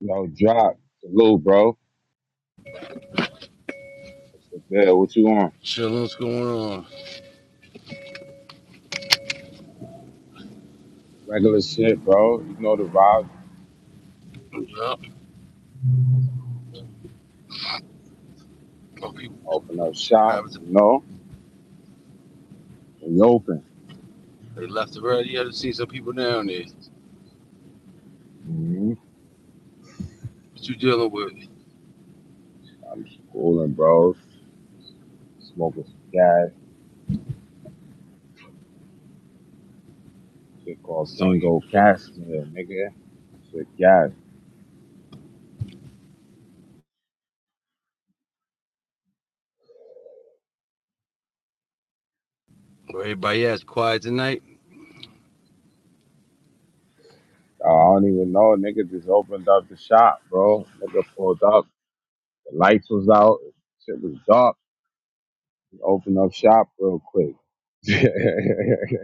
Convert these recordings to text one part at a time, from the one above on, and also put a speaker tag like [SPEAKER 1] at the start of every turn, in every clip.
[SPEAKER 1] Yo, drop. Salute, bro. Bill, what you on?
[SPEAKER 2] Shit, what's going on?
[SPEAKER 1] Regular shit, bro. You know the vibe.
[SPEAKER 2] Yup. Oh, people,
[SPEAKER 1] Open up shop,
[SPEAKER 2] habits,
[SPEAKER 1] you know? We open.
[SPEAKER 2] they left already. You haven't seen some people down there.
[SPEAKER 1] hmm
[SPEAKER 2] What you dealing with?
[SPEAKER 1] I'm just cooling, bro. Smoking some gas. Shit called
[SPEAKER 2] So you
[SPEAKER 1] Kango
[SPEAKER 2] hold up.
[SPEAKER 1] Cashmere, nigga. Shit, gas.
[SPEAKER 2] Well, everybody ass quiet tonight.
[SPEAKER 1] I don't even know. Nigga just opened up the shop, bro. Nigga pulled up. The lights was out. Shit was dark. Open up shop real quick.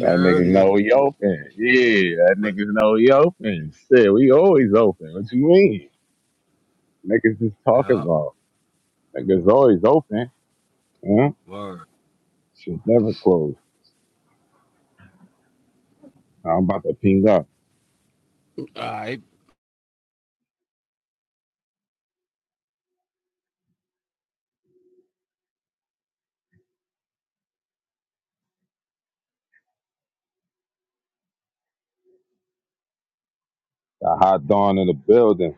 [SPEAKER 1] That nigga
[SPEAKER 2] earlier.
[SPEAKER 1] know we open. Yeah, that
[SPEAKER 2] But,
[SPEAKER 1] niggas know we open. Shit, we always open. What you mean? Niggas is talking
[SPEAKER 2] yeah,
[SPEAKER 1] about. Niggas always open. Huh?
[SPEAKER 2] word.
[SPEAKER 1] Shit never closed. I'm about to ping up.
[SPEAKER 2] All right.
[SPEAKER 1] The hot dawn in the building.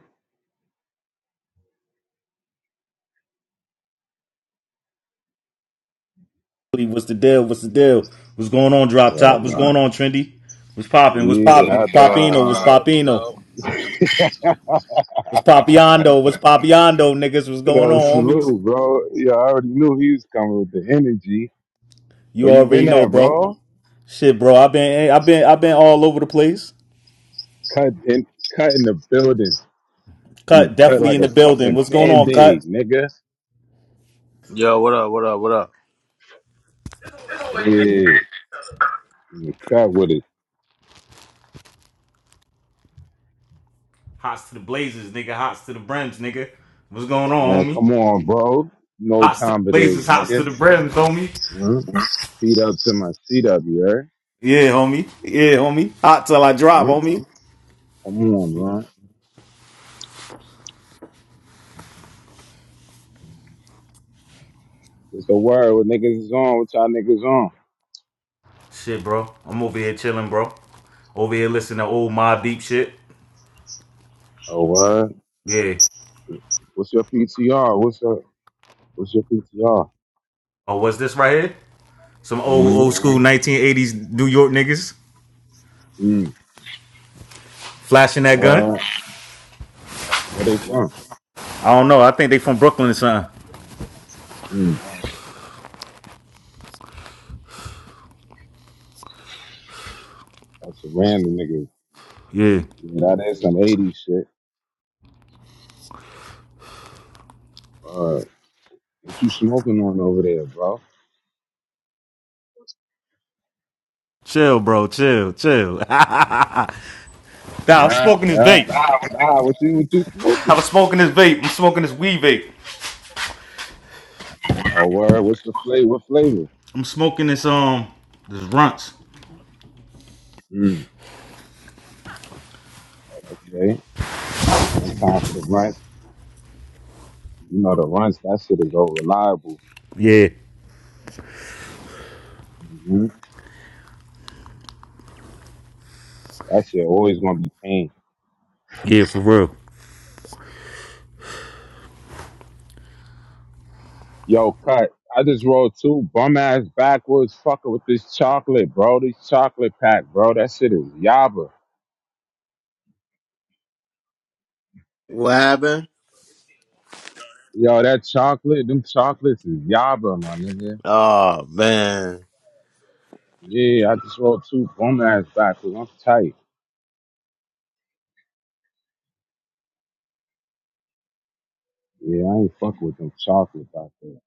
[SPEAKER 3] What's the deal? What's the deal? What's going on, Drop
[SPEAKER 1] Yeah,
[SPEAKER 3] Top? What's going on, Trendy? What's popping? What's
[SPEAKER 1] yeah
[SPEAKER 3] popping? What's
[SPEAKER 1] hot dawn.
[SPEAKER 3] poppino? What's
[SPEAKER 2] Yo,
[SPEAKER 3] poppino?
[SPEAKER 2] yo.
[SPEAKER 3] What's poppiondo? What's poppiondo, niggas? What's going
[SPEAKER 1] yeah,
[SPEAKER 3] on, homies?
[SPEAKER 1] salute, bro. Yeah, I already knew he was coming with the energy. Where
[SPEAKER 3] You
[SPEAKER 1] you
[SPEAKER 3] already
[SPEAKER 1] been
[SPEAKER 3] know,
[SPEAKER 1] at,
[SPEAKER 3] bro.
[SPEAKER 1] bro?
[SPEAKER 3] Shit, bro. I've been, eh, I've been, I've been all over the place.
[SPEAKER 1] Cut in, cut in the building. And
[SPEAKER 3] Cut
[SPEAKER 1] cut
[SPEAKER 3] definitely
[SPEAKER 1] like
[SPEAKER 3] in
[SPEAKER 1] a
[SPEAKER 3] the building.
[SPEAKER 1] fucking
[SPEAKER 3] What's going on,
[SPEAKER 1] band-aid,
[SPEAKER 3] Cut?
[SPEAKER 1] nigga.
[SPEAKER 4] Yo, what up? What up? What up?
[SPEAKER 1] Yeah. Mm, Cut with it,
[SPEAKER 3] Hots to the blazers, nigga. Hots to the brims, nigga. What's going on,
[SPEAKER 1] man. Come
[SPEAKER 3] homie?
[SPEAKER 1] on, bro. You know what
[SPEAKER 3] Hots to the
[SPEAKER 1] time it is,
[SPEAKER 3] blazers, hots to
[SPEAKER 1] nigga.
[SPEAKER 3] the brims, homie.
[SPEAKER 1] Mm? Feet up to my seat up, you heard?
[SPEAKER 3] Yeah, homie. Yeah, homie. Hot till I drop,
[SPEAKER 1] Mm?
[SPEAKER 3] homie.
[SPEAKER 1] Come on, man. What's the word? What niggas is on? What y'all niggas on?
[SPEAKER 3] Shit, bro. I'm over here chilling, bro. Over here listening to old Mob Deep shit.
[SPEAKER 1] Oh, word.
[SPEAKER 3] Yeah.
[SPEAKER 1] What's your PTR? What's up? What's your PTR?
[SPEAKER 3] Oh, what's this right here? Some old
[SPEAKER 1] Mm?
[SPEAKER 3] old school 1980s New York niggas
[SPEAKER 1] Mm.
[SPEAKER 3] flashing that gun.
[SPEAKER 1] Uh, where they from?
[SPEAKER 3] I don't know. I think they from Brooklyn or something.
[SPEAKER 1] Mm. That's a random nigga.
[SPEAKER 3] Yeah.
[SPEAKER 1] Yeah, that is some 80s shit. Uh, what you smoking on over there, bro?
[SPEAKER 3] Chill, bro. Chill, chill. nah, I'm smoking this
[SPEAKER 1] Yeah.
[SPEAKER 3] vape.
[SPEAKER 1] Nah, what you, what you
[SPEAKER 3] I'm
[SPEAKER 1] smoking?
[SPEAKER 3] smoking this vape. I'm smoking this weed vape.
[SPEAKER 1] Oh, word. What's the flavor? What flavor?
[SPEAKER 3] I'm smoking this um this runts.
[SPEAKER 1] Mm. Okay? One time for the run. You know the runs, that shit is all reliable.
[SPEAKER 3] Yeah.
[SPEAKER 1] hmm That shit always gonna be pain.
[SPEAKER 3] Yeah, for real.
[SPEAKER 1] Yo, cut. I just rolled two bum ass backwards fucker with this chocolate, bro. This chocolate pack, bro. That shit is yaba.
[SPEAKER 4] What happened?
[SPEAKER 1] Yo, that chocolate, them chocolates is yaba, my nigga.
[SPEAKER 4] Oh man,
[SPEAKER 1] Yeah, I just rolled two bum ass backwards. I'm tight. Yeah, I ain't fuck with them chocolates out there.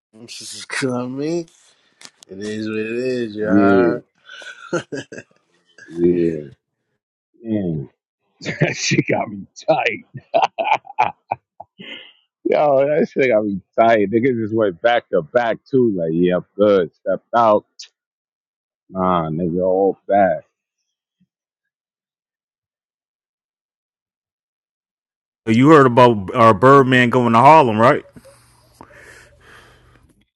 [SPEAKER 4] you know what I mean? It is what it is. You
[SPEAKER 1] Yeah,
[SPEAKER 4] heard?
[SPEAKER 1] yeah. Yo, that shit got me tired. Niggas just went back to back too. Like, yeah, I'm good. Stepped out. Nah, nigga, all bad.
[SPEAKER 3] You heard about our Birdman going to Harlem, right?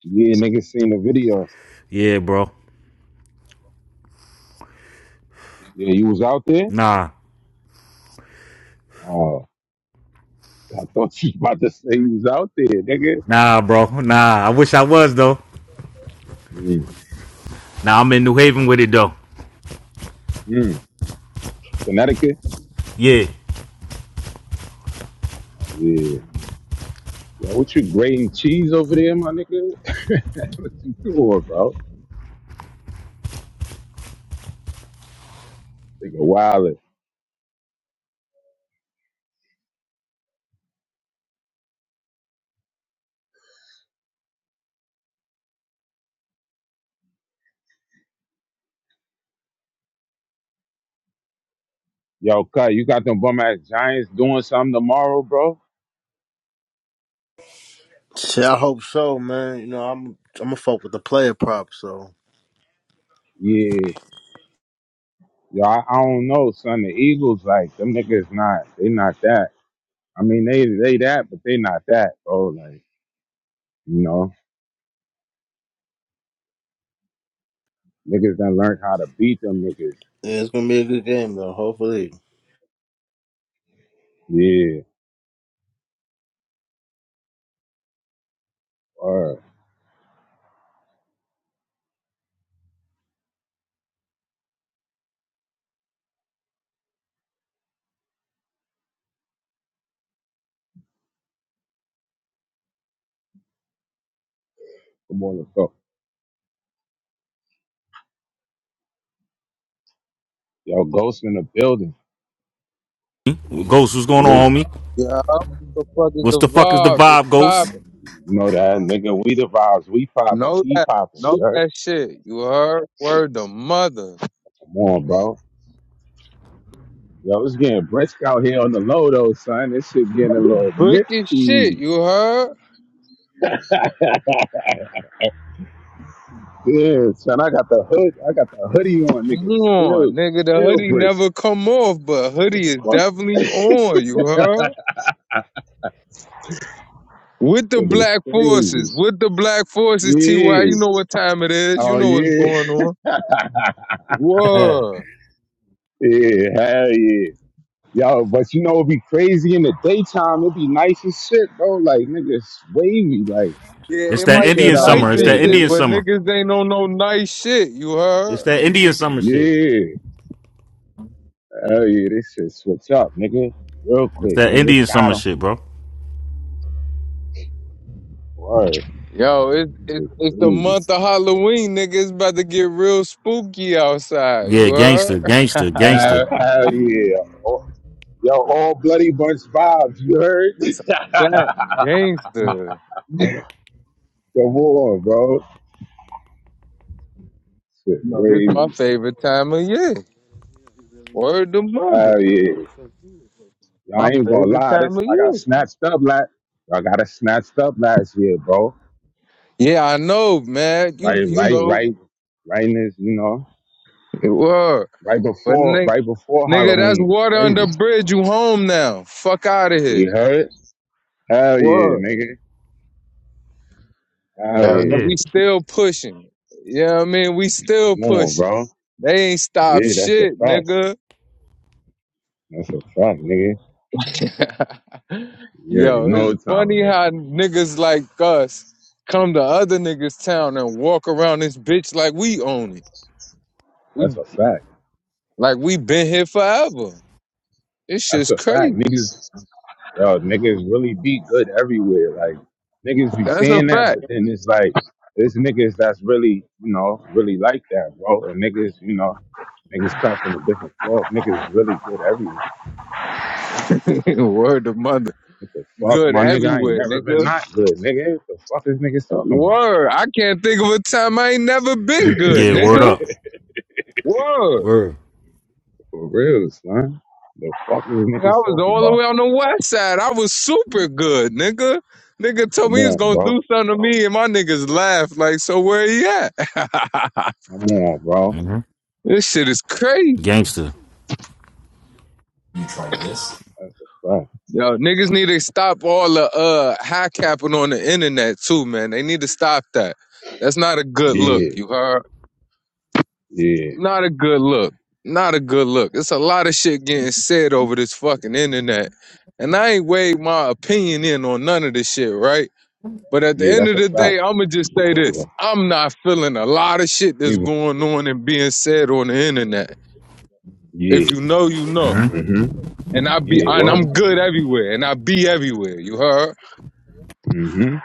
[SPEAKER 1] Yeah, niggas seen the video.
[SPEAKER 3] Yeah, bro.
[SPEAKER 1] Yeah, you was out there?
[SPEAKER 3] Nah.
[SPEAKER 1] Oh, I thought you was about to say you was out there, nigga.
[SPEAKER 3] Nah, bro. Nah, I wish I was though.
[SPEAKER 1] Mm,
[SPEAKER 3] Now I'm in New Haven with it though.
[SPEAKER 1] mm. Connecticut?
[SPEAKER 3] Yeah.
[SPEAKER 1] Oh, yeah. Yo, what you grating cheese over there, my nigga? what you doing, bro? Nigga, wildin'. Yo, cut, you got them bum ass Giants doing something tomorrow, bro?
[SPEAKER 4] Shit, I hope so, man. You know, I'm I'm gonna fuck with the player prop, so
[SPEAKER 1] Yeah. Yo, I, I don't know, son. The Eagles, like them niggas, not they not that. I mean, they they that, but they not that, bro. Like you know, niggas done learned how to beat them niggas.
[SPEAKER 4] yeah, it's gonna be a good game though. Hopefully.
[SPEAKER 1] Yeah, or come on, let's go. Yo, Ghost in the building,
[SPEAKER 3] Ghost, what's going
[SPEAKER 1] salute.
[SPEAKER 3] on, homie?
[SPEAKER 5] Yeah. The fuck is
[SPEAKER 3] What's
[SPEAKER 5] the
[SPEAKER 3] the fuck is the
[SPEAKER 5] vibes? What's
[SPEAKER 3] vibe, Ghost?
[SPEAKER 5] poppin'?
[SPEAKER 1] You know that nigga. We the vibes. We popping.
[SPEAKER 5] Know
[SPEAKER 1] He
[SPEAKER 5] that.
[SPEAKER 1] popping.
[SPEAKER 5] Know
[SPEAKER 1] You heard?
[SPEAKER 5] that shit. You heard? Word the mother.
[SPEAKER 1] Come on, bro. Yo, it's getting brisk out here on the low though, son. This shit getting a little
[SPEAKER 5] Brick as shit.
[SPEAKER 1] nifty.
[SPEAKER 5] You heard?
[SPEAKER 1] yeah, son. I got the hood. I got the hoodie on,
[SPEAKER 5] Come
[SPEAKER 1] nigga.
[SPEAKER 5] on,
[SPEAKER 1] Still,
[SPEAKER 5] nigga. The
[SPEAKER 1] still
[SPEAKER 5] hoodie
[SPEAKER 1] brisk.
[SPEAKER 5] never come off, but hoodie is definitely on. You heard? With the
[SPEAKER 1] That is
[SPEAKER 5] black forces.
[SPEAKER 1] crazy.
[SPEAKER 5] With the black forces, TY. You
[SPEAKER 1] Yes.
[SPEAKER 5] know what time it is. You
[SPEAKER 1] Oh
[SPEAKER 5] know what's
[SPEAKER 1] yeah.
[SPEAKER 5] going on. Word.
[SPEAKER 1] Yeah. Hell yeah. Yo, but you know it'd be crazy in the daytime. It'd be nice as shit, bro. Like nigga, it's wavy. Like
[SPEAKER 5] Yeah,
[SPEAKER 3] It's
[SPEAKER 5] it
[SPEAKER 3] that
[SPEAKER 5] might be
[SPEAKER 1] t-shirt
[SPEAKER 3] Indian
[SPEAKER 1] out in the
[SPEAKER 5] nice
[SPEAKER 3] summer. It's
[SPEAKER 5] and
[SPEAKER 1] day,
[SPEAKER 3] that
[SPEAKER 5] shit,
[SPEAKER 3] Indian
[SPEAKER 1] nigga.
[SPEAKER 5] but
[SPEAKER 3] summer.
[SPEAKER 5] niggas ain't on no nice shit. You
[SPEAKER 3] It's
[SPEAKER 5] heard?
[SPEAKER 3] that Indian summer shit.
[SPEAKER 1] Yeah. Hell yeah. This shit switch up, nigga. Real
[SPEAKER 3] It's
[SPEAKER 1] quick,
[SPEAKER 3] that
[SPEAKER 1] nigga.
[SPEAKER 3] Indian
[SPEAKER 1] Got
[SPEAKER 3] summer
[SPEAKER 1] him.
[SPEAKER 3] shit, bro.
[SPEAKER 1] Word.
[SPEAKER 5] Yo, it's it's
[SPEAKER 1] Shit
[SPEAKER 5] it's the
[SPEAKER 1] crazy.
[SPEAKER 5] month of Halloween, nigga. It's about to get real spooky outside. You
[SPEAKER 3] Yeah,
[SPEAKER 5] heard?
[SPEAKER 3] gangster, gangster, gangster.
[SPEAKER 1] Hell, hell yeah. Oh, Yo, all bloody bunch vibes. You heard?
[SPEAKER 5] That's a fact, gangster.
[SPEAKER 1] Come on, bro. Shit,
[SPEAKER 5] No, this
[SPEAKER 1] wavy.
[SPEAKER 5] my favorite time of year. Word to mother,
[SPEAKER 1] Hell yeah. I
[SPEAKER 5] my
[SPEAKER 1] ain't gonna
[SPEAKER 5] favorite
[SPEAKER 1] lie,
[SPEAKER 5] time
[SPEAKER 1] this
[SPEAKER 5] of
[SPEAKER 1] I got
[SPEAKER 5] year.
[SPEAKER 1] snatched up last. I got it snatched up last year, bro.
[SPEAKER 5] Yeah, I know, man. You
[SPEAKER 1] Right,
[SPEAKER 5] you
[SPEAKER 1] right,
[SPEAKER 5] know
[SPEAKER 1] right, right. In this, you know,
[SPEAKER 5] it were,
[SPEAKER 1] right
[SPEAKER 5] but
[SPEAKER 1] before,
[SPEAKER 5] nigga,
[SPEAKER 1] right before
[SPEAKER 5] nigga, that's
[SPEAKER 1] Halloween. It's
[SPEAKER 5] water under
[SPEAKER 1] crazy.
[SPEAKER 5] bridge. You home now? Fuck out of here.
[SPEAKER 1] You heard? Hell yeah,
[SPEAKER 5] Word.
[SPEAKER 1] nigga. Hell
[SPEAKER 5] Yo,
[SPEAKER 1] yeah.
[SPEAKER 5] and we still pushing. You know what I mean? We still
[SPEAKER 1] Come on,
[SPEAKER 5] pushing.
[SPEAKER 1] bro.
[SPEAKER 5] They ain't stopped
[SPEAKER 1] Yeah, that's a
[SPEAKER 5] shit,
[SPEAKER 1] fact.
[SPEAKER 5] nigga.
[SPEAKER 1] That's a fact, nigga. Yeah, you
[SPEAKER 5] Yo,
[SPEAKER 1] know
[SPEAKER 5] it's
[SPEAKER 1] what time
[SPEAKER 5] funny
[SPEAKER 1] it is.
[SPEAKER 5] how niggas like us come to other niggas' town and walk around this bitch like we own it.
[SPEAKER 1] That's
[SPEAKER 5] We
[SPEAKER 1] a fact.
[SPEAKER 5] like we been here forever. It's
[SPEAKER 1] That's
[SPEAKER 5] just
[SPEAKER 1] a fact,
[SPEAKER 5] crazy.
[SPEAKER 1] niggas. yo, niggas really be good everywhere. Like niggas be
[SPEAKER 5] That's a
[SPEAKER 1] saying that,
[SPEAKER 5] fact.
[SPEAKER 1] but then it's like there's niggas that's really, you know, really like that, bro. And niggas, you know, niggas come from a different cloth. Niggas is really good everywhere.
[SPEAKER 5] Word to mother.
[SPEAKER 1] What the fuck,
[SPEAKER 5] Good
[SPEAKER 1] my nigga? I ain't
[SPEAKER 5] everywhere,
[SPEAKER 1] never been
[SPEAKER 5] nigga.
[SPEAKER 1] not good, nigga. What the fuck is niggas talking about?
[SPEAKER 5] Word. I can't think of a time I ain't never been good,
[SPEAKER 3] Yeah, word
[SPEAKER 5] nigga.
[SPEAKER 3] up.
[SPEAKER 5] Word.
[SPEAKER 3] Word.
[SPEAKER 1] For real, son. The fuck is
[SPEAKER 5] I
[SPEAKER 1] niggas
[SPEAKER 5] was
[SPEAKER 1] talking
[SPEAKER 5] all the way
[SPEAKER 1] about?
[SPEAKER 5] on the west side. I was super good, nigga. Nigga told
[SPEAKER 1] Come
[SPEAKER 5] me he was
[SPEAKER 1] on,
[SPEAKER 5] gonna do
[SPEAKER 1] bro.
[SPEAKER 5] something to me, and my niggas laughed like, so where he at?
[SPEAKER 1] Come on, bro.
[SPEAKER 3] hmm
[SPEAKER 5] This shit is crazy.
[SPEAKER 3] Gangster. hmm
[SPEAKER 1] That's a fact.
[SPEAKER 5] Yo, niggas need to stop all the uh high capping on the internet too, man. They need to stop that. That's not a good look,
[SPEAKER 1] Yeah,
[SPEAKER 5] you heard?
[SPEAKER 1] yeah,
[SPEAKER 5] Not a good look. Not a good look. It's a lot of shit getting said over this fucking internet. And I ain't weighed my opinion in on none of this shit, right? But at the
[SPEAKER 1] yeah.
[SPEAKER 5] end
[SPEAKER 1] That's
[SPEAKER 5] of
[SPEAKER 1] a
[SPEAKER 5] the day,
[SPEAKER 1] fact.
[SPEAKER 5] I'ma just say
[SPEAKER 1] Appreciate you,
[SPEAKER 5] this.
[SPEAKER 1] bro.
[SPEAKER 5] I'm not feeling a lot of shit that's
[SPEAKER 1] Leave 'em.
[SPEAKER 5] going on and being said on the internet. If
[SPEAKER 1] Yeah.
[SPEAKER 5] you know, you know.
[SPEAKER 1] Mm-hmm.
[SPEAKER 5] And I be
[SPEAKER 1] Yeah,
[SPEAKER 5] and
[SPEAKER 1] why?
[SPEAKER 5] I'm good everywhere and I be everywhere, you heard?
[SPEAKER 1] Mm-hmm.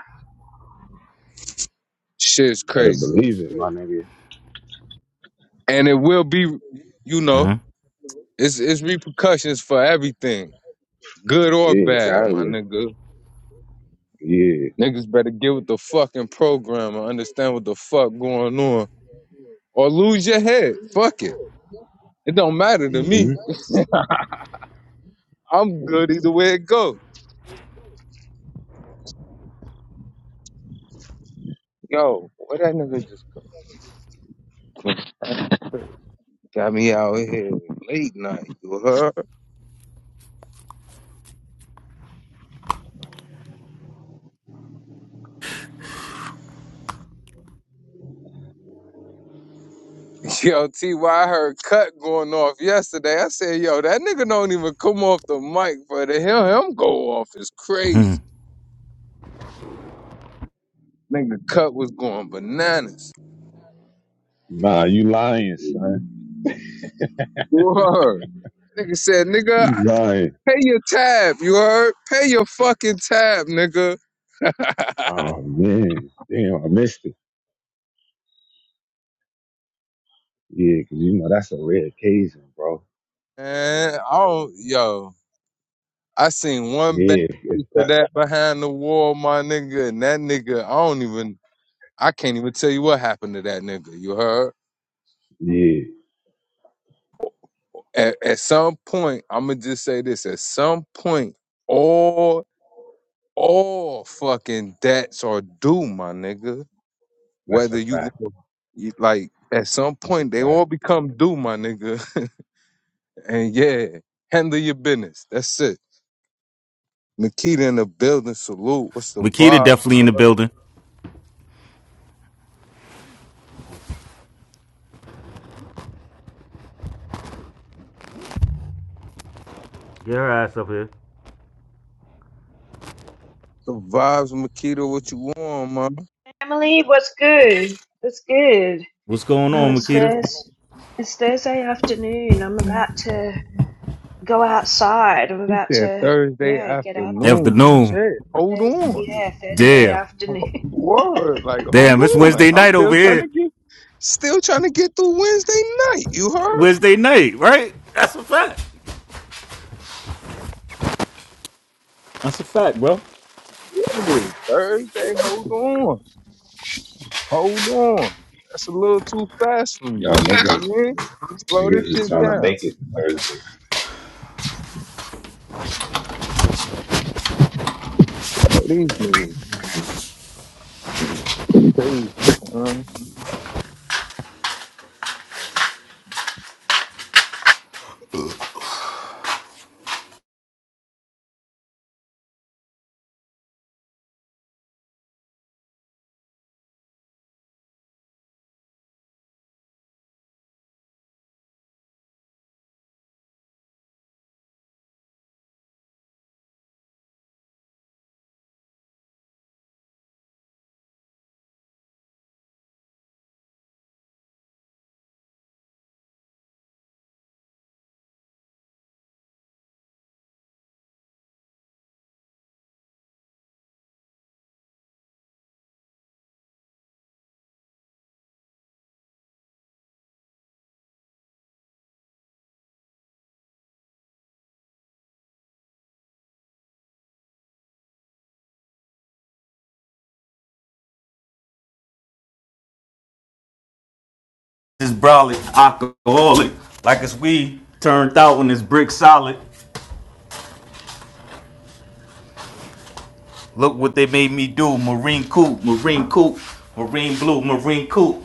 [SPEAKER 5] Shit's
[SPEAKER 1] Better
[SPEAKER 5] crazy.
[SPEAKER 1] believe it, my nigga.
[SPEAKER 5] And it will be, you know, it's it's repercussions for everything, good or
[SPEAKER 1] Yeah,
[SPEAKER 5] bad,
[SPEAKER 1] out of
[SPEAKER 5] my
[SPEAKER 1] here.
[SPEAKER 5] nigga.
[SPEAKER 1] Yeah.
[SPEAKER 5] Niggas better get with the fucking program and understand what the fuck going on. Or lose your head. Fuck it. It don't matter to me.
[SPEAKER 1] Mm-hmm.
[SPEAKER 5] I'm good either way it goes. Yo, what that nigga just go- got me out here late night, you heard? Yo, TY heard cut going off yesterday. I said, yo, that nigga don't even come off the mic, but to hear him go off is crazy.
[SPEAKER 3] hmm
[SPEAKER 5] Nigga Cut was going bananas.
[SPEAKER 1] Nah, you lying, son.
[SPEAKER 5] You heard. Nigga said, nigga,
[SPEAKER 1] You lying.
[SPEAKER 5] pay your tab. You heard? Pay your fucking tab, nigga.
[SPEAKER 1] Oh man, damn, I missed it. Yeah, 'cause you know that's a rare occasion, bro.
[SPEAKER 5] And I don't, yo, I seen one bad
[SPEAKER 1] Yeah,
[SPEAKER 5] piece
[SPEAKER 1] it's
[SPEAKER 5] of
[SPEAKER 1] that-
[SPEAKER 5] that behind the wall, my nigga. And that nigga, I don't even, I can't even tell you what happened to that nigga. You heard?
[SPEAKER 1] yeah,
[SPEAKER 5] At, at some point, I'm gonna just say this. At some point, all, all fucking debts are due, my nigga.
[SPEAKER 1] that's
[SPEAKER 5] Whether
[SPEAKER 1] a
[SPEAKER 5] you
[SPEAKER 1] fact.
[SPEAKER 5] you- like at some
[SPEAKER 1] That's a
[SPEAKER 5] point they all
[SPEAKER 1] fact.
[SPEAKER 5] become due, my nigga. and yeah, handle your business. That's it. Makita in the building, salute. What's the
[SPEAKER 3] Makita
[SPEAKER 5] vibes?
[SPEAKER 3] definitely in the building. Get her ass up here.
[SPEAKER 5] The vibes, Makita, what you on, man?
[SPEAKER 6] Emily, what's good? What's good?
[SPEAKER 3] What's going
[SPEAKER 6] Well,
[SPEAKER 3] on,
[SPEAKER 6] it's
[SPEAKER 3] Makita?
[SPEAKER 6] Thursday. It's Thursday afternoon. I'm about to go outside. I'm
[SPEAKER 5] He
[SPEAKER 6] about
[SPEAKER 5] said
[SPEAKER 6] to,
[SPEAKER 5] Thursday
[SPEAKER 6] yeah, get out there.
[SPEAKER 5] afternoon.
[SPEAKER 3] Afternoon.
[SPEAKER 5] Shit, hold
[SPEAKER 6] Thursday,
[SPEAKER 5] on.
[SPEAKER 6] yeah, Thursday
[SPEAKER 3] Yeah.
[SPEAKER 6] afternoon.
[SPEAKER 5] Word, like hold
[SPEAKER 3] Damn, it's
[SPEAKER 5] on.
[SPEAKER 3] Wednesday
[SPEAKER 5] I'm
[SPEAKER 3] night
[SPEAKER 5] still
[SPEAKER 3] over
[SPEAKER 5] trying to
[SPEAKER 3] here.
[SPEAKER 5] get, still trying to get through Wednesday night. You heard?
[SPEAKER 3] Wednesday night, right? That's a fact. That's a fact, bro.
[SPEAKER 5] Ooh, Thursday, hold on. Hold on. That's a little too fast for me.
[SPEAKER 1] Y'all
[SPEAKER 5] You know
[SPEAKER 1] niggas,
[SPEAKER 5] what I mean? Slow this
[SPEAKER 1] niggas is
[SPEAKER 5] shit
[SPEAKER 1] trying to
[SPEAKER 5] down.
[SPEAKER 1] make it to Thursday.
[SPEAKER 5] Oh, these niggas is crazy, huh?
[SPEAKER 3] This brolic alcoholic, like it's we turned out when it's brick solid. Look what they made me do. Marine coupe, marine coupe, marine blue, marine coupe.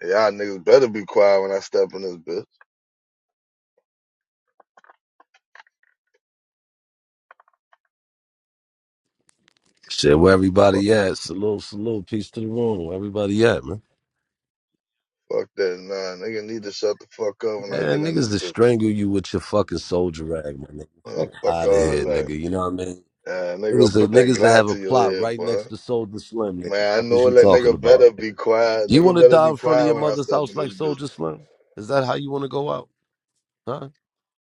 [SPEAKER 7] Y'all niggas better be quiet when I step in this bitch.
[SPEAKER 8] Shit, where
[SPEAKER 7] Fuck,
[SPEAKER 8] everybody at? Salute, salute. Peace to the room. Where everybody at, man?
[SPEAKER 7] fuck that. Nah, nigga need to shut the fuck up when I get
[SPEAKER 8] Man,
[SPEAKER 7] in this
[SPEAKER 8] niggas to
[SPEAKER 7] bitch.
[SPEAKER 8] strangle you with your fucking soldier rag, my nigga.
[SPEAKER 7] Uh,
[SPEAKER 8] Fuck
[SPEAKER 7] fuck
[SPEAKER 8] out of
[SPEAKER 7] all
[SPEAKER 8] here,
[SPEAKER 7] that.
[SPEAKER 8] nigga. You know what I mean?
[SPEAKER 7] Yeah, nigga
[SPEAKER 8] Niggas
[SPEAKER 7] gonna
[SPEAKER 8] that
[SPEAKER 7] put that
[SPEAKER 8] niggas that
[SPEAKER 7] Glock
[SPEAKER 8] have a
[SPEAKER 7] to
[SPEAKER 8] plot
[SPEAKER 7] your head,
[SPEAKER 8] right
[SPEAKER 7] boy.
[SPEAKER 8] next to Soldier Slim, nigga.
[SPEAKER 7] Man, I
[SPEAKER 8] Fuck is
[SPEAKER 7] know
[SPEAKER 8] you
[SPEAKER 7] that
[SPEAKER 8] talking
[SPEAKER 7] nigga
[SPEAKER 8] about,
[SPEAKER 7] better
[SPEAKER 8] nigga?
[SPEAKER 7] be quiet.
[SPEAKER 8] You
[SPEAKER 7] Nigga
[SPEAKER 8] want to
[SPEAKER 7] better
[SPEAKER 8] die
[SPEAKER 7] be
[SPEAKER 8] in front of your
[SPEAKER 7] quiet when I
[SPEAKER 8] mother's
[SPEAKER 7] step
[SPEAKER 8] house
[SPEAKER 7] in
[SPEAKER 8] like
[SPEAKER 7] this bitch.
[SPEAKER 8] Soldier Slim? Is that how you want to go out? Huh?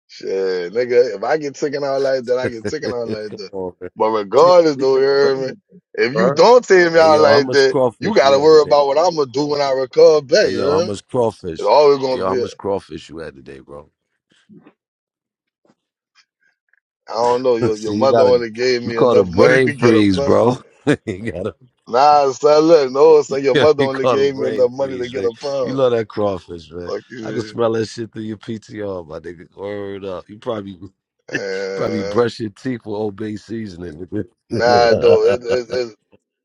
[SPEAKER 7] Shit, nigga, if I get taken out like that, I get taken out like
[SPEAKER 8] Come
[SPEAKER 7] that.
[SPEAKER 8] on, man.
[SPEAKER 7] But
[SPEAKER 5] Yo,
[SPEAKER 7] regardless,
[SPEAKER 5] we
[SPEAKER 7] though, you
[SPEAKER 5] can bring
[SPEAKER 7] hear me?
[SPEAKER 5] it,
[SPEAKER 7] If you
[SPEAKER 5] bro.
[SPEAKER 7] don't take me
[SPEAKER 8] Hey,
[SPEAKER 7] out
[SPEAKER 8] yo, how
[SPEAKER 7] like
[SPEAKER 8] much
[SPEAKER 7] that, you
[SPEAKER 8] crawfish you
[SPEAKER 7] gotta
[SPEAKER 8] had
[SPEAKER 7] worry
[SPEAKER 8] today,
[SPEAKER 7] about what
[SPEAKER 8] bro?
[SPEAKER 7] I'm gonna do when I recover back,
[SPEAKER 8] Hey,
[SPEAKER 7] you
[SPEAKER 8] yo, how
[SPEAKER 7] hear me?
[SPEAKER 8] much
[SPEAKER 7] It's
[SPEAKER 8] crawfish?
[SPEAKER 7] always
[SPEAKER 8] Hey, Yo,
[SPEAKER 7] gonna
[SPEAKER 8] how
[SPEAKER 7] be.
[SPEAKER 8] much crawfish you had today, bro?
[SPEAKER 7] I don't know. Your your
[SPEAKER 8] See, you
[SPEAKER 7] mother
[SPEAKER 8] got a
[SPEAKER 7] only gave
[SPEAKER 8] you
[SPEAKER 7] me
[SPEAKER 8] caught a
[SPEAKER 7] enough money
[SPEAKER 8] brain
[SPEAKER 7] to get a
[SPEAKER 8] freeze,
[SPEAKER 7] pound.
[SPEAKER 8] bro. you got a
[SPEAKER 7] Nah, son, look, no, son, your
[SPEAKER 8] yeah,
[SPEAKER 7] mother
[SPEAKER 8] you
[SPEAKER 7] only
[SPEAKER 8] caught a
[SPEAKER 7] gave me
[SPEAKER 8] brain
[SPEAKER 7] enough money to
[SPEAKER 8] freeze,
[SPEAKER 7] get
[SPEAKER 8] nigga.
[SPEAKER 7] a
[SPEAKER 8] You
[SPEAKER 7] pound.
[SPEAKER 8] love that crawfish, man.
[SPEAKER 7] Fuck
[SPEAKER 8] I can
[SPEAKER 7] you.
[SPEAKER 8] smell that shit through your PTR, my nigga. Word up. You probably probably
[SPEAKER 7] man. Uh,
[SPEAKER 8] brush your teeth with Old Bay seasoning, nigga.
[SPEAKER 7] nah, though, it, it, it,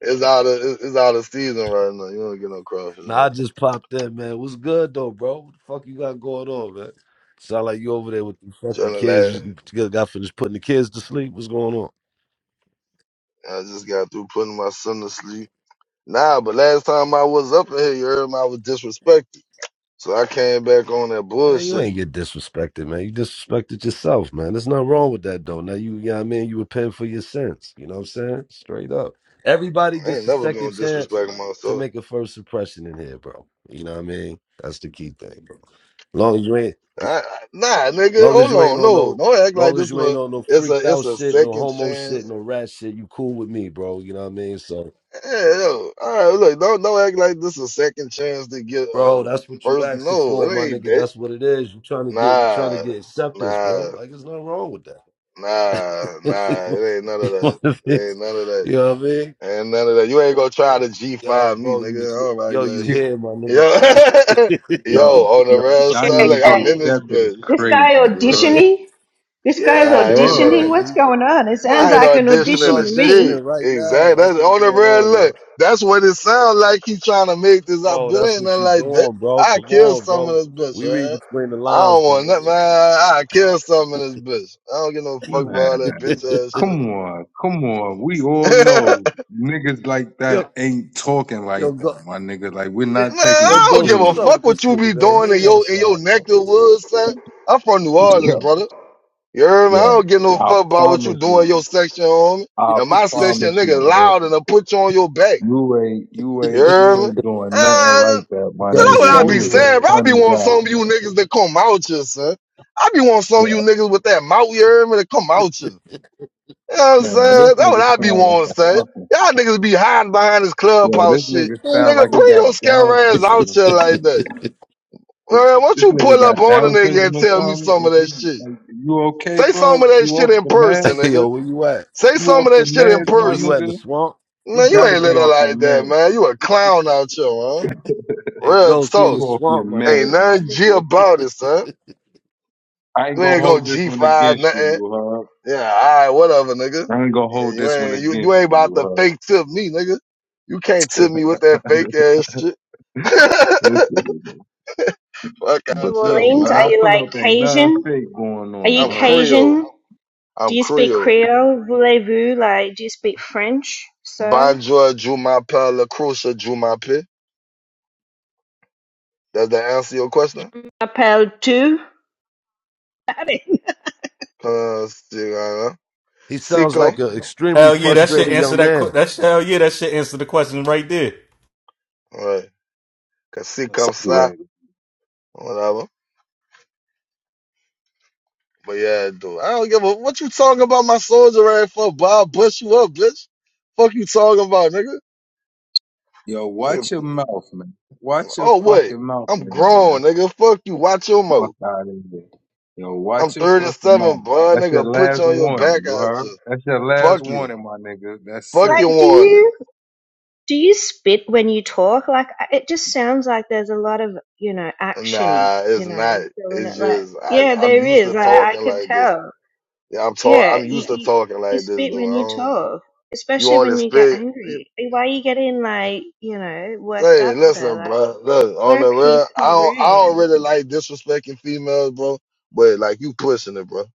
[SPEAKER 7] it's out of it, it's out of season right now. You don't get no crawfish
[SPEAKER 8] nah, I
[SPEAKER 7] right now.
[SPEAKER 8] just popped in, man. What's good though, bro? What the fuck you got going on, man? Sound like you over there with the fucking
[SPEAKER 7] Trying to
[SPEAKER 8] kids.
[SPEAKER 7] laugh.
[SPEAKER 8] You got finished putting the kids to sleep. What's going on?
[SPEAKER 7] I just got through putting my son to sleep. Nah, but last time I was up in here, you heard me, I was disrespected. So I came back on that
[SPEAKER 8] Hey, you
[SPEAKER 7] bullshit.
[SPEAKER 8] ain't get disrespected, man. You disrespected yourself, man. There's nothing wrong with that, though. Now you, you know what I mean? You repent for your sins. You know what I'm saying? Straight up. Everybody
[SPEAKER 7] I ain't
[SPEAKER 8] gets a
[SPEAKER 7] never
[SPEAKER 8] second
[SPEAKER 7] gonna
[SPEAKER 8] chance
[SPEAKER 7] disrespect
[SPEAKER 8] to
[SPEAKER 7] myself.
[SPEAKER 8] make a first impression in here, bro. You know what I mean? That's the key thing, bro. Long as you ain't,
[SPEAKER 7] I, I- nah, nigga,
[SPEAKER 8] long
[SPEAKER 7] hold
[SPEAKER 8] as you ain't
[SPEAKER 7] on.
[SPEAKER 8] on
[SPEAKER 7] No,
[SPEAKER 8] no,
[SPEAKER 7] don't act like
[SPEAKER 8] long as
[SPEAKER 7] this.
[SPEAKER 8] you ain't
[SPEAKER 7] Look,
[SPEAKER 8] on no
[SPEAKER 7] it's a
[SPEAKER 8] freaked
[SPEAKER 7] it's
[SPEAKER 8] out
[SPEAKER 7] a
[SPEAKER 8] shit, no
[SPEAKER 7] second
[SPEAKER 8] homo shit,
[SPEAKER 7] chance.
[SPEAKER 8] no rat shit, you cool with me, bro. You know what I mean? So,
[SPEAKER 7] Hell, all right, look, don't don't act like this a second chance to get a
[SPEAKER 8] bro, that's what you
[SPEAKER 7] first.
[SPEAKER 8] asking
[SPEAKER 7] No,
[SPEAKER 8] for,
[SPEAKER 7] it
[SPEAKER 8] my
[SPEAKER 7] ain't
[SPEAKER 8] nigga.
[SPEAKER 7] that.
[SPEAKER 8] That's what it is. You trying to get, you trying to
[SPEAKER 7] Nah,
[SPEAKER 8] get acceptance, bro.
[SPEAKER 7] nah,
[SPEAKER 8] Like, there's nothing wrong with that.
[SPEAKER 7] nah, nah. It ain't none of that.
[SPEAKER 8] One of
[SPEAKER 7] It
[SPEAKER 8] his,
[SPEAKER 7] ain't none of that.
[SPEAKER 8] you know what I mean?
[SPEAKER 7] Ain't none of that. You ain't gonna try to G
[SPEAKER 8] Yo,
[SPEAKER 7] five me,
[SPEAKER 8] bro, you,
[SPEAKER 7] nigga.
[SPEAKER 8] you-
[SPEAKER 7] I don't act
[SPEAKER 8] yo, you
[SPEAKER 5] Shit,
[SPEAKER 7] like
[SPEAKER 8] here, my nigga?
[SPEAKER 7] that. Yo, yo,
[SPEAKER 5] Yo,
[SPEAKER 7] on the
[SPEAKER 5] yo,
[SPEAKER 7] real
[SPEAKER 6] Yeah,
[SPEAKER 7] side,
[SPEAKER 5] dying to
[SPEAKER 7] look,
[SPEAKER 5] get
[SPEAKER 7] I'm in
[SPEAKER 6] okay.
[SPEAKER 7] this
[SPEAKER 5] accepted is
[SPEAKER 7] bitch.
[SPEAKER 6] This
[SPEAKER 5] crazy,
[SPEAKER 6] guy
[SPEAKER 7] I
[SPEAKER 8] yeah,
[SPEAKER 5] bro.
[SPEAKER 7] mean,
[SPEAKER 6] auditioning. This guy's
[SPEAKER 7] nah, it ain't nothing.
[SPEAKER 6] auditioning.
[SPEAKER 5] Word.
[SPEAKER 8] yeah,
[SPEAKER 6] What's
[SPEAKER 8] he,
[SPEAKER 6] going on? It
[SPEAKER 8] yeah,
[SPEAKER 6] sounds
[SPEAKER 7] I ain't
[SPEAKER 8] he's
[SPEAKER 6] like an
[SPEAKER 8] he's
[SPEAKER 7] auditioning
[SPEAKER 6] audition
[SPEAKER 7] the
[SPEAKER 6] to me.
[SPEAKER 7] shit.
[SPEAKER 8] auditioning right now.
[SPEAKER 7] Exactly.
[SPEAKER 8] That's
[SPEAKER 7] That's
[SPEAKER 8] what's
[SPEAKER 7] on the
[SPEAKER 8] going
[SPEAKER 7] real
[SPEAKER 8] on, bro.
[SPEAKER 7] look. That's what it sounds like. He trying to make this up.
[SPEAKER 8] Bro,
[SPEAKER 7] It
[SPEAKER 8] that's
[SPEAKER 7] ain't
[SPEAKER 8] what
[SPEAKER 7] nothing
[SPEAKER 8] you
[SPEAKER 7] like that.
[SPEAKER 8] doing, bro.
[SPEAKER 7] I
[SPEAKER 8] Come
[SPEAKER 7] kill
[SPEAKER 8] on,
[SPEAKER 7] some of
[SPEAKER 8] bro.
[SPEAKER 7] this bitch,
[SPEAKER 8] We read
[SPEAKER 7] man.
[SPEAKER 8] between the
[SPEAKER 7] I don't
[SPEAKER 8] lines, my
[SPEAKER 7] want nothing, man.
[SPEAKER 8] nigga.
[SPEAKER 7] I kill some of this bitch. I don't give no fuck about all that
[SPEAKER 5] Man,
[SPEAKER 7] bitch ass shit.
[SPEAKER 5] come on, come on. We all know niggas like that
[SPEAKER 8] yo,
[SPEAKER 5] ain't talking
[SPEAKER 8] yo,
[SPEAKER 5] like
[SPEAKER 8] go,
[SPEAKER 5] that, my nigga. Like, we're
[SPEAKER 8] yeah,
[SPEAKER 5] not
[SPEAKER 7] man,
[SPEAKER 5] taking
[SPEAKER 8] yo,
[SPEAKER 5] you
[SPEAKER 7] I don't
[SPEAKER 8] Ghost,
[SPEAKER 7] give a
[SPEAKER 8] what's
[SPEAKER 5] serious.
[SPEAKER 8] up
[SPEAKER 7] fuck
[SPEAKER 8] with this
[SPEAKER 7] what you be
[SPEAKER 8] nigga, man?
[SPEAKER 7] doing
[SPEAKER 8] He
[SPEAKER 7] in
[SPEAKER 8] ain't
[SPEAKER 7] your in your
[SPEAKER 8] outside,
[SPEAKER 7] neck of
[SPEAKER 8] bro.
[SPEAKER 7] the woods, son. I'm from New Orleans,
[SPEAKER 5] Yo,
[SPEAKER 7] brother. You heard me? I
[SPEAKER 5] yo,
[SPEAKER 7] don't give no
[SPEAKER 5] I
[SPEAKER 7] fuck about what you
[SPEAKER 5] promise
[SPEAKER 7] doing in
[SPEAKER 5] you.
[SPEAKER 7] your section, homie.
[SPEAKER 5] I
[SPEAKER 7] And my
[SPEAKER 5] promise
[SPEAKER 7] section,
[SPEAKER 5] you,
[SPEAKER 7] nigga,
[SPEAKER 5] bro.
[SPEAKER 7] loud and I put you on your back.
[SPEAKER 5] You ain't, you
[SPEAKER 7] You
[SPEAKER 5] ain't,
[SPEAKER 7] hear
[SPEAKER 5] you
[SPEAKER 7] me?
[SPEAKER 5] ain't doing nothing like
[SPEAKER 7] And
[SPEAKER 5] that, my
[SPEAKER 7] so
[SPEAKER 8] Got a
[SPEAKER 7] that's what
[SPEAKER 5] nigga.
[SPEAKER 7] I
[SPEAKER 5] You
[SPEAKER 7] be
[SPEAKER 8] soldier
[SPEAKER 5] was a
[SPEAKER 7] saying,
[SPEAKER 8] rag.
[SPEAKER 7] bro. I be
[SPEAKER 5] funny
[SPEAKER 7] want
[SPEAKER 5] guy.
[SPEAKER 7] some of you niggas that come out here, son. I be want some of you
[SPEAKER 5] Yeah,
[SPEAKER 7] niggas with that mouth, you hear me, To come out here. You know what I'm
[SPEAKER 5] man, this
[SPEAKER 7] saying? That's what
[SPEAKER 5] nigga
[SPEAKER 7] I be
[SPEAKER 5] sound like
[SPEAKER 7] wanting,
[SPEAKER 5] a
[SPEAKER 7] son.
[SPEAKER 5] fucking,
[SPEAKER 7] Y'all niggas be hiding behind this
[SPEAKER 5] yo,
[SPEAKER 7] clubhouse
[SPEAKER 5] this
[SPEAKER 7] shit.
[SPEAKER 5] nigga sound
[SPEAKER 7] Nigga,
[SPEAKER 5] like he
[SPEAKER 7] bring
[SPEAKER 5] got
[SPEAKER 7] your scare
[SPEAKER 5] Down
[SPEAKER 7] ass
[SPEAKER 5] syndrome
[SPEAKER 7] out
[SPEAKER 5] or
[SPEAKER 7] here like
[SPEAKER 5] something.
[SPEAKER 7] that.
[SPEAKER 5] This,
[SPEAKER 7] Man, why don't
[SPEAKER 5] this
[SPEAKER 7] you
[SPEAKER 5] nigga
[SPEAKER 7] pull
[SPEAKER 5] got
[SPEAKER 7] up on a
[SPEAKER 5] Down
[SPEAKER 7] nigga
[SPEAKER 5] syndrome
[SPEAKER 7] and
[SPEAKER 5] or
[SPEAKER 7] tell me
[SPEAKER 5] something.
[SPEAKER 7] some
[SPEAKER 5] Is
[SPEAKER 7] of that
[SPEAKER 5] he,
[SPEAKER 7] shit?
[SPEAKER 5] like, you okay,
[SPEAKER 7] Say some
[SPEAKER 5] bro?
[SPEAKER 7] of that
[SPEAKER 5] You
[SPEAKER 7] shit
[SPEAKER 5] off
[SPEAKER 7] in
[SPEAKER 5] the
[SPEAKER 7] person,
[SPEAKER 5] meds?
[SPEAKER 7] nigga.
[SPEAKER 8] yo, where you at?
[SPEAKER 7] Say
[SPEAKER 5] You
[SPEAKER 7] some
[SPEAKER 5] off
[SPEAKER 7] of
[SPEAKER 5] the
[SPEAKER 7] that shit in
[SPEAKER 5] meds, my
[SPEAKER 8] Where you at
[SPEAKER 7] person.
[SPEAKER 8] in the
[SPEAKER 5] nigga?
[SPEAKER 8] swamp?
[SPEAKER 5] You
[SPEAKER 7] Man, you
[SPEAKER 5] gotta
[SPEAKER 7] ain't
[SPEAKER 5] be
[SPEAKER 7] little
[SPEAKER 5] off your
[SPEAKER 7] like that,
[SPEAKER 5] meds.
[SPEAKER 7] man. You a clown out here, man.
[SPEAKER 8] Hey,
[SPEAKER 7] Real
[SPEAKER 8] Ghost, he in
[SPEAKER 5] You
[SPEAKER 8] the
[SPEAKER 7] talk.
[SPEAKER 5] off your
[SPEAKER 8] swamp, my
[SPEAKER 7] Ain't
[SPEAKER 8] nigga.
[SPEAKER 5] meds, my
[SPEAKER 7] nothing G
[SPEAKER 5] nigga.
[SPEAKER 7] about it, son.
[SPEAKER 5] I ain't
[SPEAKER 7] You
[SPEAKER 5] gonna
[SPEAKER 7] ain't gonna
[SPEAKER 5] hold this
[SPEAKER 7] G
[SPEAKER 5] one
[SPEAKER 7] five
[SPEAKER 5] against you,
[SPEAKER 7] nothing.
[SPEAKER 5] you heard?
[SPEAKER 7] Yeah, all right, whatever, nigga.
[SPEAKER 5] I ain't gonna
[SPEAKER 7] Yeah,
[SPEAKER 5] hold
[SPEAKER 7] you
[SPEAKER 5] this one
[SPEAKER 7] ain't you, you
[SPEAKER 5] against
[SPEAKER 7] ain't
[SPEAKER 5] you,
[SPEAKER 7] about
[SPEAKER 5] you
[SPEAKER 7] to
[SPEAKER 5] heard?
[SPEAKER 7] fake tip me, nigga. You can't tip me with that fake ass shit.
[SPEAKER 5] This nigga,
[SPEAKER 7] Fuck out
[SPEAKER 6] New
[SPEAKER 5] Believe
[SPEAKER 7] you,
[SPEAKER 5] me,
[SPEAKER 6] Orleans.
[SPEAKER 5] when
[SPEAKER 6] Are
[SPEAKER 5] I
[SPEAKER 7] man.
[SPEAKER 6] you
[SPEAKER 5] pull
[SPEAKER 6] like
[SPEAKER 5] up, ain't nothing
[SPEAKER 6] Cajun?
[SPEAKER 5] fake going
[SPEAKER 6] Are
[SPEAKER 5] on.
[SPEAKER 6] you
[SPEAKER 5] You
[SPEAKER 7] I'm
[SPEAKER 5] heard?
[SPEAKER 7] Creole.
[SPEAKER 6] Cajun? Do
[SPEAKER 7] I'm
[SPEAKER 6] you speak
[SPEAKER 7] Creole.
[SPEAKER 6] Creole? Voulez-vous? Like, do you speak French, sir?
[SPEAKER 7] Bonjour, Jumapa, La Crucia, Jumape. Does that answer your question?
[SPEAKER 6] Appelle tu? chatting.
[SPEAKER 7] Cause, you know,
[SPEAKER 8] He sounds like
[SPEAKER 7] Sikkim.
[SPEAKER 8] an extremely
[SPEAKER 3] Hell yeah, that should
[SPEAKER 8] frustrated
[SPEAKER 3] answer
[SPEAKER 8] young
[SPEAKER 3] that. que-
[SPEAKER 8] man.
[SPEAKER 3] That should, hell yeah, that should answer the question right there.
[SPEAKER 7] All right. Cause
[SPEAKER 9] That
[SPEAKER 7] Sikkim,
[SPEAKER 9] soldier
[SPEAKER 7] Sa.
[SPEAKER 9] rag.
[SPEAKER 7] Whatever. But yeah, dude, I don't give a what you talking about my soldier ass for, Bob. Bust you up, bitch. Fuck you talking about, nigga.
[SPEAKER 5] Yo,
[SPEAKER 7] Nigga,
[SPEAKER 5] watch your mouth, man. Watch your
[SPEAKER 7] Oh wait,
[SPEAKER 5] fucking mouth,
[SPEAKER 7] I'm
[SPEAKER 5] man. man.
[SPEAKER 7] grown, nigga. Fuck you. Watch your
[SPEAKER 5] Fuck
[SPEAKER 7] mouth.
[SPEAKER 5] out of here. Yo,
[SPEAKER 7] I'm
[SPEAKER 5] watch your fucking mouth.
[SPEAKER 7] 37, bro.
[SPEAKER 5] That's your
[SPEAKER 7] Nigga, put you
[SPEAKER 5] last
[SPEAKER 7] on your
[SPEAKER 5] warning.
[SPEAKER 7] back
[SPEAKER 5] You
[SPEAKER 7] out
[SPEAKER 5] heard?
[SPEAKER 7] you.
[SPEAKER 5] That's your last
[SPEAKER 7] Fuck you.
[SPEAKER 5] warning, my nigga. That's
[SPEAKER 7] Fuck
[SPEAKER 6] like,
[SPEAKER 5] it.
[SPEAKER 7] your
[SPEAKER 6] do
[SPEAKER 7] warning.
[SPEAKER 6] you do you spit when you talk? Like, it just sounds like there's a lot of you know action,
[SPEAKER 7] Nah,
[SPEAKER 6] you
[SPEAKER 7] it's
[SPEAKER 6] know,
[SPEAKER 7] not.
[SPEAKER 6] doing
[SPEAKER 7] It's
[SPEAKER 6] it. Like,
[SPEAKER 7] just I,
[SPEAKER 6] yeah,
[SPEAKER 7] I'm
[SPEAKER 6] there
[SPEAKER 7] used
[SPEAKER 6] is.
[SPEAKER 7] to
[SPEAKER 6] I, I
[SPEAKER 7] talking
[SPEAKER 6] could
[SPEAKER 7] like this.
[SPEAKER 6] tell.
[SPEAKER 7] Yeah, I'm talk.
[SPEAKER 6] Yeah,
[SPEAKER 7] I'm
[SPEAKER 6] you,
[SPEAKER 7] used to
[SPEAKER 6] you
[SPEAKER 7] talking
[SPEAKER 6] you
[SPEAKER 7] like this,
[SPEAKER 6] spit
[SPEAKER 7] dude. I
[SPEAKER 6] when you
[SPEAKER 7] don't,
[SPEAKER 6] talk,
[SPEAKER 7] you
[SPEAKER 6] especially
[SPEAKER 7] only
[SPEAKER 6] when you get
[SPEAKER 7] spit.
[SPEAKER 6] angry. Why are you getting like you know worked
[SPEAKER 7] Say,
[SPEAKER 6] up? So
[SPEAKER 7] listen,
[SPEAKER 6] like,
[SPEAKER 7] bro. Look, on
[SPEAKER 6] we're a
[SPEAKER 7] the real,
[SPEAKER 6] peaceful
[SPEAKER 7] I don't, I
[SPEAKER 6] room.
[SPEAKER 7] don't really like disrespecting females, bro. But like, you pushing it, bro.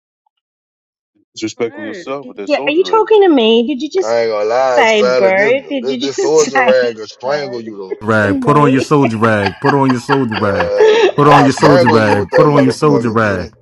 [SPEAKER 9] Disrespecting
[SPEAKER 6] Bro,
[SPEAKER 9] yourself with that
[SPEAKER 6] yeah, are you
[SPEAKER 9] soldier rag.
[SPEAKER 6] talking to me? Did you just
[SPEAKER 7] I ain't gonna lie,
[SPEAKER 6] say
[SPEAKER 7] Sally. This,
[SPEAKER 6] bro? Did
[SPEAKER 7] this,
[SPEAKER 6] you
[SPEAKER 7] this
[SPEAKER 6] just
[SPEAKER 7] soldier
[SPEAKER 6] say
[SPEAKER 7] rag will
[SPEAKER 6] bro
[SPEAKER 7] strangle you
[SPEAKER 6] to
[SPEAKER 3] Rag, put on your
[SPEAKER 6] me?
[SPEAKER 3] soldier rag. Put on your soldier
[SPEAKER 7] though.
[SPEAKER 3] rag.
[SPEAKER 7] Uh,
[SPEAKER 3] Put
[SPEAKER 9] This
[SPEAKER 3] on
[SPEAKER 7] I
[SPEAKER 3] your soldier
[SPEAKER 7] strangle
[SPEAKER 9] is
[SPEAKER 7] you with
[SPEAKER 3] rag. Put
[SPEAKER 7] that
[SPEAKER 3] on your soldier
[SPEAKER 7] motherfucker too.
[SPEAKER 3] rag.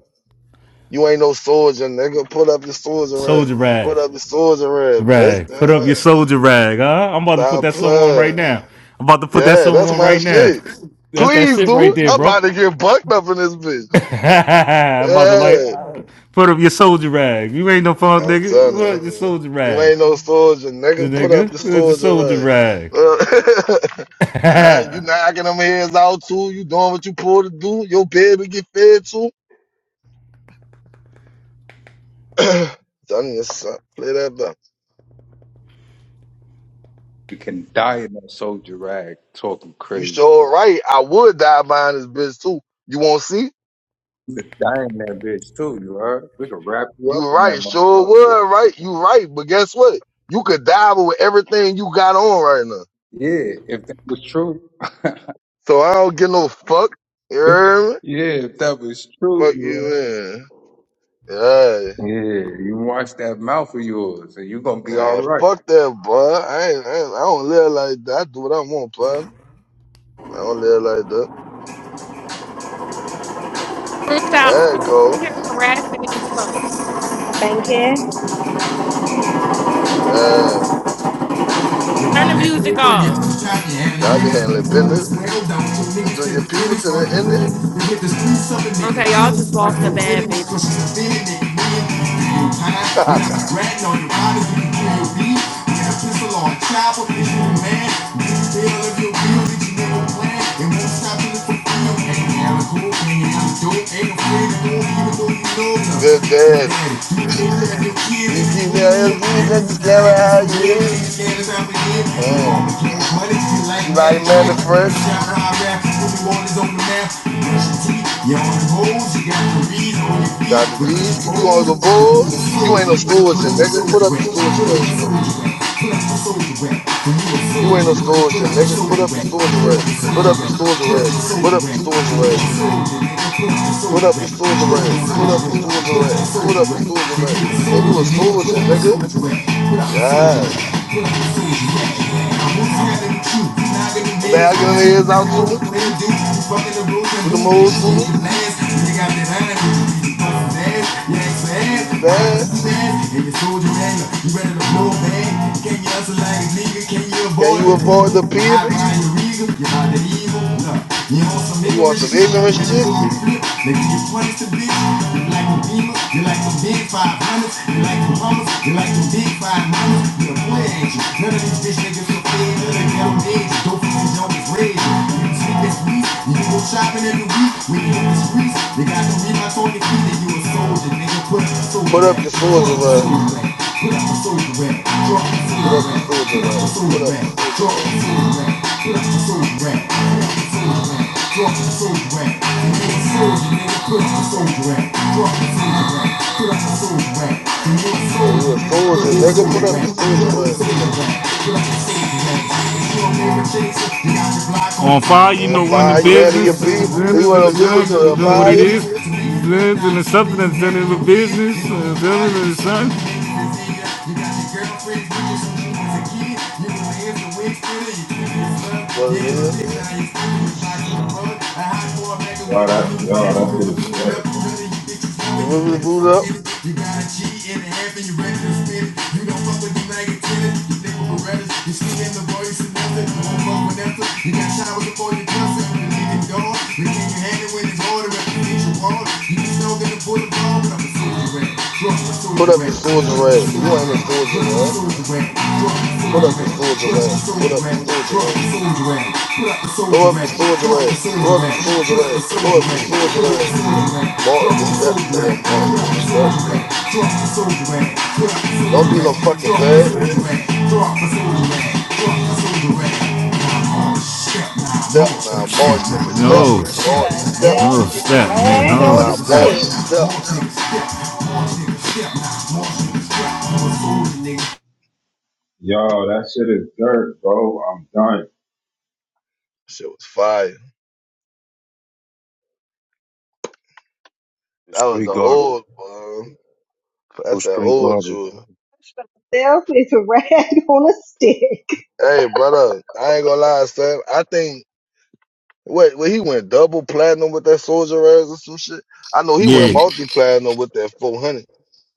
[SPEAKER 7] You ain't no soldier, nigga. Put up your soldier rag.
[SPEAKER 3] Soldier rag.
[SPEAKER 7] Put up your soldier rag, bitch.
[SPEAKER 3] Rag. Put up your
[SPEAKER 7] Yeah.
[SPEAKER 3] soldier rag, huh? I'm about to put
[SPEAKER 7] Stop
[SPEAKER 3] that song on right
[SPEAKER 7] playing.
[SPEAKER 3] now. I'm about to put that
[SPEAKER 7] Yeah,
[SPEAKER 3] song
[SPEAKER 7] that's
[SPEAKER 3] on
[SPEAKER 7] my
[SPEAKER 3] right now.
[SPEAKER 7] shit.
[SPEAKER 3] That's that
[SPEAKER 7] Please,
[SPEAKER 3] shit right
[SPEAKER 7] dude.
[SPEAKER 3] there,
[SPEAKER 7] I'm about
[SPEAKER 3] bro.
[SPEAKER 7] to get bucked up in this bitch.
[SPEAKER 3] I'm about to like
[SPEAKER 7] Yeah,
[SPEAKER 3] put up your soldier rag. You ain't no fun,
[SPEAKER 7] I'm
[SPEAKER 3] nigga. Put
[SPEAKER 7] telling you.
[SPEAKER 3] up your soldier
[SPEAKER 7] You
[SPEAKER 3] rag,
[SPEAKER 7] ain't no soldier, nigga. Put
[SPEAKER 3] nigga.
[SPEAKER 7] up your
[SPEAKER 3] Put up your
[SPEAKER 7] swords and
[SPEAKER 3] soldier
[SPEAKER 7] run.
[SPEAKER 3] rag.
[SPEAKER 7] Uh, uh, you knocking them heads out too. You doing what you pulled to do. Your baby get fed too. Telling you, son, play that back.
[SPEAKER 5] You can die in that soldier rag talking
[SPEAKER 7] You
[SPEAKER 5] crazy.
[SPEAKER 7] sure right. I would die behind this bitch too. You won't see.
[SPEAKER 5] You could die in that bitch too. You heard? We could wrap you up
[SPEAKER 7] You
[SPEAKER 5] in that
[SPEAKER 7] right. Sure
[SPEAKER 5] motherfucker.
[SPEAKER 7] would. Right. You right. But guess what? You could die with everything you got on right now.
[SPEAKER 5] Yeah, if that was true.
[SPEAKER 7] So I don't give no fuck. You hear me?
[SPEAKER 5] Yeah, if that was true,
[SPEAKER 7] Fuck
[SPEAKER 5] you heard?
[SPEAKER 7] you, man. Yeah.
[SPEAKER 5] Yeah, you wash that mouth of yours, and you're gonna be all
[SPEAKER 7] Nah,
[SPEAKER 5] right.
[SPEAKER 7] fuck that, boy. I ain't, I, ain't, I don't live like that. I do what I want, pun. I don't live like that.
[SPEAKER 10] Rich out.
[SPEAKER 7] There you go.
[SPEAKER 10] Why you here harassing these folks?
[SPEAKER 6] Thank you.
[SPEAKER 7] Uh,
[SPEAKER 10] Turn the
[SPEAKER 3] That three
[SPEAKER 10] music
[SPEAKER 3] point your
[SPEAKER 10] off.
[SPEAKER 3] shot and had
[SPEAKER 7] stop your handling
[SPEAKER 3] niggas
[SPEAKER 7] business.
[SPEAKER 3] snaggled down to niggas
[SPEAKER 7] To
[SPEAKER 3] to
[SPEAKER 7] your
[SPEAKER 3] the
[SPEAKER 7] people,
[SPEAKER 3] finish
[SPEAKER 7] to
[SPEAKER 3] like
[SPEAKER 7] the
[SPEAKER 3] you
[SPEAKER 7] ending.
[SPEAKER 3] really to get the streets up and nigga
[SPEAKER 10] Okay, y'all just
[SPEAKER 3] like
[SPEAKER 10] lost a
[SPEAKER 3] you
[SPEAKER 10] bad
[SPEAKER 3] really
[SPEAKER 10] bitch.
[SPEAKER 3] cause you feeling nigga man give you time without ratting on your body you can kill your beat get a pistol or a chopper if you a man you feel if you real that you never plan It won't stop till it's fulfilled ain't now cool can you have a dope ain't Ain't afraid of him, even though you know him.
[SPEAKER 7] Good
[SPEAKER 3] Now, daddy,
[SPEAKER 7] daddy.
[SPEAKER 3] you can't let your kids be
[SPEAKER 7] You keep
[SPEAKER 3] clean in
[SPEAKER 7] that
[SPEAKER 3] your
[SPEAKER 7] kids
[SPEAKER 3] crib.
[SPEAKER 7] that
[SPEAKER 3] Cause it's
[SPEAKER 7] just can't
[SPEAKER 3] like
[SPEAKER 7] like
[SPEAKER 3] these
[SPEAKER 7] how
[SPEAKER 3] some
[SPEAKER 7] you
[SPEAKER 3] real
[SPEAKER 7] is.
[SPEAKER 3] niggas that is out here. Your mama
[SPEAKER 7] Mm.
[SPEAKER 3] gave money, she like
[SPEAKER 7] You
[SPEAKER 3] man
[SPEAKER 7] like
[SPEAKER 3] and
[SPEAKER 7] man
[SPEAKER 3] train.
[SPEAKER 7] the fresh.
[SPEAKER 3] Fresh out high rap, what you want is on the map. You brush your teeth, you on the hoes, you got the reeds on your feet.
[SPEAKER 7] Got the
[SPEAKER 3] But you
[SPEAKER 7] beat. You
[SPEAKER 3] bold,
[SPEAKER 7] on the
[SPEAKER 3] you
[SPEAKER 7] bulls.
[SPEAKER 3] a
[SPEAKER 7] You ain't
[SPEAKER 3] soldier,
[SPEAKER 7] no
[SPEAKER 3] you a soldier, you
[SPEAKER 7] soldier, nigga. Put
[SPEAKER 3] a soldier.
[SPEAKER 7] up your soldier array.
[SPEAKER 3] you a soldier.
[SPEAKER 7] You ain't no soldier, nigga. Put up your soldier array. Put up your soldier array. Put up your soldier array. Put up your soldier rag. Put up your soldier rag. Put up your soldier rag. Then you a soldier, nigga. Yeah.
[SPEAKER 3] You gotta be cute. Not gonna be
[SPEAKER 7] Was they
[SPEAKER 3] made it
[SPEAKER 7] out
[SPEAKER 3] on
[SPEAKER 7] getting their
[SPEAKER 3] you.
[SPEAKER 7] heads out
[SPEAKER 3] What
[SPEAKER 7] too?
[SPEAKER 3] the player do? Fucking the rules and
[SPEAKER 7] With them
[SPEAKER 3] boobies.
[SPEAKER 7] hoes
[SPEAKER 3] Shit,
[SPEAKER 7] too?
[SPEAKER 3] the last. You got that iron. You puffin' ass. You ain't
[SPEAKER 7] Are
[SPEAKER 3] fast.
[SPEAKER 7] these
[SPEAKER 3] You got
[SPEAKER 7] bad?
[SPEAKER 3] pussy ass. And you soldier man. You ready to blow bag. Can you hustle like a nigga? Can you
[SPEAKER 7] Can
[SPEAKER 3] avoid
[SPEAKER 7] you
[SPEAKER 3] the
[SPEAKER 7] avoid
[SPEAKER 3] people?
[SPEAKER 7] the
[SPEAKER 3] You high
[SPEAKER 7] people?
[SPEAKER 3] behind your regal. You about to evil. Look, you on some
[SPEAKER 7] Or you want
[SPEAKER 3] ignorant
[SPEAKER 7] some
[SPEAKER 3] shit.
[SPEAKER 7] ignorant
[SPEAKER 3] When the
[SPEAKER 7] shit?
[SPEAKER 3] movie flip, they give you points to bitch. You like a bean mamas, you like some big 500s, you like some hummers, you like some big five mamas, you a play ain't you. None of these bitch niggas are fed, none of them edge, dope you don't is red. You can sleep this week, you can go shopping every week, when you in the streets, they got the reeboks on your feet, and you a soldier, nigga, put a
[SPEAKER 7] Put
[SPEAKER 3] soldier
[SPEAKER 7] up
[SPEAKER 3] at,
[SPEAKER 7] your
[SPEAKER 3] put
[SPEAKER 7] soldier
[SPEAKER 3] a
[SPEAKER 7] rag.
[SPEAKER 3] soldier at. Put up a soldier rack, drop a
[SPEAKER 7] Put
[SPEAKER 3] soldier
[SPEAKER 7] up your
[SPEAKER 3] rack.
[SPEAKER 7] soldier
[SPEAKER 3] Put
[SPEAKER 7] rag.
[SPEAKER 3] up a
[SPEAKER 7] Put
[SPEAKER 3] soldier
[SPEAKER 7] up your
[SPEAKER 3] rack,
[SPEAKER 7] soldier
[SPEAKER 3] drop
[SPEAKER 7] rag.
[SPEAKER 3] a soldier rack. Put up a soldier rack, put up a soda rack. Drop a soda rack. And you're a soldier, nigga. Put up a soldier rack, drop a soldier rack. Put up a soda rack. And you're a
[SPEAKER 7] Oh, you a
[SPEAKER 3] soldier, nigga. Put up
[SPEAKER 7] soldier,
[SPEAKER 3] a
[SPEAKER 7] nigga.
[SPEAKER 3] soda
[SPEAKER 7] Put up your
[SPEAKER 3] rack,
[SPEAKER 7] soldier
[SPEAKER 3] drop a
[SPEAKER 7] rag.
[SPEAKER 3] soldier rack. on fire. You
[SPEAKER 7] On
[SPEAKER 3] know, when
[SPEAKER 7] fire,
[SPEAKER 3] the
[SPEAKER 7] you handle your
[SPEAKER 3] business, the
[SPEAKER 7] B. You
[SPEAKER 3] genders, and the
[SPEAKER 7] want to live with
[SPEAKER 3] drugs is
[SPEAKER 7] the
[SPEAKER 3] doing what it
[SPEAKER 7] fire?
[SPEAKER 3] is, drugs and the substance that is the business, uh, drugs and
[SPEAKER 7] Hallelujah.
[SPEAKER 1] Y'all that, y'all that shit is dirt.
[SPEAKER 7] You live with the boot up?
[SPEAKER 3] you ready to spin it. You don't fuck with the sun. Tracy Wilson, I'm wrong with Vanessa. You got showers before you cuss it. You leave your door, you leave your hand when it's order. If you need your water, you can snow in the bullet ball, but I'm a soldier rat. Drop a
[SPEAKER 7] Put
[SPEAKER 3] soldier
[SPEAKER 7] up your
[SPEAKER 3] rat. Drop
[SPEAKER 7] soldier
[SPEAKER 3] a
[SPEAKER 7] rag.
[SPEAKER 3] soldier
[SPEAKER 7] You ain't a
[SPEAKER 3] rat.
[SPEAKER 7] soldier
[SPEAKER 3] Drop a
[SPEAKER 7] rag.
[SPEAKER 3] soldier rat. Drop a
[SPEAKER 7] Put up your sword, Jermaine. Put
[SPEAKER 3] soldier
[SPEAKER 7] up your
[SPEAKER 3] rat.
[SPEAKER 7] sword,
[SPEAKER 3] Drop a soldier rat. Drop
[SPEAKER 7] Jermaine.
[SPEAKER 3] a soldier rat. Put up a
[SPEAKER 7] Throw
[SPEAKER 3] soldier
[SPEAKER 7] up your
[SPEAKER 3] rat.
[SPEAKER 7] sword,
[SPEAKER 3] Drop a
[SPEAKER 7] Jermaine.
[SPEAKER 3] soldier
[SPEAKER 7] Throw up your
[SPEAKER 3] rat.
[SPEAKER 7] sword, Jermaine. Throw up your sword,
[SPEAKER 3] Put up a
[SPEAKER 7] Jermaine.
[SPEAKER 3] soldier rat.
[SPEAKER 7] March,
[SPEAKER 3] Drop a
[SPEAKER 7] step,
[SPEAKER 3] soldier rat.
[SPEAKER 7] nigga, march, step.
[SPEAKER 3] Drop a soldier rat. Put up a
[SPEAKER 7] Don't
[SPEAKER 3] soldier
[SPEAKER 7] be
[SPEAKER 3] rat.
[SPEAKER 7] no
[SPEAKER 3] Drop a soldier rat. Put up a soldier rat. Drop a
[SPEAKER 7] fucking fag.
[SPEAKER 3] soldier rat. Drop a soldier rat.
[SPEAKER 7] Step now, march, nigga, step.
[SPEAKER 3] No,
[SPEAKER 7] March,
[SPEAKER 6] Myself
[SPEAKER 7] step.
[SPEAKER 3] no,
[SPEAKER 6] is a
[SPEAKER 3] step, man.
[SPEAKER 6] rag
[SPEAKER 3] no
[SPEAKER 6] on a
[SPEAKER 7] Now, march,
[SPEAKER 3] step.
[SPEAKER 6] stick.
[SPEAKER 7] step.
[SPEAKER 1] Y'all that shit is dirt, bro. I'm done.
[SPEAKER 7] Shit was fire. That was
[SPEAKER 9] straight
[SPEAKER 7] the
[SPEAKER 9] garbage.
[SPEAKER 7] old one.
[SPEAKER 9] No
[SPEAKER 7] That's that
[SPEAKER 9] straight
[SPEAKER 7] old
[SPEAKER 9] garbage.
[SPEAKER 7] Jewel.
[SPEAKER 6] Myself is a rag on a stick.
[SPEAKER 7] Hey, brother, I ain't gonna lie, son. I think, wait, wait, he went double platinum with that Soldier Ass or some shit. I know he went
[SPEAKER 3] Yeah.
[SPEAKER 7] multi platinum with that 400.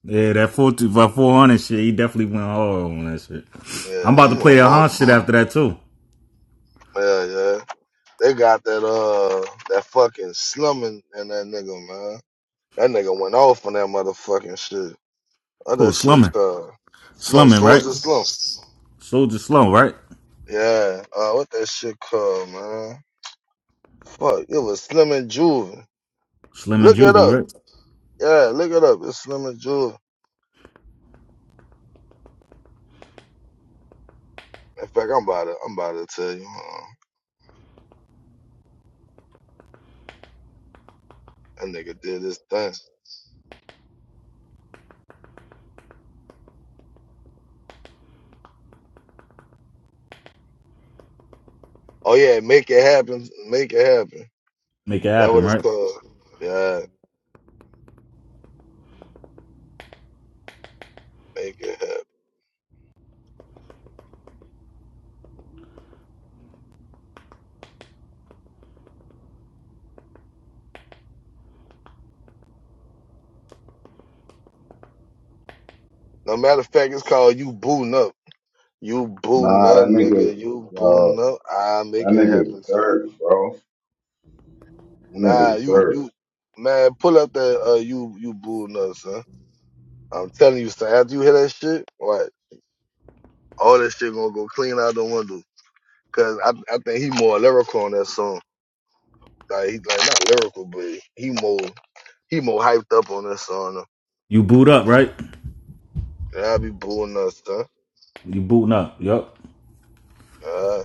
[SPEAKER 3] Yeah, that 40, by 400 shit, he definitely went hard on that shit. I'm
[SPEAKER 7] Yeah,
[SPEAKER 3] about
[SPEAKER 7] he
[SPEAKER 3] to play
[SPEAKER 7] went
[SPEAKER 3] that
[SPEAKER 7] multi.
[SPEAKER 3] Han shit after that, too.
[SPEAKER 7] Yeah, yeah. They got that uh that fucking slumming in that nigga, man. That nigga went off on that motherfucking shit. What
[SPEAKER 3] Oh,
[SPEAKER 7] that shit
[SPEAKER 3] slumming.
[SPEAKER 7] called? Slum
[SPEAKER 3] Slumming, right?
[SPEAKER 7] Soldier Slum.
[SPEAKER 3] Soldier Slum, right?
[SPEAKER 7] Yeah. Uh what that shit called, man? Fuck, it was Slim and Juve.
[SPEAKER 3] Slim and
[SPEAKER 7] Look it
[SPEAKER 3] Juvie,
[SPEAKER 7] up.
[SPEAKER 3] right?
[SPEAKER 7] Yeah, look it up. It's Slim and Juve. In fact, I'm about to I'm about to tell you. Uh, that nigga did this thing. Oh yeah, make it happen. Make it happen.
[SPEAKER 3] Make it
[SPEAKER 7] That what
[SPEAKER 3] happen,
[SPEAKER 7] it's
[SPEAKER 3] right?
[SPEAKER 7] called. Yeah, make it happen. No matter of fact, it's called you booting up. You booting
[SPEAKER 1] Nah,
[SPEAKER 7] up,
[SPEAKER 1] that nigga,
[SPEAKER 7] nigga. You booting
[SPEAKER 1] yo,
[SPEAKER 7] up. I
[SPEAKER 1] that
[SPEAKER 7] make it
[SPEAKER 1] nigga's
[SPEAKER 7] happen, son.
[SPEAKER 1] dirt, bro. That
[SPEAKER 7] Nah,
[SPEAKER 1] nigga's
[SPEAKER 7] you
[SPEAKER 1] dirt.
[SPEAKER 7] you man, pull up that uh you you booting up, son. I'm telling you, son. After you hear that shit, what? All that shit gonna go clean out the window. Cause I I think he more lyrical on that song. Like he like not lyrical, but he more he more hyped up on that song.
[SPEAKER 3] You boot up, right?
[SPEAKER 7] Yeah, I be booing us, son.
[SPEAKER 3] You booting up. Yup.
[SPEAKER 7] Uh,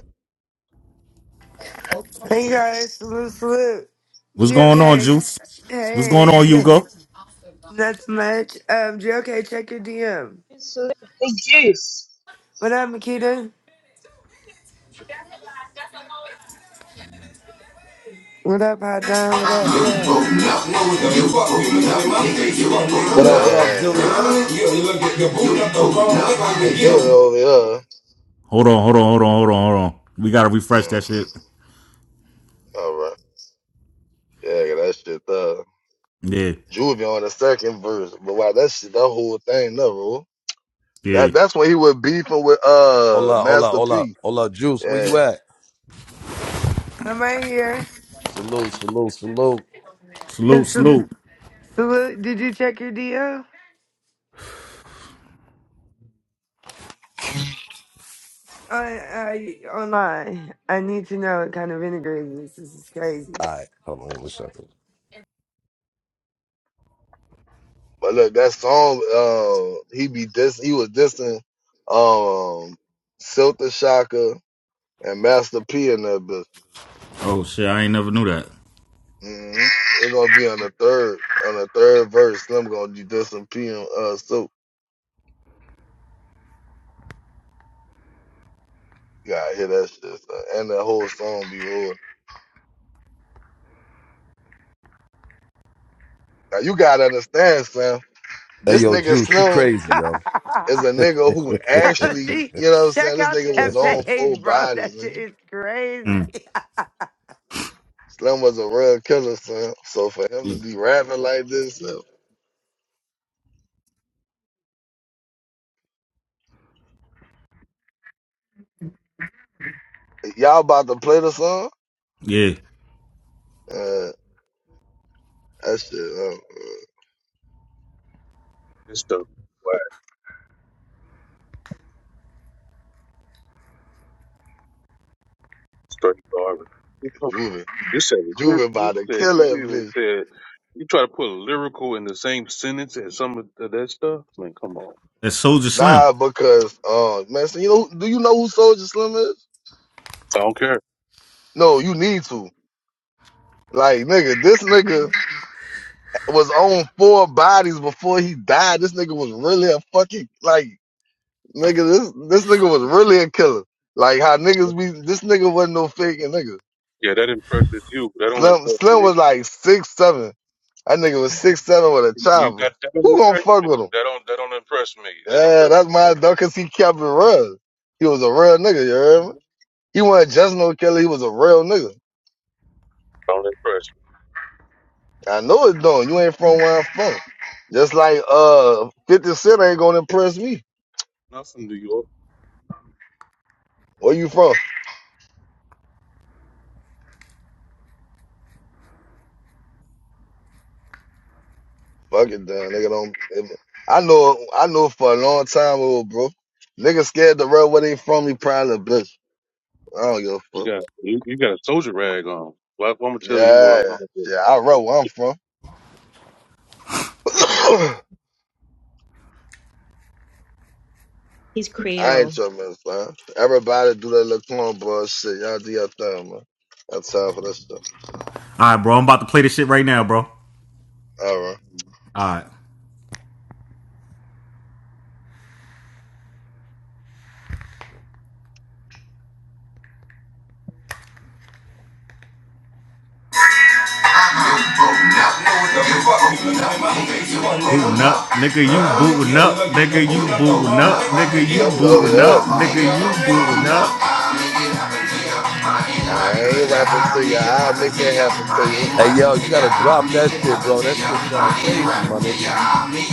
[SPEAKER 11] Hey guys, salute, salute.
[SPEAKER 3] What's
[SPEAKER 11] GOK,
[SPEAKER 3] going on,
[SPEAKER 11] hey,
[SPEAKER 3] Juice? What's going on,
[SPEAKER 11] G-
[SPEAKER 3] Hugo?
[SPEAKER 11] not too much. Um, GOK, check your DM.
[SPEAKER 6] The juice.
[SPEAKER 11] What up, Makita? What up, Hot Don? What up, what up?
[SPEAKER 8] What up, what up,
[SPEAKER 7] yeah,
[SPEAKER 8] Juice?
[SPEAKER 3] Hold
[SPEAKER 7] a little over here.
[SPEAKER 3] on, hold on, hold on, hold on, hold on. We gotta refresh that
[SPEAKER 7] Mm,
[SPEAKER 3] shit.
[SPEAKER 7] all right. Yeah, get that shit up.
[SPEAKER 3] Yeah,
[SPEAKER 7] Juvia on the second verse. But wow, that shit, that whole thing, no, bro.
[SPEAKER 3] yeah.
[SPEAKER 7] That that's when he was beefing with uh
[SPEAKER 8] Hola, hola,
[SPEAKER 7] Master
[SPEAKER 8] hola,
[SPEAKER 7] P.
[SPEAKER 8] hola, Juice, where you
[SPEAKER 7] Yeah.
[SPEAKER 8] at?
[SPEAKER 11] I'm right here.
[SPEAKER 8] Salute, salute, salute.
[SPEAKER 3] Salute, salute.
[SPEAKER 11] salute, did you check your DM? I, I, online. I need to know what kind of vinegar it is. This is
[SPEAKER 8] All
[SPEAKER 11] crazy.
[SPEAKER 8] right, hold on one second.
[SPEAKER 7] But look, that song, uh, he be dis he was dissing um Silta Shaka and Master P in that bitch.
[SPEAKER 3] Oh shit, I ain't never knew that.
[SPEAKER 7] Mm-hmm. It's gonna be on the third on the third verse. Slim gonna be dissing P and uh Silk. You gotta hear that shit, son. And that whole song be rude. Now you gotta understand, Slim.
[SPEAKER 8] Hey,
[SPEAKER 7] This
[SPEAKER 8] yo,
[SPEAKER 7] nigga
[SPEAKER 8] Juice, you
[SPEAKER 7] Slim.
[SPEAKER 8] crazy, yo.
[SPEAKER 7] is a
[SPEAKER 8] hey,
[SPEAKER 7] nigga who actually,
[SPEAKER 11] See,
[SPEAKER 7] you know what I'm saying?
[SPEAKER 11] check
[SPEAKER 7] This
[SPEAKER 11] out
[SPEAKER 7] nigga was
[SPEAKER 11] that
[SPEAKER 7] on full
[SPEAKER 11] page, bro.
[SPEAKER 7] bodies,
[SPEAKER 11] That shit
[SPEAKER 7] nigga.
[SPEAKER 11] is crazy.
[SPEAKER 3] Mm.
[SPEAKER 7] Slim was a real killer, son. So for him to
[SPEAKER 3] Yeah.
[SPEAKER 7] be rapping like this, uh, y'all about to play the song?
[SPEAKER 3] yeah.
[SPEAKER 7] Uh, that shit, uh, uh,
[SPEAKER 9] This stuff is whack. Straight garbage. You know,
[SPEAKER 7] Juven.
[SPEAKER 9] you said the lyric-
[SPEAKER 7] Juven
[SPEAKER 9] you
[SPEAKER 7] about to
[SPEAKER 9] said
[SPEAKER 7] kill
[SPEAKER 9] you
[SPEAKER 7] that
[SPEAKER 9] even
[SPEAKER 7] bitch.
[SPEAKER 9] said you try to put lyrical in the same sentence as some of th- that stuff. Man, come on.
[SPEAKER 3] That's Soldier Slim.
[SPEAKER 7] Nah, because, uh, man, so you know, do you know who Soldier Slim is?
[SPEAKER 9] I don't care.
[SPEAKER 7] No, you need to. Like, nigga, this nigga was on four bodies before he died. This nigga was really a fucking, like, Nigga, this this nigga was really a killer. Like how niggas be this nigga wasn't no faking nigga.
[SPEAKER 9] Yeah, that impresses you. but That don't
[SPEAKER 7] Slim
[SPEAKER 9] impress
[SPEAKER 7] Slim
[SPEAKER 9] me.
[SPEAKER 7] was like six seven. That nigga was six seven with a
[SPEAKER 9] You
[SPEAKER 7] chopper.
[SPEAKER 9] got that don't
[SPEAKER 7] Who gonna
[SPEAKER 9] impress
[SPEAKER 7] fuck
[SPEAKER 9] me.
[SPEAKER 7] with him?
[SPEAKER 9] That don't that don't impress me. That
[SPEAKER 7] Yeah, that's
[SPEAKER 9] impresses you.
[SPEAKER 7] my dog cause he kept it real. He was a real nigga, you heard me? He wasn't just no killer, he was a real nigga.
[SPEAKER 9] Don't impress me.
[SPEAKER 7] I know it don't. You ain't from where I'm from. Just like uh fifty cent ain't gonna impress me.
[SPEAKER 9] Nothing do you.
[SPEAKER 7] Where you from? Fuck it, then. Nigga don't. If, I know. I know for a long time, old bro. Nigga scared to run where they from. He probably a bitch. I don't give a
[SPEAKER 9] You
[SPEAKER 7] fuck.
[SPEAKER 9] got you, you got a soldier rag on. Black woman tell you where
[SPEAKER 7] Yeah,
[SPEAKER 9] I'm from. Yo,
[SPEAKER 7] yeah. I run where I'm from.
[SPEAKER 6] He's
[SPEAKER 7] I
[SPEAKER 6] Creole.
[SPEAKER 7] ain't your man, son. Everybody do that little cornball shit. Y'all do your thing, man. That's time for this stuff.
[SPEAKER 3] Alright, bro, I'm about to play this shit right now, bro.
[SPEAKER 7] All right.
[SPEAKER 3] Alright. Booting up, nigga, you booting up, nigga, you booting up, nigga, you
[SPEAKER 7] Nothing over
[SPEAKER 3] booting
[SPEAKER 7] here.
[SPEAKER 3] up, nigga, you booting up.
[SPEAKER 7] I ain't rapping to you. I'll make it happen to you.
[SPEAKER 8] yo, you gotta drop that shit, bro. That shit sound crazy, my nigga.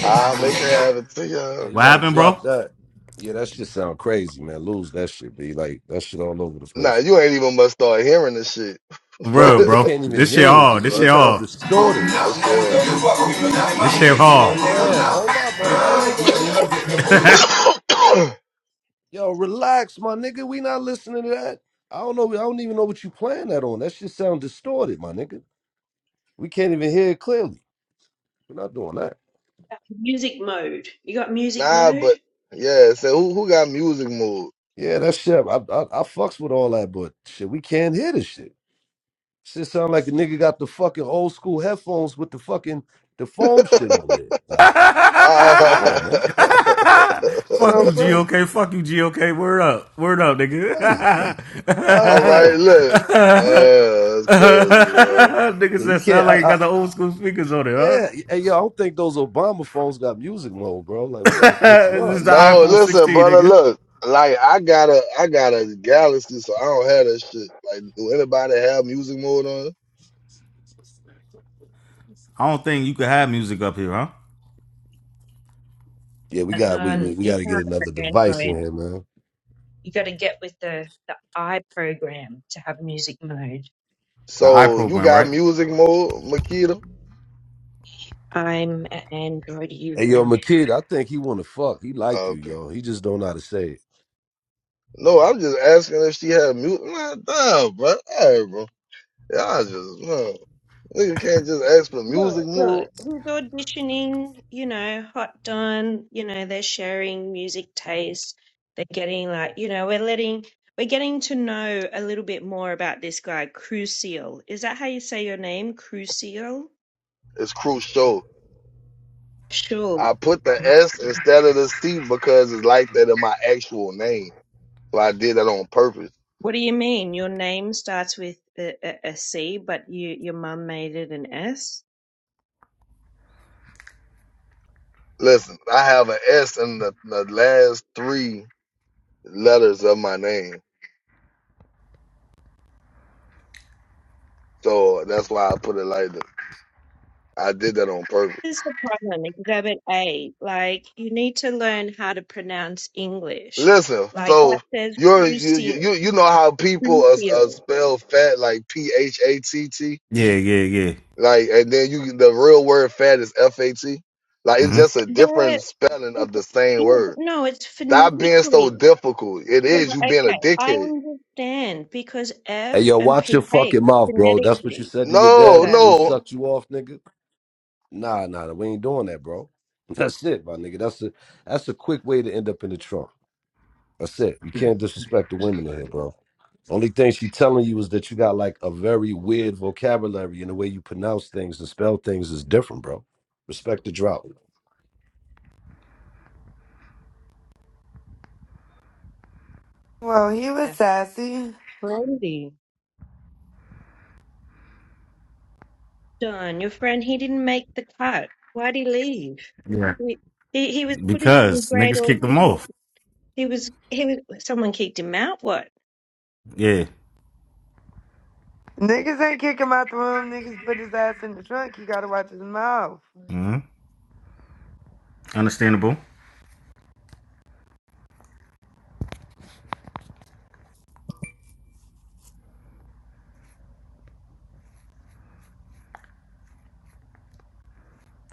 [SPEAKER 7] I'll make it happen to
[SPEAKER 8] Yeah,
[SPEAKER 7] you.
[SPEAKER 8] you
[SPEAKER 3] What
[SPEAKER 8] gotta
[SPEAKER 3] happened,
[SPEAKER 8] drop
[SPEAKER 3] bro?
[SPEAKER 8] that. Yeah, that shit sound crazy, man. Lose that shit, be like that shit all over the
[SPEAKER 7] Nah,
[SPEAKER 8] place, man.
[SPEAKER 7] you ain't even must start hearing this shit.
[SPEAKER 3] For
[SPEAKER 7] Fuck
[SPEAKER 3] real,
[SPEAKER 8] Bro, you
[SPEAKER 3] bro.
[SPEAKER 8] can't even
[SPEAKER 3] This shit
[SPEAKER 8] hear it.
[SPEAKER 3] hard.
[SPEAKER 8] This
[SPEAKER 3] This
[SPEAKER 8] shit
[SPEAKER 3] shit
[SPEAKER 8] sounds
[SPEAKER 7] that.
[SPEAKER 3] hard.
[SPEAKER 8] distorted.
[SPEAKER 7] That's shit. um,
[SPEAKER 3] This shit
[SPEAKER 8] Yo,
[SPEAKER 3] hard.
[SPEAKER 8] fam, hold up, my man. Yo, you, yo, relax, my nigga. We not listening to that. I don't know. I don't even know what you playing that on. That shit sound distorted, my nigga. We can't even hear it clearly. We're not doing that.
[SPEAKER 6] Music mode. You got music
[SPEAKER 7] nah,
[SPEAKER 6] mode?
[SPEAKER 7] but yeah. So who who got music mode?
[SPEAKER 8] Yeah, that shit. I, I, I fucks with all that, but shit, we can't hear this shit. Shit sound like the nigga got the fucking old school headphones with the fucking the foam shit on it. Like,
[SPEAKER 7] Uh,
[SPEAKER 8] come on, man. Shit
[SPEAKER 3] Fuck you,
[SPEAKER 8] sound crazy.
[SPEAKER 3] GOK. Fuck you, GOK. Word up. Word up, nigga.
[SPEAKER 8] Crazy. God
[SPEAKER 7] all right,
[SPEAKER 8] damn.
[SPEAKER 7] look. Uh, that's crazy, bro.
[SPEAKER 3] nigga
[SPEAKER 8] Yeah, you
[SPEAKER 3] said sound
[SPEAKER 8] can't.
[SPEAKER 3] like it
[SPEAKER 8] I,
[SPEAKER 3] got the old school speakers on it, huh?
[SPEAKER 8] Yeah, hey, yo, I don't think those Obama phones got music mode, bro. Like, we gotta switch it
[SPEAKER 3] this is
[SPEAKER 8] up.
[SPEAKER 3] the
[SPEAKER 7] No,
[SPEAKER 3] iPhone
[SPEAKER 7] listen,
[SPEAKER 3] 16,
[SPEAKER 7] brother.
[SPEAKER 3] nigga.
[SPEAKER 7] Look, like I got a I got a Galaxy, so I don't have that shit. Like, do anybody have music mode on? it?
[SPEAKER 3] I don't think you could have music up here, huh?
[SPEAKER 8] Yeah, we
[SPEAKER 6] Uh, No,
[SPEAKER 8] got we we, we
[SPEAKER 6] you
[SPEAKER 8] gotta
[SPEAKER 6] can't
[SPEAKER 8] get
[SPEAKER 6] have
[SPEAKER 8] another
[SPEAKER 6] it on
[SPEAKER 8] device in
[SPEAKER 6] Android.
[SPEAKER 8] here, man.
[SPEAKER 6] You got to get with the the i program to have music mode.
[SPEAKER 3] The
[SPEAKER 7] So you
[SPEAKER 3] iProgram,
[SPEAKER 7] got
[SPEAKER 3] right?
[SPEAKER 7] music mode, Makita?
[SPEAKER 6] I'm an Android
[SPEAKER 8] Hey,
[SPEAKER 6] user.
[SPEAKER 8] yo, my kid, I think he wanna fuck. He like you,
[SPEAKER 7] Okay.
[SPEAKER 8] yo. He just don't know how to say it.
[SPEAKER 7] No, I'm just asking if she had music. Nah, damn, bro. All right, bro. Y'all just no. Nigga can't just ask for
[SPEAKER 6] Good,
[SPEAKER 7] music
[SPEAKER 6] good.
[SPEAKER 7] more.
[SPEAKER 6] Who's auditioning? You know, hot done. You know, they're sharing music taste. They're getting like, you know, we're letting, we're getting to know a little bit more about this guy, Crucial. Is that how you say your name, Crucial?
[SPEAKER 7] It's crucial.
[SPEAKER 6] Sure.
[SPEAKER 7] I put the S instead of the C because it's like that in my actual name. So I did that on purpose.
[SPEAKER 6] What do you mean? Your name starts with a, a, a C, but you your mum made it an S?
[SPEAKER 7] Listen, I have an S in the, the last three letters of my name. So that's why I put it like that. I did that on purpose.
[SPEAKER 6] This is the problem, Exhibit A. Like, you need to learn how to pronounce English.
[SPEAKER 7] Listen,
[SPEAKER 6] Like that
[SPEAKER 7] so
[SPEAKER 6] says
[SPEAKER 7] you're you you
[SPEAKER 6] Crucial.
[SPEAKER 7] you know how people
[SPEAKER 6] Thank
[SPEAKER 7] uh, uh,
[SPEAKER 6] you.
[SPEAKER 7] spell fat like P H A T T?
[SPEAKER 3] Yeah, yeah, yeah.
[SPEAKER 7] Like, and then you the real word fat is F A T. Like, it's just
[SPEAKER 3] Mm-hmm.
[SPEAKER 7] a
[SPEAKER 6] The,
[SPEAKER 7] different spelling
[SPEAKER 6] it,
[SPEAKER 7] of the same
[SPEAKER 6] yeah, but
[SPEAKER 7] word.
[SPEAKER 6] no, it's
[SPEAKER 7] Stop being
[SPEAKER 6] phonetically.
[SPEAKER 7] so difficult. It
[SPEAKER 6] Well,
[SPEAKER 7] is you being a
[SPEAKER 6] okay, I
[SPEAKER 7] dickhead.
[SPEAKER 6] understand because
[SPEAKER 8] Hey,
[SPEAKER 6] F
[SPEAKER 8] yo,
[SPEAKER 6] and
[SPEAKER 8] watch
[SPEAKER 6] PH
[SPEAKER 8] your fucking mouth, bro. That's what you
[SPEAKER 6] phonetically
[SPEAKER 8] said to your
[SPEAKER 6] is
[SPEAKER 8] dad
[SPEAKER 7] No,
[SPEAKER 6] a
[SPEAKER 8] before he
[SPEAKER 7] no.
[SPEAKER 8] sucked you off, nigga. Nah, nah, nah, we ain't doing that, bro. That's it, my nigga. That's a that's a quick way to end up in the trunk. That's it. You can't disrespect the women in here, bro. Only thing she telling you is that you got like a very weird vocabulary and the way you pronounce things and spell things is different, bro. Respect the drought.
[SPEAKER 11] Well, he was
[SPEAKER 6] F.
[SPEAKER 11] sassy.
[SPEAKER 6] Brandy. John, your friend, he didn't make the cut. Why'd he leave?
[SPEAKER 3] Yeah.
[SPEAKER 6] He, he, he was putting in a
[SPEAKER 3] Because
[SPEAKER 6] great
[SPEAKER 3] niggas kicked them
[SPEAKER 6] audition.
[SPEAKER 3] off.
[SPEAKER 6] He was, he was, someone kicked him out, what?
[SPEAKER 3] Yeah.
[SPEAKER 11] Niggas ain't kick him out the room. Niggas put his ass in the trunk. He gotta watch his mouth.
[SPEAKER 3] Mm-hmm. Understandable.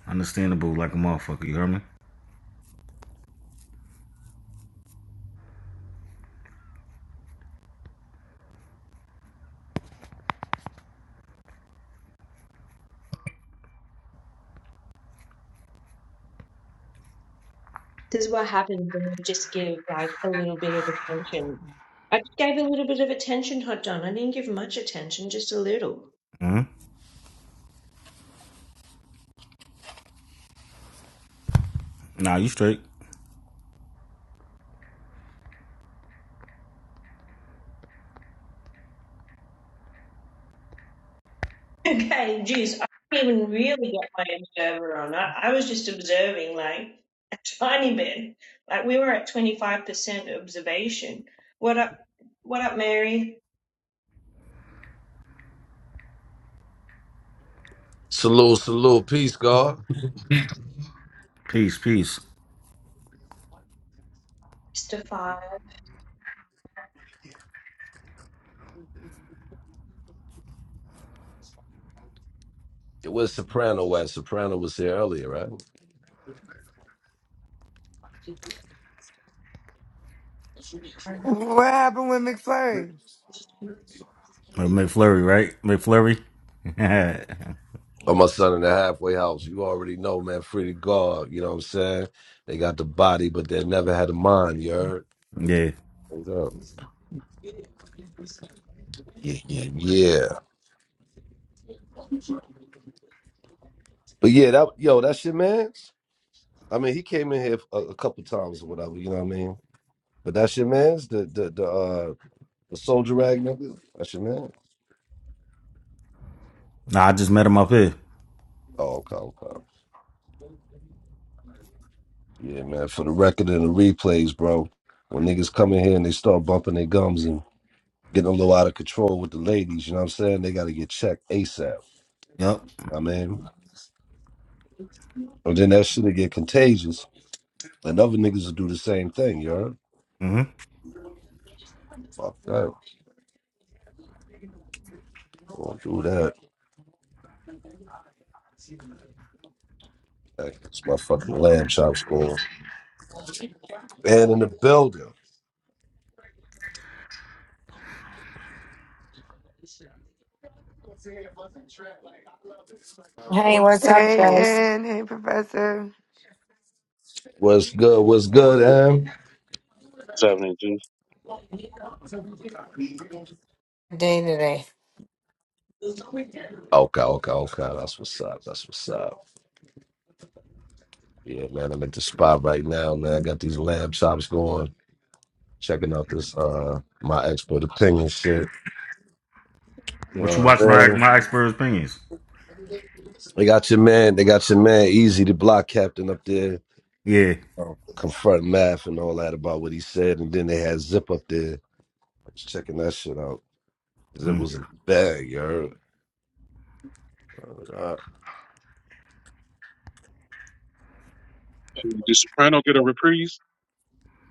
[SPEAKER 3] Understandable like a motherfucker, you hear me?
[SPEAKER 6] This is what happens when you just give like a little bit of attention. I just gave a little bit of attention, Hot Don. I didn't give much attention, just a little.
[SPEAKER 3] Nah, you straight.
[SPEAKER 6] Okay, geez, I didn't even really get my observer on. I, I was just observing like a tiny bit. Like we were at 25% observation. What up, what up, Mary?
[SPEAKER 8] Salute, salute, peace, God.
[SPEAKER 3] Peace, peace.
[SPEAKER 6] Stefan.
[SPEAKER 8] It was Soprano at Soprano was here earlier, right?
[SPEAKER 11] What happened with McFlurry?
[SPEAKER 3] Or McFlurry, right? McFlurry? yeah.
[SPEAKER 8] or my son in the halfway house. You already know, man, free to God. You know what I'm saying? They got the body, but they never had a mind, you heard? What's up? Yeah, yeah, yeah. But yeah, that yo, that's your man's. I mean, he came in here a, a couple times or whatever, you know what I mean? But that's your man's, the the the uh the soldier rag nigga. That's your man.
[SPEAKER 3] Nah, I just met him up here.
[SPEAKER 8] Oh, okay, okay. Yeah, man. For the record and the replays, bro. When niggas come in here and they start bumping their gums and getting a little out of control with the ladies, you know what I'm saying? They gotta get checked ASAP.
[SPEAKER 3] Yep.
[SPEAKER 8] I mean. And then that shit'll get contagious. And other niggas will do the same thing, you heard?
[SPEAKER 3] Mm-hmm.
[SPEAKER 8] Fuck that. Don't do that. That's my fucking lamb chops going. And in the building.
[SPEAKER 12] Hey, what's up,
[SPEAKER 11] Hey,
[SPEAKER 12] guys?
[SPEAKER 11] and hey, Professor.
[SPEAKER 8] What's good? What's
[SPEAKER 9] let's
[SPEAKER 8] good,
[SPEAKER 9] see What's
[SPEAKER 8] Em?
[SPEAKER 9] happening, Juice?
[SPEAKER 12] Day today.
[SPEAKER 8] Okay, okay, okay. That's what's up. That's what's up. Yeah, man, I'm at the spot right now, man. I got these lamb chops going. Checking out this uh my expert opinion shit.
[SPEAKER 3] What you
[SPEAKER 8] Uh,
[SPEAKER 3] watching? My,
[SPEAKER 8] man,
[SPEAKER 3] my expert opinions.
[SPEAKER 8] they got your man, they got your man easy the block captain up there.
[SPEAKER 3] Yeah.
[SPEAKER 8] know, confront math and all that about what he said. And then they had Zip up there. I was checking that shit out. Zip
[SPEAKER 3] Mm.
[SPEAKER 8] was in the bag, you heard? Uh,
[SPEAKER 9] Did Soprano get a reprise?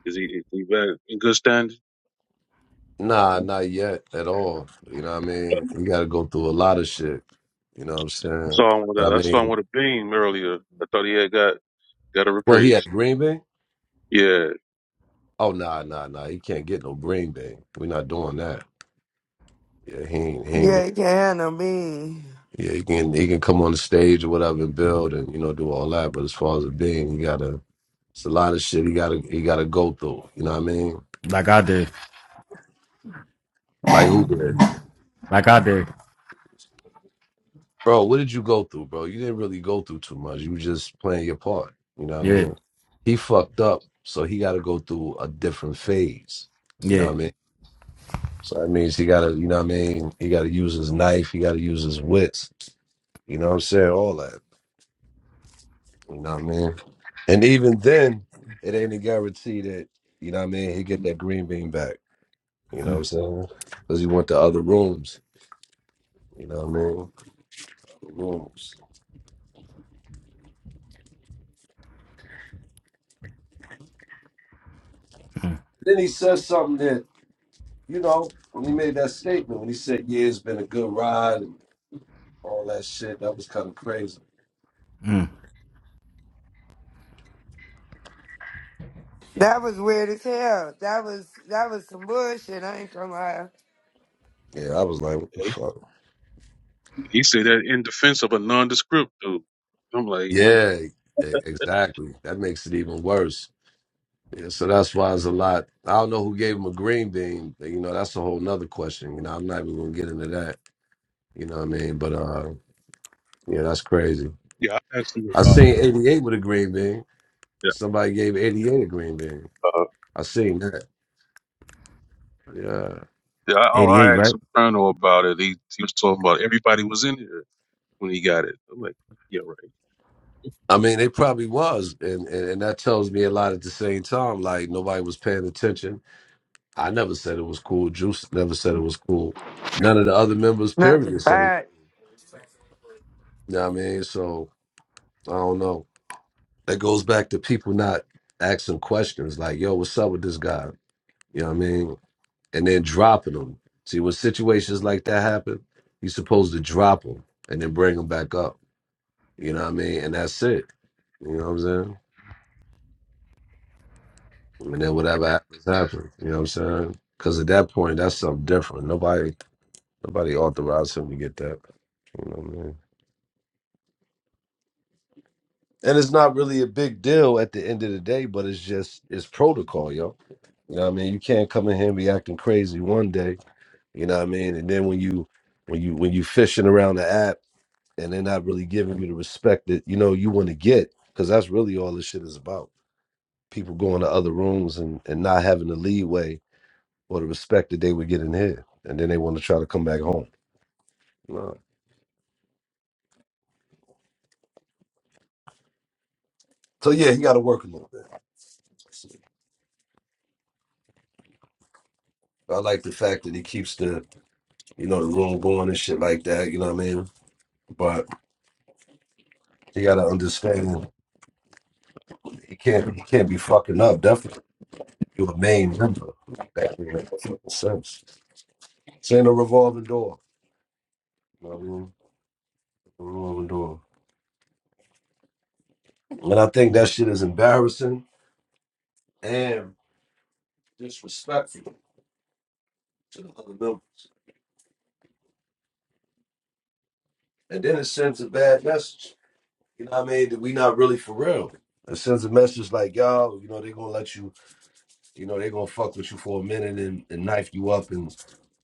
[SPEAKER 9] Is he is he back in good standing? I
[SPEAKER 8] nah, not yet at all. You know what I mean? You got to go through a lot of shit. You know what I'm saying?
[SPEAKER 9] saw him with
[SPEAKER 8] But I
[SPEAKER 9] a I saw him
[SPEAKER 8] mean,
[SPEAKER 9] with a beam earlier. I thought he had got got a
[SPEAKER 8] well, he had
[SPEAKER 9] reprise.
[SPEAKER 8] Green Bay?
[SPEAKER 9] Yeah,
[SPEAKER 8] Oh, nah, nah, nah. He can't get no Green Bay. We're not doing that. Yeah, he ain't, he ain't get.
[SPEAKER 11] Yeah, he can't handle me.
[SPEAKER 8] Yeah, he can he can come on the stage or whatever and build and you know do all that. But as far as it being, you gotta it's a lot of shit he gotta he gotta go through. You know what I mean?
[SPEAKER 3] Like I did.
[SPEAKER 8] Like who did?
[SPEAKER 3] Like I did.
[SPEAKER 8] Bro, what did you go through, bro? You didn't really go through too much. You was just playing your part. You know what I
[SPEAKER 3] Yeah.
[SPEAKER 8] mean? He fucked up, so he gotta go through a different phase. You know
[SPEAKER 3] Yeah.
[SPEAKER 8] what I mean? So that means he gotta, you know what I mean? He gotta use his knife, he gotta use his wits. You know what I'm saying? All that. You know what I mean? And even then, it ain't a guarantee that, you know what I mean, he get that green bean back. You know what I'm saying? Because he went to other rooms. You know what I mean? Rooms.
[SPEAKER 3] Mm.
[SPEAKER 8] Then he says something that you know, when he made that statement, when he said, "Yeah, it's been a good ride" and all that shit, that was kind of crazy.
[SPEAKER 3] Mm.
[SPEAKER 11] That was weird as hell. That was that was some bullshit. I ain't gonna lie.
[SPEAKER 8] Yeah, I was like, what the
[SPEAKER 9] he,
[SPEAKER 8] fuck?
[SPEAKER 9] he said that in defense of a nondescript dude. I'm like you.
[SPEAKER 8] Yeah, e-
[SPEAKER 9] That's,
[SPEAKER 8] exactly. That makes it even worse. Yeah, so that's why it's a lot. I don't know who gave him a green bean, but you know, that's a whole nother question. You know, I'm not even gonna get into that. You know what I mean? But uh yeah, that's crazy.
[SPEAKER 9] yeah, I asked him
[SPEAKER 8] I
[SPEAKER 9] about
[SPEAKER 8] seen 88 with a green bean.
[SPEAKER 9] yeah.
[SPEAKER 8] Somebody gave 88 a green bean.
[SPEAKER 9] Uh,
[SPEAKER 8] I seen that. Yeah.
[SPEAKER 9] yeah, I, oh,
[SPEAKER 3] 88,
[SPEAKER 9] I asked
[SPEAKER 3] right?
[SPEAKER 9] Soprano about it. He he was talking about everybody was in here when he got it. I'm like, yeah, right.
[SPEAKER 8] I mean, it probably was, and, and and that tells me a lot at the same time. Like nobody was paying attention. I never said it was cool. Juice never said it was cool. None of the other members,
[SPEAKER 11] Not to the
[SPEAKER 8] period, said it. You
[SPEAKER 11] fact.
[SPEAKER 8] know what I mean, so I don't know. That goes back to people not asking questions like, "Yo, what's up with this guy?" You know what I mean, and then dropping them. See, when situations like that happen, you're supposed to drop them and then bring them back up. You know what I mean, and that's it. You know what I'm saying? And then whatever happens, happens. You know what I'm saying? Because at that point, that's something different. Nobody, nobody authorized him to get that. You know what I mean? And it's not really a big deal at the end of the day, but it's just it's protocol, yo. You know what I mean? You can't come in here and be acting crazy one day. You know what I mean? And then when you when you when you fishing around the app and they're not really giving you the respect that you know you want to get, because that's really all this shit is about. People going to other rooms and and not having the leeway or the respect that they would get in here, and then they want to try to come back home. No. So yeah, he got to work a little bit. I like the fact that he keeps the you know the room going and shit like that. You know what I mean? But he got to understand he can't he can't be fucking up. Definitely, you're a main member. That don't make no fucking sense. This ain't a revolving door. You know what I mean? A revolving door. And I think that shit is embarrassing and disrespectful to the other members. And then it sends a bad message. You know what I mean? That We not really for real. It sends a message like, y'all, you know, they gonna let you, you know, they gonna fuck with you for a minute and, and knife you up and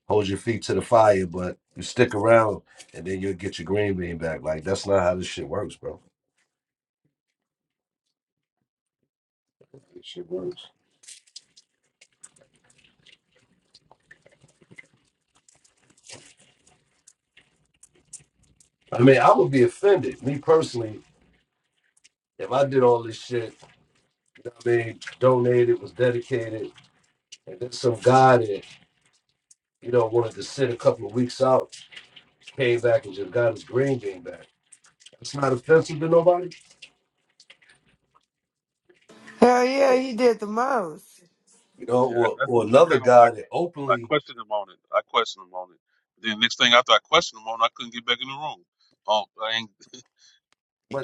[SPEAKER 8] hold your feet to the fire, but you stick around and then you'll get your green bean back. Like that's not how this shit works, bro. This shit works. I mean, I would be offended, me personally, if I did all this shit, you know what I mean, donated, was dedicated, and then some guy that, you know, wanted to sit a couple of weeks out, came back and just got his green bean back. That's not offensive to nobody.
[SPEAKER 11] Hell yeah,
[SPEAKER 9] Yeah,
[SPEAKER 11] he did the most.
[SPEAKER 8] you know,
[SPEAKER 9] yeah that-
[SPEAKER 8] or,
[SPEAKER 9] that's,
[SPEAKER 8] or
[SPEAKER 9] what- that's
[SPEAKER 8] another
[SPEAKER 9] kind of why
[SPEAKER 8] guy that
[SPEAKER 9] I
[SPEAKER 8] openly,
[SPEAKER 9] questioned him on it. I questioned him on it. Then next thing after I questioned him on, it, I couldn't get back in the room. Oh, I ain't,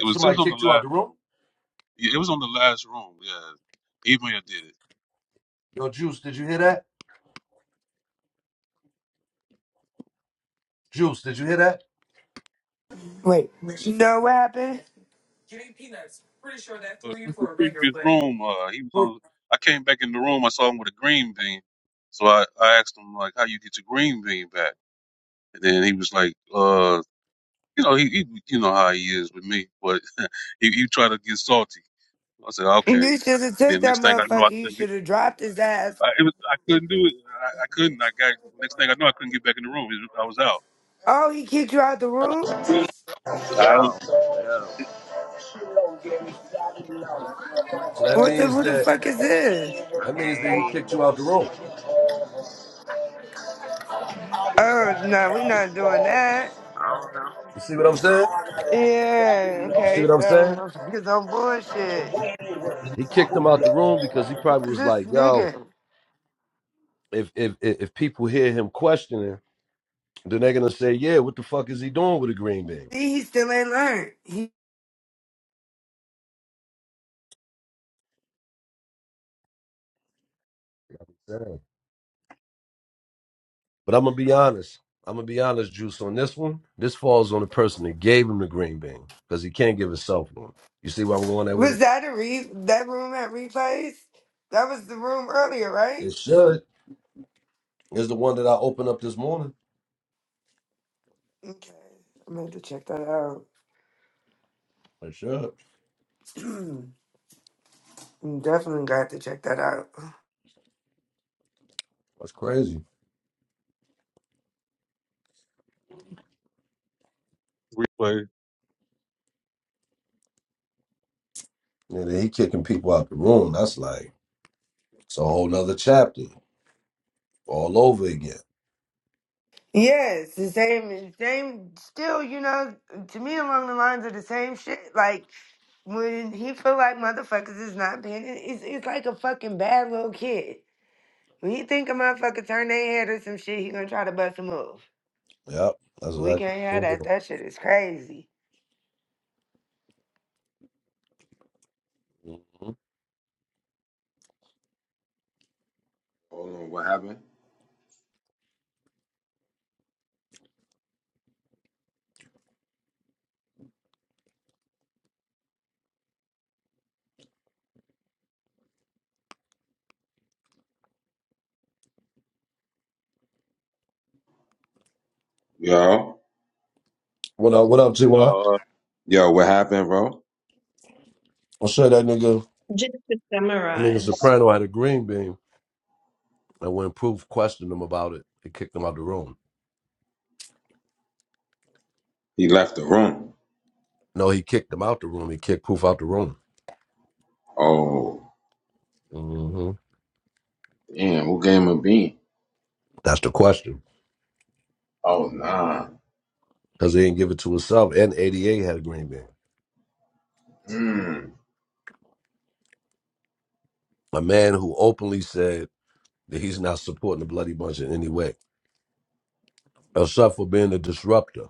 [SPEAKER 9] it was it was
[SPEAKER 8] somebody
[SPEAKER 9] on the
[SPEAKER 8] kicked you out the
[SPEAKER 9] last
[SPEAKER 8] room.
[SPEAKER 9] room. Yeah, it was on the last room. Yeah, email did it.
[SPEAKER 8] Yo, Juice, did you hear that? Juice, did you hear that?
[SPEAKER 11] Wait, you know what happened?
[SPEAKER 9] But it the previous room, uh, he was on. I came back in the room. I saw him with a green bean. So I, I asked him like, how you get your green bean back? And then he was like, uh, you know, he, he you know how he is with me, but he, he tried to get salty. I said, okay.
[SPEAKER 11] You should have took
[SPEAKER 9] Then
[SPEAKER 11] that
[SPEAKER 9] next thing I know, I
[SPEAKER 11] motherfucker. You
[SPEAKER 9] couldn't get
[SPEAKER 11] should have dropped his ass.
[SPEAKER 9] I, it was, I couldn't do it. I, I couldn't. I got next thing I know, I couldn't get back in the room. It I was out.
[SPEAKER 11] Oh, he kicked you out the room.
[SPEAKER 13] Yo,
[SPEAKER 9] So
[SPEAKER 13] yo.
[SPEAKER 9] I don't
[SPEAKER 13] I can't
[SPEAKER 8] So that
[SPEAKER 11] What the?
[SPEAKER 8] means
[SPEAKER 11] Who the
[SPEAKER 8] that
[SPEAKER 11] fuck is this?
[SPEAKER 8] that means that he
[SPEAKER 13] hear
[SPEAKER 8] kicked
[SPEAKER 13] you.
[SPEAKER 8] you out the room.
[SPEAKER 11] Oh no, we not doing that.
[SPEAKER 13] I don't know.
[SPEAKER 8] You see what I'm saying?
[SPEAKER 11] Yeah,
[SPEAKER 8] You see
[SPEAKER 11] okay,
[SPEAKER 8] what I'm
[SPEAKER 11] so
[SPEAKER 8] saying?
[SPEAKER 11] motherfuckers on bullshit.
[SPEAKER 8] He kicked him out the room because he
[SPEAKER 11] Who
[SPEAKER 8] probably
[SPEAKER 11] is
[SPEAKER 8] was
[SPEAKER 11] this
[SPEAKER 8] like, "Yo,
[SPEAKER 11] nigga?
[SPEAKER 8] if if if if people hear him questioning, then they're gonna say, yeah, what the fuck is he doing with a green bean?'"
[SPEAKER 11] See, he still ain't learned. He
[SPEAKER 8] Yeah. But I'm gonna be honest. I'm gonna be honest, Juice. On this one, this falls on the person that gave him the green bean because he can't give himself one. You see where I'm going at with it?
[SPEAKER 11] was that a re that room at replays? That was the room earlier, right?
[SPEAKER 8] It should. It's the one that I opened up this morning.
[SPEAKER 11] Okay. I'm gonna have to check that out.
[SPEAKER 8] It should.
[SPEAKER 11] I'm definitely got to check that out.
[SPEAKER 8] That's crazy.
[SPEAKER 9] replay.
[SPEAKER 8] And then he kicking people out the room. That's like it's a whole nother chapter all over again.
[SPEAKER 11] Yes, the same same still, you know, to me along the lines of the same shit. Like when he feel like motherfuckers is not paying, it- it's, it's like a fucking bad little kid. When he think a motherfucker turn their head or some shit, he gonna try to bust a move.
[SPEAKER 8] Yep. That's
[SPEAKER 11] We
[SPEAKER 8] exactly
[SPEAKER 11] can't have that.
[SPEAKER 8] mm-hmm.
[SPEAKER 11] That shit is crazy.
[SPEAKER 1] Hold on, what happened? Yo,
[SPEAKER 8] what up. What up, T.Y.?
[SPEAKER 9] No, uh,
[SPEAKER 1] yo, what happened, bro?
[SPEAKER 8] I'll show that nigga.
[SPEAKER 6] Just to
[SPEAKER 8] Nigga
[SPEAKER 6] summarize.
[SPEAKER 8] Soprano had a green bean, and when Proof questioned him about it, he kicked him out the room.
[SPEAKER 1] He left the room.
[SPEAKER 8] No, he kicked him out the room. He kicked Proof out the room.
[SPEAKER 1] Oh,
[SPEAKER 8] hmm
[SPEAKER 1] damn, who gave him a bean?
[SPEAKER 8] That's the question,
[SPEAKER 1] Oh, nah.
[SPEAKER 8] because he didn't give it to himself. And ADA had a green bean.
[SPEAKER 1] Mm.
[SPEAKER 8] A man who openly said that he's not supporting the bloody bunch in any way, except for being a disruptor.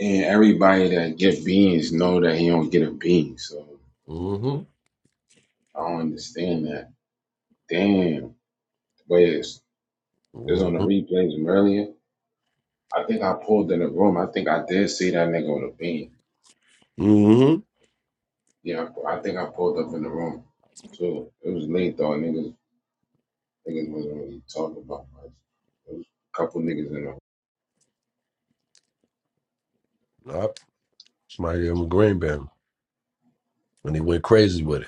[SPEAKER 1] And everybody that get beans know that he don't get a bean, so
[SPEAKER 8] Mm-hmm.
[SPEAKER 1] I don't understand that. Damn, wait, it's, it's on the
[SPEAKER 8] Mm-hmm.
[SPEAKER 1] replays from earlier. I think I pulled in the room. I think I did see that name.
[SPEAKER 8] Mm-hmm.
[SPEAKER 1] Yeah, I, I think I pulled up in the room too. It was late though. and Niggas, niggas wasn't really talking about much. There was a couple niggas in the
[SPEAKER 8] Yep. Somebody gave him a green bean, and he went crazy with it.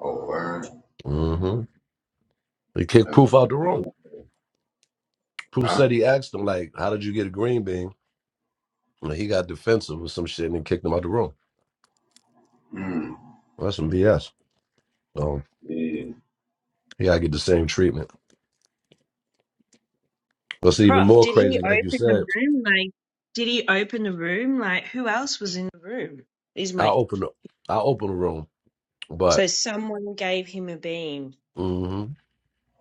[SPEAKER 1] oh word.
[SPEAKER 8] Mm-hmm. He kicked
[SPEAKER 1] That's a
[SPEAKER 8] Proof out
[SPEAKER 1] check.
[SPEAKER 8] the room. Proof
[SPEAKER 1] Huh?
[SPEAKER 8] said he asked him, like, how did you get a green bean? And he got defensive with some shit and then kicked him out the room.
[SPEAKER 1] Mm.
[SPEAKER 8] Well, that's some BS. Um,
[SPEAKER 1] Yeah,
[SPEAKER 8] he gotta get the same treatment. What's even
[SPEAKER 6] Prof,
[SPEAKER 8] more
[SPEAKER 6] did he
[SPEAKER 8] crazy, like you
[SPEAKER 6] open
[SPEAKER 8] said,
[SPEAKER 6] the room? Like, did he open the room? Like, who else was in the room? Is
[SPEAKER 8] I
[SPEAKER 6] my
[SPEAKER 8] open the I open the room,
[SPEAKER 6] so
[SPEAKER 8] but
[SPEAKER 6] someone gave him a bean.
[SPEAKER 8] mm-hmm.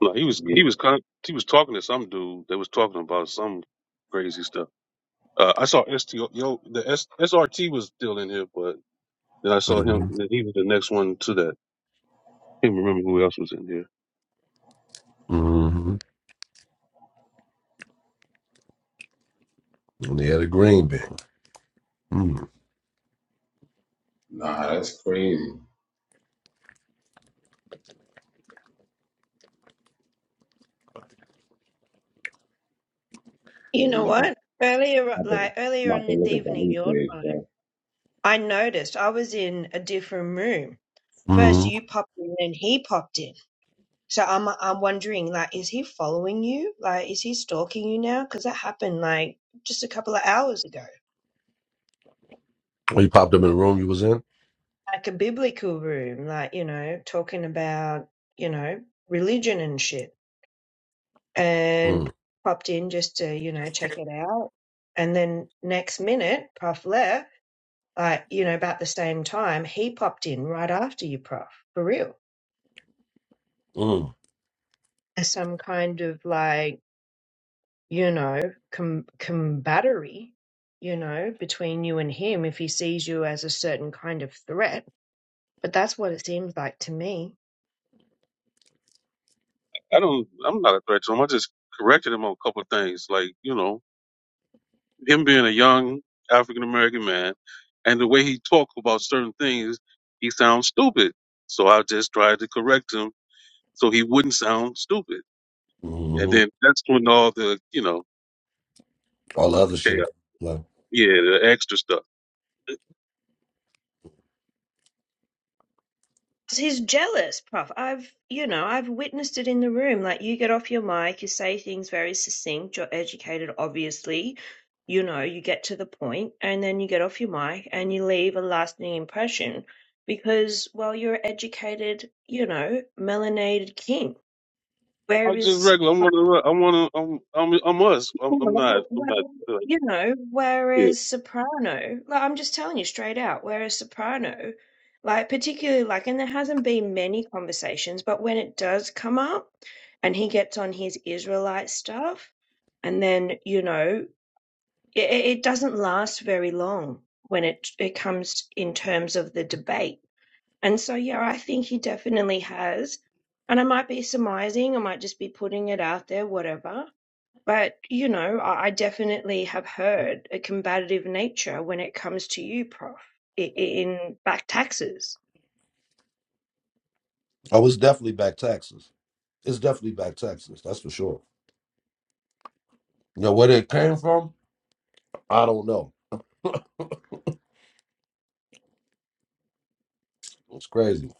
[SPEAKER 9] no. He was
[SPEAKER 1] yeah.
[SPEAKER 9] he was con- he was talking to some dude that was talking about some crazy stuff. Uh, I saw STO. Yo, the S- SRT was still in here, but then I saw him.
[SPEAKER 8] Mm-hmm.
[SPEAKER 9] That he was the next one to that. Can't remember who else was in here.
[SPEAKER 8] Mm-hmm. And he had a green bean. Mm-hmm.
[SPEAKER 1] Nah, that's crazy.
[SPEAKER 6] You
[SPEAKER 1] Yeah,
[SPEAKER 6] know
[SPEAKER 1] niggas.
[SPEAKER 6] what? Earlier,
[SPEAKER 1] I'm
[SPEAKER 6] like earlier
[SPEAKER 1] about
[SPEAKER 6] on
[SPEAKER 1] to
[SPEAKER 6] this
[SPEAKER 1] look at the
[SPEAKER 6] evening, your
[SPEAKER 1] replays,
[SPEAKER 6] time,
[SPEAKER 1] bro.
[SPEAKER 6] I noticed I was in a different room.
[SPEAKER 8] mm-hmm.
[SPEAKER 6] First, you popped in, and he popped in. So I'm, I'm wondering, like, is he following you? Like, is he stalking you now? Because that happened like just a couple of hours ago.
[SPEAKER 8] When you popped up in the room you was in?
[SPEAKER 6] like a biblical room, like, you know, talking about, you know, religion and shit. And
[SPEAKER 8] Mm,
[SPEAKER 6] popped in just to, you know, check it out. And then next minute, Prof left, like, you know, about the same time, he popped in right after you, Prof, for real.
[SPEAKER 8] mm,
[SPEAKER 6] As some kind of like, you know, com- combattery, you know, between you and him if he sees you as a certain kind of threat. But that's what it seems like to me.
[SPEAKER 9] I don't. I'm not a threat to him. I just corrected him on a couple of things, like you know. him being a young African American man, and the way he talked about certain things, he sounds stupid. So I just tried to correct him so he wouldn't sound stupid. And
[SPEAKER 8] hmm
[SPEAKER 9] then that's when all the you know
[SPEAKER 8] All the other
[SPEAKER 9] chaos,
[SPEAKER 8] shit. Like,
[SPEAKER 9] yeah, the extra stuff.
[SPEAKER 6] 'Cause he's jealous, Prof. I've, you know, I've witnessed it in the room. Like, you get off your mic, you say things very succinct, you're educated, obviously. You know, you get to the point, and then you get off your mic and you leave a lasting impression because, well, you're an educated, you know, melanated king.
[SPEAKER 9] I'm just
[SPEAKER 6] Whereas
[SPEAKER 9] regular. I'm one of the. I'm one of. I'm. I'm. I'm us. I'm, I'm not.
[SPEAKER 6] Well,
[SPEAKER 9] I'm not.
[SPEAKER 6] well,
[SPEAKER 9] Uh,
[SPEAKER 6] you know,
[SPEAKER 9] yeah.
[SPEAKER 6] whereas Soprano, like I'm just telling you straight out, whereas Soprano, like particularly like, and there hasn't been many conversations, but when it does come up and he gets on his Israelite stuff, and then, you know, it, it doesn't last very long when it it comes in terms of the debate. And so, yeah, I think he definitely has. And I might be surmising, I might just be putting it out there, whatever but, you know, I I definitely have heard a combative nature when it comes to you, Prof, i- i- in back taxes.
[SPEAKER 8] oh, it's definitely back taxes. It's definitely back taxes. That's for sure. You know, where it came from? I don't know. It's crazy.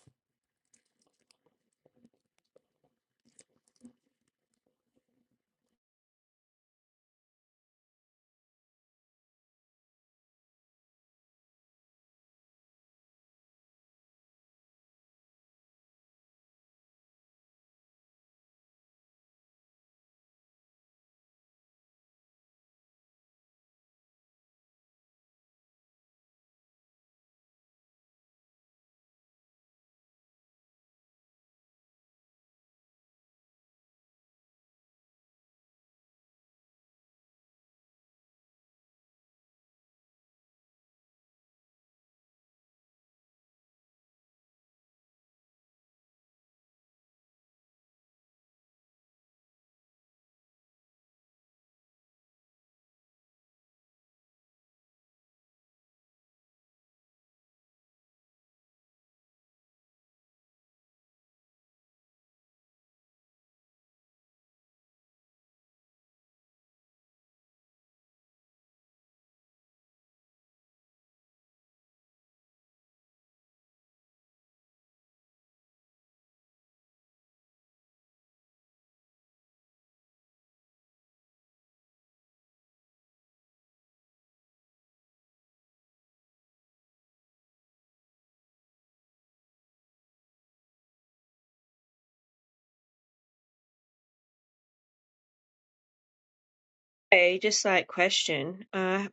[SPEAKER 6] Hey, just like question, uh,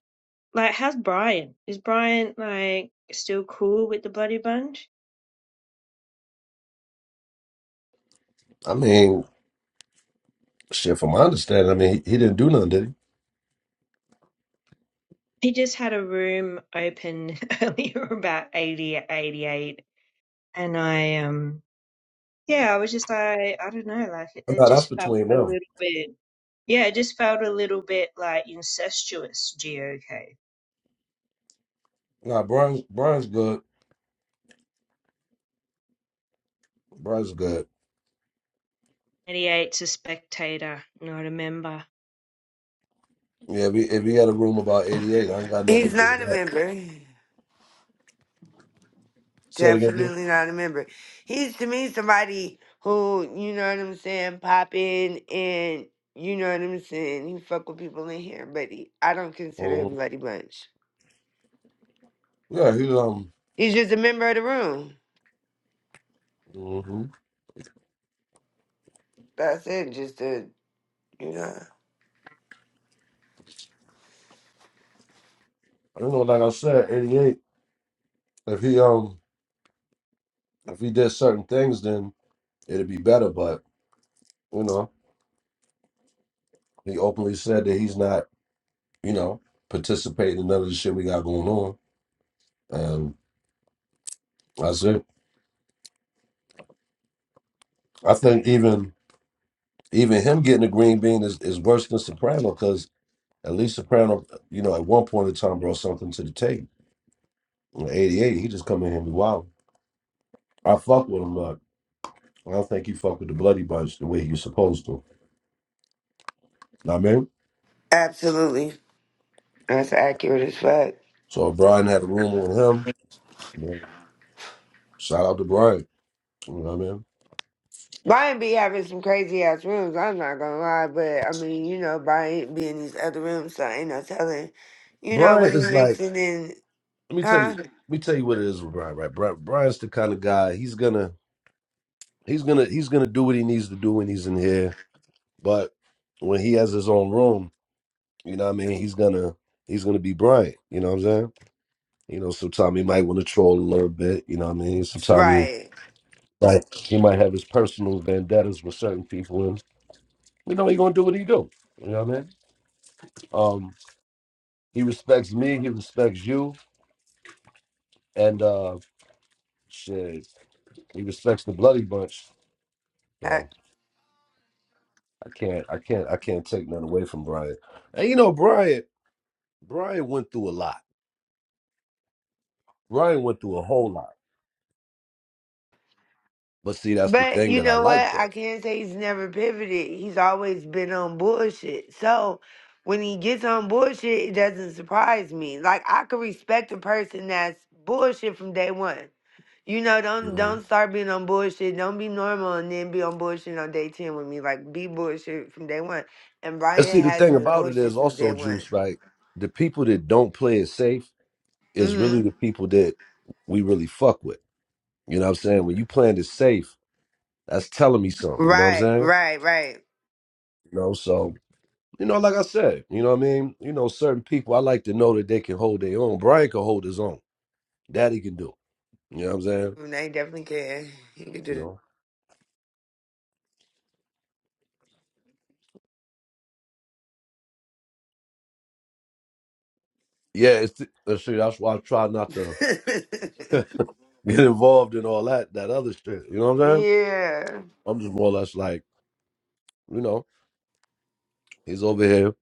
[SPEAKER 6] like how's Brian? Is Brian like still cool with the bloody bunch?
[SPEAKER 8] I mean, shit, from my understanding, I mean, he, he didn't do nothing, did
[SPEAKER 6] He just had a room open earlier about 80, 88, and I um yeah, I was just like I don't know, like it,
[SPEAKER 8] he?
[SPEAKER 6] it
[SPEAKER 8] No, that's
[SPEAKER 6] just felt
[SPEAKER 8] between
[SPEAKER 6] a
[SPEAKER 8] them.
[SPEAKER 6] little bit yeah, it just felt a little bit like incestuous GOK
[SPEAKER 8] Nah, Brian's, Brian's good. Brian's good.
[SPEAKER 6] Mediates a spectator, not a member.
[SPEAKER 8] Yeah, if he, if he had a room about 88, I ain't got nothing to
[SPEAKER 11] He's
[SPEAKER 8] do with
[SPEAKER 11] not a
[SPEAKER 8] that.
[SPEAKER 11] member.
[SPEAKER 8] Say it again,
[SPEAKER 11] Definitely not a member. He's to me somebody who, you know what I'm saying, pop in and you know what I'm saying. He fuck with people in here, but he, I don't consider
[SPEAKER 8] bro.
[SPEAKER 11] him
[SPEAKER 8] hmm
[SPEAKER 11] Bloody Bunch.
[SPEAKER 8] Yeah, he, um,
[SPEAKER 11] He's just a member of the room.
[SPEAKER 8] hmm
[SPEAKER 11] That's it. Just a, you know.
[SPEAKER 8] I don't know, like I said, 88, if he, um, If he did certain things, then it'd be better. But you know, he openly said that he's not, you know, participating in none of the shit we got going on, and that's it. I think even even him getting a green bean is, is worse than Soprano because at least Soprano, you know, at one point in time brought something to the table. In '88, he just come in here and be wild. I fuck with him, but I don't think he fuck with the bloody bunch the way he was supposed to. Know what I mean,
[SPEAKER 11] Absolutely. That's accurate as fuck.
[SPEAKER 8] so Brian had a room with him. Shout out to Brian. You know what I mean?
[SPEAKER 11] Brian be having some crazy ass rooms, I'm not gonna lie, but I mean, you know, Brian be in these other rooms, so ain't no telling, you know,
[SPEAKER 8] Brian
[SPEAKER 11] what he
[SPEAKER 8] is like.
[SPEAKER 11] mixing in,
[SPEAKER 8] Let me tell you.
[SPEAKER 11] huh?
[SPEAKER 8] Let me tell you what it is with Brian. Right, Brian, Brian's the kind of guy. He's gonna he's gonna he's gonna do what he needs to do when he's in here. But when he has his own room, you know what I mean. He's gonna he's gonna be Brian. You know what I'm saying? You know, sometimes he might want to troll a little bit. You know what I mean? Sometimes he
[SPEAKER 11] Right.
[SPEAKER 8] right he might have his personal vendettas with certain people, and you know he gonna do what he do. You know what I mean? Um, he respects me. He respects you, and uh, shit, he respects the bloody bunch. So.
[SPEAKER 11] Uh,
[SPEAKER 8] I can't, I can't, I can't take nothing away from Brian. And you know, Brian, Brian went through a lot. Brian went through a whole lot. But see, that's the
[SPEAKER 11] But
[SPEAKER 8] thing
[SPEAKER 11] you
[SPEAKER 8] that I
[SPEAKER 11] know
[SPEAKER 8] like
[SPEAKER 11] what? I
[SPEAKER 8] though.
[SPEAKER 11] can't say he's never pivoted. He's always been on bullshit. So when he gets on bullshit, it doesn't surprise me. Like, I could respect a person that's bullshit from day one. You know, don't
[SPEAKER 8] Mhm.
[SPEAKER 11] don't start being on bullshit. Don't be normal and then be on bullshit on day ten with me. Like be bullshit from day one. And
[SPEAKER 8] And
[SPEAKER 11] Brian
[SPEAKER 8] see, the
[SPEAKER 11] has
[SPEAKER 8] thing
[SPEAKER 11] been
[SPEAKER 8] about it
[SPEAKER 11] bullshit
[SPEAKER 8] is
[SPEAKER 11] since day
[SPEAKER 8] also
[SPEAKER 11] one.
[SPEAKER 8] juice, right? The people that don't play it safe is really
[SPEAKER 11] hmm
[SPEAKER 8] the people that we really fuck with. You know what I'm saying? When you playing it safe, that's telling me something. You know what I'm
[SPEAKER 11] Right,
[SPEAKER 8] saying?
[SPEAKER 11] right, right.
[SPEAKER 8] You know, so you know, like I said, you know what I mean? You know, certain people I like to know that they can hold their own. Brian can hold his own. That he can do. You know what I'm saying?
[SPEAKER 11] And They definitely can. He could
[SPEAKER 8] You
[SPEAKER 11] do
[SPEAKER 8] know. yeah, it's let's see, that's why I try not to
[SPEAKER 11] that.
[SPEAKER 8] get involved in all that that other shit. You know what I'm saying?
[SPEAKER 11] yeah.
[SPEAKER 8] I'm just more or less like, you know, he's over here.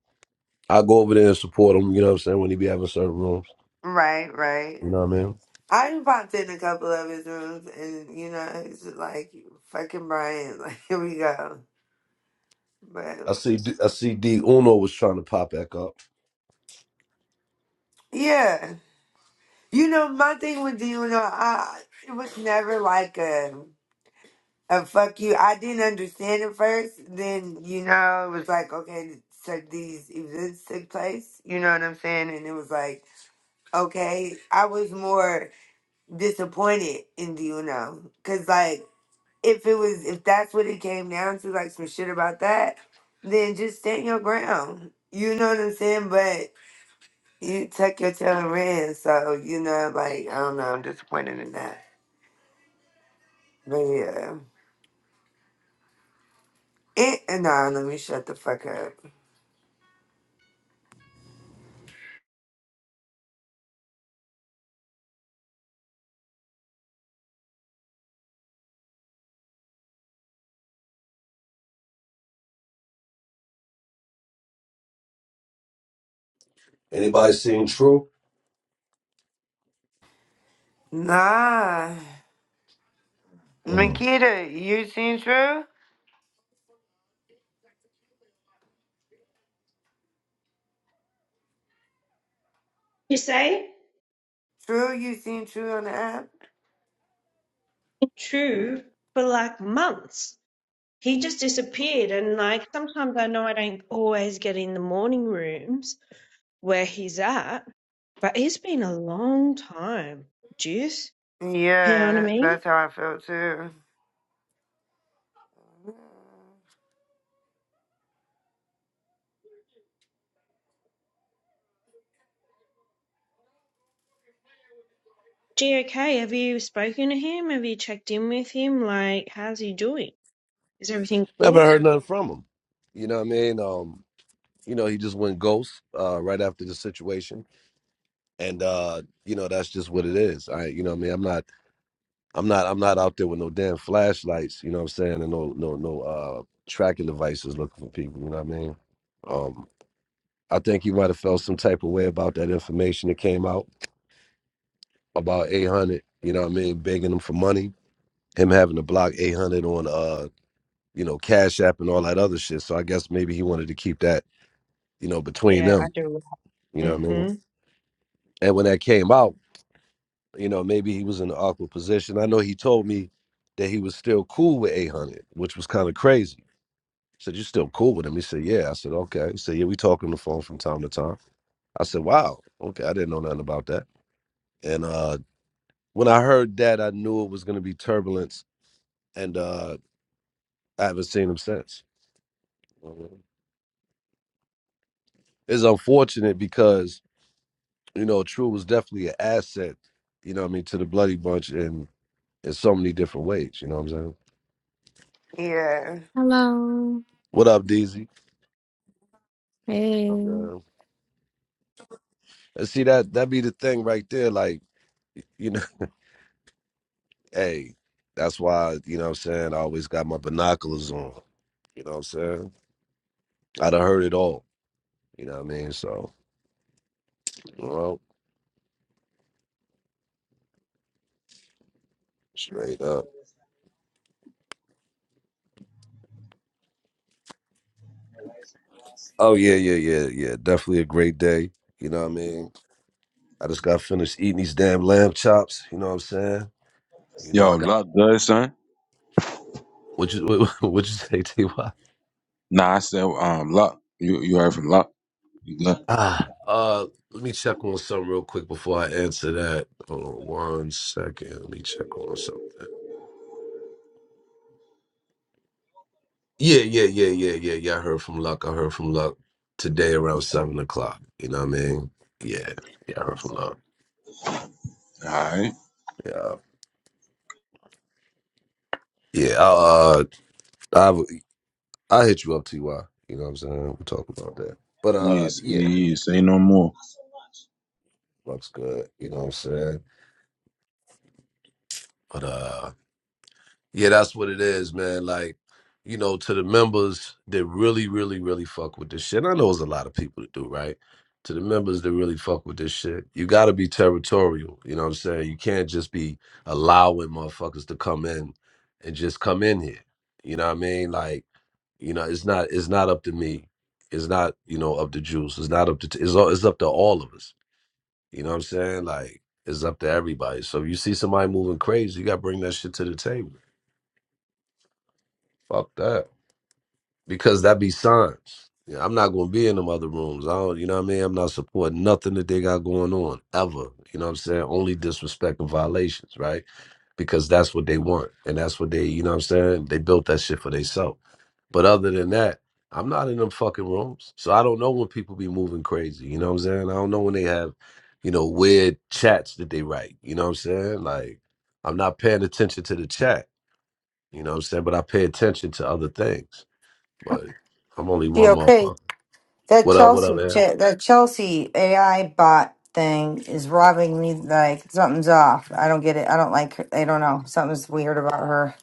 [SPEAKER 8] I go over there and support him. You know what I'm saying? When he be having certain rooms,
[SPEAKER 11] Right, right.
[SPEAKER 8] you know what I mean?
[SPEAKER 11] I done popped in a couple of his rooms, and you know, it's just like fucking Brian. Like here we go.
[SPEAKER 8] I
[SPEAKER 11] But
[SPEAKER 8] see, D, I see. D Uno was trying to pop back up.
[SPEAKER 11] yeah. You know, my thing with Dino, I it was never like a a fuck you. I didn't understand it first. Then you know, it was like okay, so these events took place. You know what I'm saying? And it was like okay, I was more disappointed in Dino because like if it was if that's what it came down to, like some shit about that, then just stand your ground. You know what I'm saying? But you tuck your tail and ran. So you know, like I don't know, I'm disappointed in that. But yeah. It, nah, let me shut the fuck up.
[SPEAKER 8] Anybody seen True?
[SPEAKER 11] Nah.
[SPEAKER 8] Mm.
[SPEAKER 11] Makita, you seen True?
[SPEAKER 6] You say?
[SPEAKER 11] True, you seen True on the app?
[SPEAKER 6] True. For like months. He just disappeared. And like sometimes I know I don't always get in the morning rooms where he's at, but it's been a long time. Juice. You know what I
[SPEAKER 11] Yeah,
[SPEAKER 6] mean?
[SPEAKER 11] that's how I felt too.
[SPEAKER 6] GOK, have you spoken to him? Have you checked in with him? Like, how's he doing? Is everything
[SPEAKER 8] have
[SPEAKER 6] cool?
[SPEAKER 8] heard nothing from him. You know what I mean? Um, you know, he just went ghost uh, right after the situation, and uh, you know that's just what it is. I, you know, what I mean, I'm not. I'm not I'm not out there with no damn flashlights, you know what I'm saying, and no no no uh tracking devices looking for people, you know what I mean? Um I think he might have felt some type of way about that information that came out about 800, you know what I mean, begging him for money, him having to block 800 on uh, you know, Cash App and all that other shit. So I guess maybe he wanted to keep that, you know, between
[SPEAKER 6] Yeah, I
[SPEAKER 8] them,
[SPEAKER 6] do.
[SPEAKER 8] you know what I mean?
[SPEAKER 6] Mm-hmm.
[SPEAKER 8] And when that came out, you know, maybe he was in an awkward position. I know he told me that he was still cool with 800, which was kind of crazy said, You still cool with him? He said, Yeah. I said, Okay. He said, Yeah, we talk on the phone from time to time. I said, Wow. Okay. I didn't know nothing about that. And uh when I heard that, I knew it was gonna be turbulence and uh I haven't seen him since. It's unfortunate because, you know, True was definitely an asset, you know what I mean, to the bloody bunch in in so many different ways, you know what I'm saying?
[SPEAKER 11] Yeah.
[SPEAKER 14] Hello.
[SPEAKER 8] What up, DZ? You know what
[SPEAKER 14] Hey.
[SPEAKER 8] I'm saying? And see that that be the thing right there, like, you know. hey, that's why, you know what I'm saying, I always got my binoculars on. You know what I'm saying? I done heard it all. You know what I mean? So, you know, straight up. Oh yeah, yeah, yeah, yeah. Definitely a great day. You know what I mean? I just got finished eating these damn lamb chops. You know what I'm saying? You know
[SPEAKER 1] Yo,
[SPEAKER 8] I got
[SPEAKER 1] Luck good, son.
[SPEAKER 8] what you what, you say, Ty?
[SPEAKER 1] Nah, I said um Luck. You you heard from Luck. You good.
[SPEAKER 8] Ah, uh, let me check on something real quick before I answer that. Hold on one second. Let me check on something. Yeah, yeah, yeah, yeah, yeah, yeah. I heard from Luck. I heard from Luck today around seven o'clock. You know what I mean? Yeah, yeah. I heard from Luck.
[SPEAKER 1] Alright.
[SPEAKER 8] Yeah, yeah. I'll, uh, I I hit you up, Ty. You know what I'm saying? We'll talk about that. But uh,
[SPEAKER 1] Yes,
[SPEAKER 8] yeah,
[SPEAKER 1] yes,
[SPEAKER 8] yeah,
[SPEAKER 1] say no more.
[SPEAKER 8] Luck's good. You know what I'm saying? But uh, Yeah, that's what it is, man. Like, you know, to the members that really, really, really fuck with this shit. And I know it's a lot of people to do, right? To the members that really fuck with this shit, you gotta be territorial. You know what I'm saying? You can't just be allowing motherfuckers to come in and just come in here. You know what I mean? Like, you know, it's not it's not up to me. It's not, you know, up to Juice. It's not up to t- it's all, it's up to all of us. You know what I'm saying? Like, it's up to everybody. So if you see somebody moving crazy, you gotta bring that shit to the table. Fuck that. because that be signs. Yeah, I'm not gonna be in them other rooms. I don't, you know what I mean? I'm not supporting nothing that they got going on ever. You know what I'm saying? Only disrespect and violations, right? Because that's what they want. And that's what they, you know what I'm saying? They built that shit for themselves. But other than that, I'm not in them fucking rooms. So I don't know when people be moving crazy. You know what I'm saying? I don't know when they have, you know, weird chats that they write. You know what I'm saying? Like I'm not paying attention to the chat. You know what I'm saying? But I pay attention to other things. Like I'm only
[SPEAKER 12] She
[SPEAKER 8] one
[SPEAKER 12] okay?
[SPEAKER 8] motherfucker.
[SPEAKER 12] That
[SPEAKER 8] What up? What up,
[SPEAKER 12] Chelsea,
[SPEAKER 8] man?
[SPEAKER 12] Ch- that Chelsea AI bot thing is robbing me. Like something's off. I don't get it. I don't like. Her. I don't know. Something's weird about her.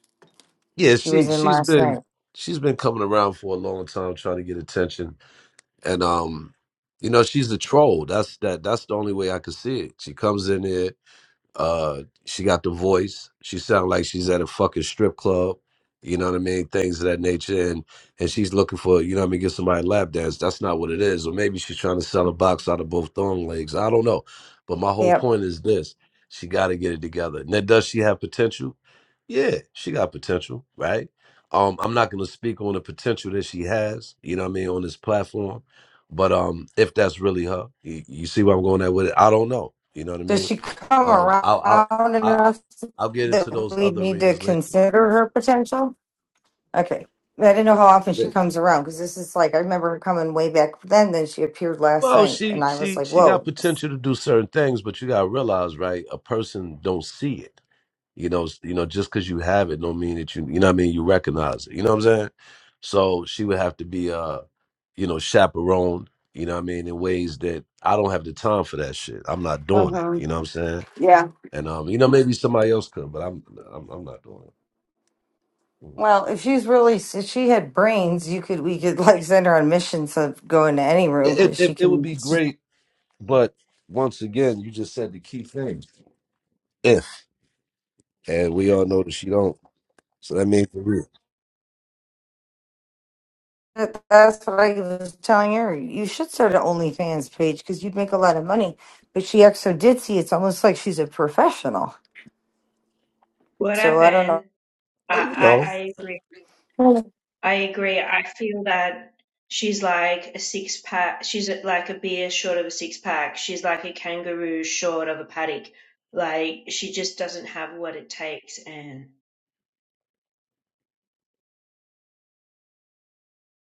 [SPEAKER 8] Yeah,
[SPEAKER 12] She
[SPEAKER 8] she
[SPEAKER 12] was in
[SPEAKER 8] she's
[SPEAKER 12] last
[SPEAKER 8] been
[SPEAKER 12] night.
[SPEAKER 8] she's been coming around for a long time trying to get attention, and um, you know she's a troll. That's that that's the only way I could see it. She comes in here. Uh, she got the voice. She sounds like she's at a fucking strip club. You know what I mean? Things of that nature, and and she's looking for you know what I mean. Get somebody to lap dance. That's not what it is. Or maybe she's trying to sell a box out of both thong legs. I don't know. But my whole
[SPEAKER 12] Yep.
[SPEAKER 8] point is this: she got to get it together. Now, does she have potential? Yeah, she got potential, right? Um, I'm not going to speak on the potential that she has. You know what I mean on this platform. But um, if that's really her, you, you see where I'm going at with it. I don't know. You know what I
[SPEAKER 12] Does
[SPEAKER 8] mean?
[SPEAKER 12] she come
[SPEAKER 8] Um, I'll I'll
[SPEAKER 12] around
[SPEAKER 8] I'll,
[SPEAKER 12] enough
[SPEAKER 8] I'll get into
[SPEAKER 12] that
[SPEAKER 8] those
[SPEAKER 12] we
[SPEAKER 8] other
[SPEAKER 12] need to
[SPEAKER 8] arenas later.
[SPEAKER 12] consider her potential? Okay. I didn't know how often she comes around because this is like I remember her coming way back then. Then she appeared last
[SPEAKER 8] Well,
[SPEAKER 12] night,
[SPEAKER 8] she
[SPEAKER 12] and I was
[SPEAKER 8] she
[SPEAKER 12] like,
[SPEAKER 8] she got
[SPEAKER 12] "Whoa,
[SPEAKER 8] potential to do certain things, but you gotta realize, right? A person don't see it. You know, s- you know, just because you have it, don't mean that you you know what I mean. You recognize it. You know what I'm saying? So she would have to be uh, you know, chaperoned. You know what I mean? In ways that I don't have the time for that shit. I'm not doing it.
[SPEAKER 12] Uh-huh.
[SPEAKER 8] You know what I'm saying? And um, you know, maybe somebody else could, but I'm I'm, I'm not doing it. Mm-hmm.
[SPEAKER 12] Well, if she's really, if she had brains, you could, we could like send her on missions of go into any room
[SPEAKER 8] It,
[SPEAKER 12] because
[SPEAKER 8] it.
[SPEAKER 12] she
[SPEAKER 8] it would
[SPEAKER 12] can.
[SPEAKER 8] be
[SPEAKER 12] she-
[SPEAKER 8] great But once again, you just said the key thing. If and we all know that she don't. So that means for real.
[SPEAKER 12] that- That's what I was telling her. You should start an OnlyFans page because you'd make a lot of money. But she acts so ditzy. It's almost like she's a professional.
[SPEAKER 6] What
[SPEAKER 12] So I don't know.
[SPEAKER 6] happened? I,
[SPEAKER 8] But, you know.
[SPEAKER 6] I, I agree.
[SPEAKER 12] Well,
[SPEAKER 6] I agree. I feel that she's like a six pack. She's like a beer short of a six pack. She's like a kangaroo short of a paddock. Like she just doesn't have what it takes. And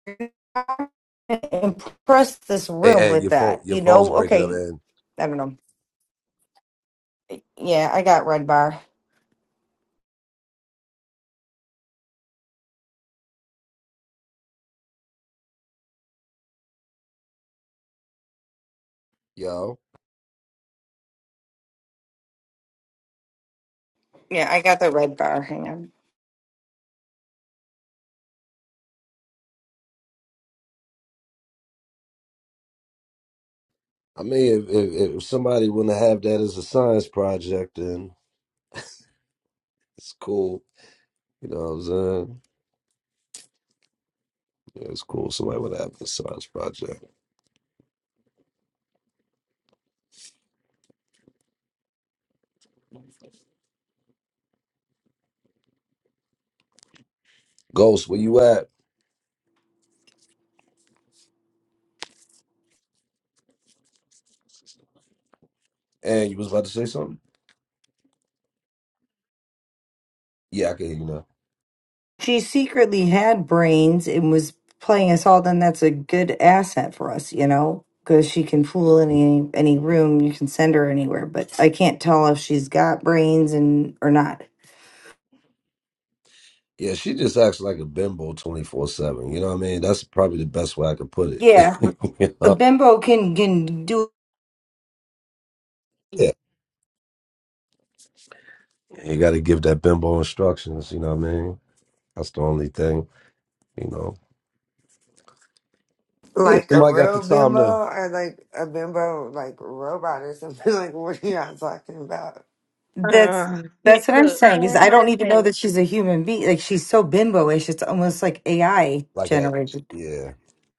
[SPEAKER 12] you're not gonna Impress this
[SPEAKER 8] Hey,
[SPEAKER 12] room
[SPEAKER 8] hey,
[SPEAKER 12] with
[SPEAKER 8] your phone
[SPEAKER 12] that.
[SPEAKER 8] your
[SPEAKER 12] You
[SPEAKER 8] phone's
[SPEAKER 12] know,
[SPEAKER 8] breaking up
[SPEAKER 12] okay.
[SPEAKER 8] and
[SPEAKER 12] I don't know. Yeah, I got red bar.
[SPEAKER 8] yo.
[SPEAKER 12] Yeah, I got the red bar. Hang on.
[SPEAKER 8] I mean if, if if somebody wanna have that as a science project then it's cool. You know what I'm saying? Yeah, it's cool. Somebody wanna have a science project. Ghost, where you at? And you was about to say something? Yeah, I can hear you now.
[SPEAKER 12] She secretly had brains and was playing us all. Then that's a good asset for us, you know, because she can fool any any room. You can send her anywhere, but I can't tell if she's got brains and or not.
[SPEAKER 8] Yeah, she just acts like a bimbo 24 7. You know what I mean? That's probably the best way I could put it.
[SPEAKER 12] Yeah, but
[SPEAKER 8] you
[SPEAKER 12] a
[SPEAKER 8] know?
[SPEAKER 12] bimbo can can do.
[SPEAKER 8] And you got to give that bimbo instructions. You know what I mean? That's the only thing. You know, yeah, if
[SPEAKER 11] Like a
[SPEAKER 8] somebody got the
[SPEAKER 11] real
[SPEAKER 8] time
[SPEAKER 11] bimbo
[SPEAKER 8] to
[SPEAKER 11] or like a bimbo like robot or something. Like what are y'all talking about?
[SPEAKER 12] That's
[SPEAKER 6] Uh, yeah,
[SPEAKER 12] that's what I'm
[SPEAKER 6] look,
[SPEAKER 12] saying is
[SPEAKER 6] I'm
[SPEAKER 12] I
[SPEAKER 6] gonna
[SPEAKER 12] don't even
[SPEAKER 6] say
[SPEAKER 12] know
[SPEAKER 6] this.
[SPEAKER 12] that she's a human being. Like she's so bimboish, it's almost like AI
[SPEAKER 8] like, I,
[SPEAKER 12] generated.
[SPEAKER 8] yeah,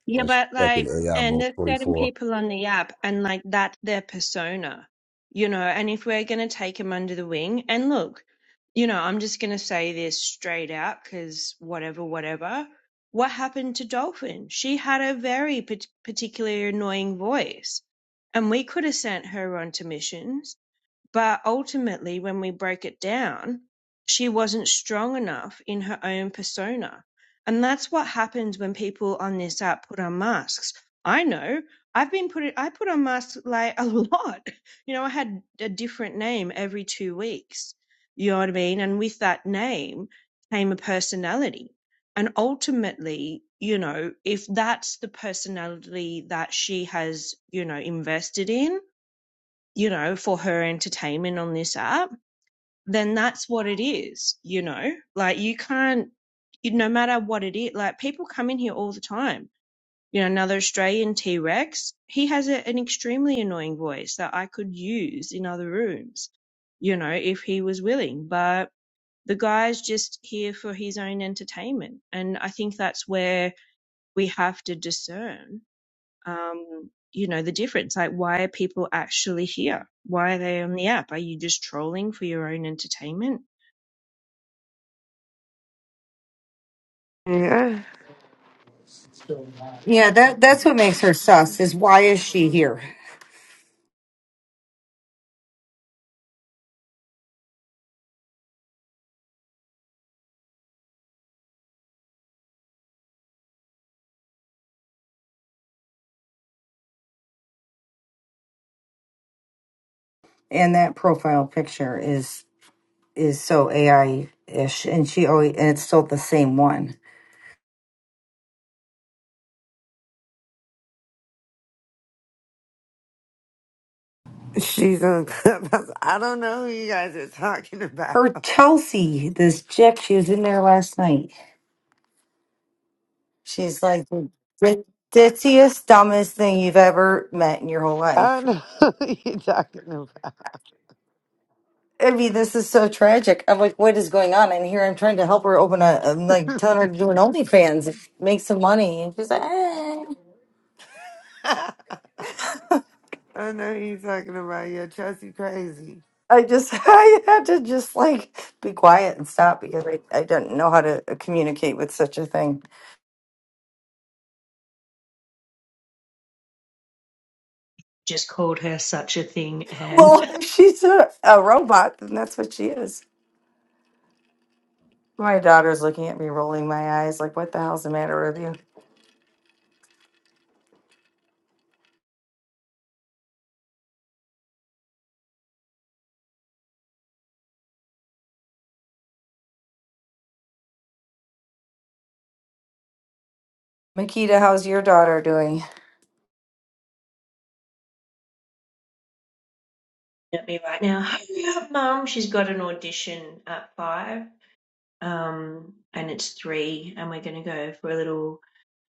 [SPEAKER 6] Yeah,
[SPEAKER 8] like she's
[SPEAKER 6] but
[SPEAKER 8] stuck in
[SPEAKER 6] like,
[SPEAKER 8] AI
[SPEAKER 6] and
[SPEAKER 8] mode
[SPEAKER 6] there's
[SPEAKER 8] twenty
[SPEAKER 6] certain
[SPEAKER 8] four.
[SPEAKER 6] people on the app, and like that's their persona, you know. And if we're gonna take them under the wing, and look, you know, I'm just gonna say this straight out because whatever, whatever. What happened to Dolphin? She had a very pat- particularly annoying voice, and we could have sent her on to missions but ultimately, when we break it down, she wasn't strong enough in her own persona. And that's what happens when people on this app put on masks. I know. I've been put I put on masks like a lot. You know, I had a different name every two weeks. You know what I mean? And with that name came a personality. And ultimately, you know, if that's the personality that she has, you know, invested in, you know, for her entertainment on this app, then that's what it is, you know? Like, you can't, you, no matter what it is, like, people come in here all the time. You know, another Australian T Rex, he has a, an extremely annoying voice that I could use in other rooms, you know, if he was willing. But the guy's just here for his own entertainment. And I think that's where we have to discern um, you know, the difference. Like, why are people actually here? Why are they on the app? Are you just trolling for your own entertainment?
[SPEAKER 11] Yeah.
[SPEAKER 12] Yeah, that that's what makes her sus. Is why is she here? And that profile picture is is so AI ish, and she always and it's still the same one.
[SPEAKER 11] She's on Clubhouse. I don't know who you guys are talking about.
[SPEAKER 12] Her Chelsea, this chick, she was in there last night. She's like the ditziest, dumbest thing you've ever met in your whole
[SPEAKER 11] I
[SPEAKER 12] life.
[SPEAKER 11] don't know who you're talking
[SPEAKER 12] I mean, this is so tragic. I'm like, what is going on? And here I'm trying to help her open a, I'm like telling her to do an OnlyFans, if- make some money. And she's like, eh.
[SPEAKER 11] about. I know you talking about your Chelsea crazy.
[SPEAKER 12] I just, I had to just like be quiet and stop because I, I didn't know how to communicate with such a thing.
[SPEAKER 6] Just called her such a thing and
[SPEAKER 12] Well, if she's a, a robot, then that's what she is. My daughter's looking at me, rolling my eyes, like, what the hell's the matter with you? Makita, how's your daughter doing?
[SPEAKER 6] at me right now. Hurry up, mum. She's got an audition at five, um, and it's three, and we're going to go for a little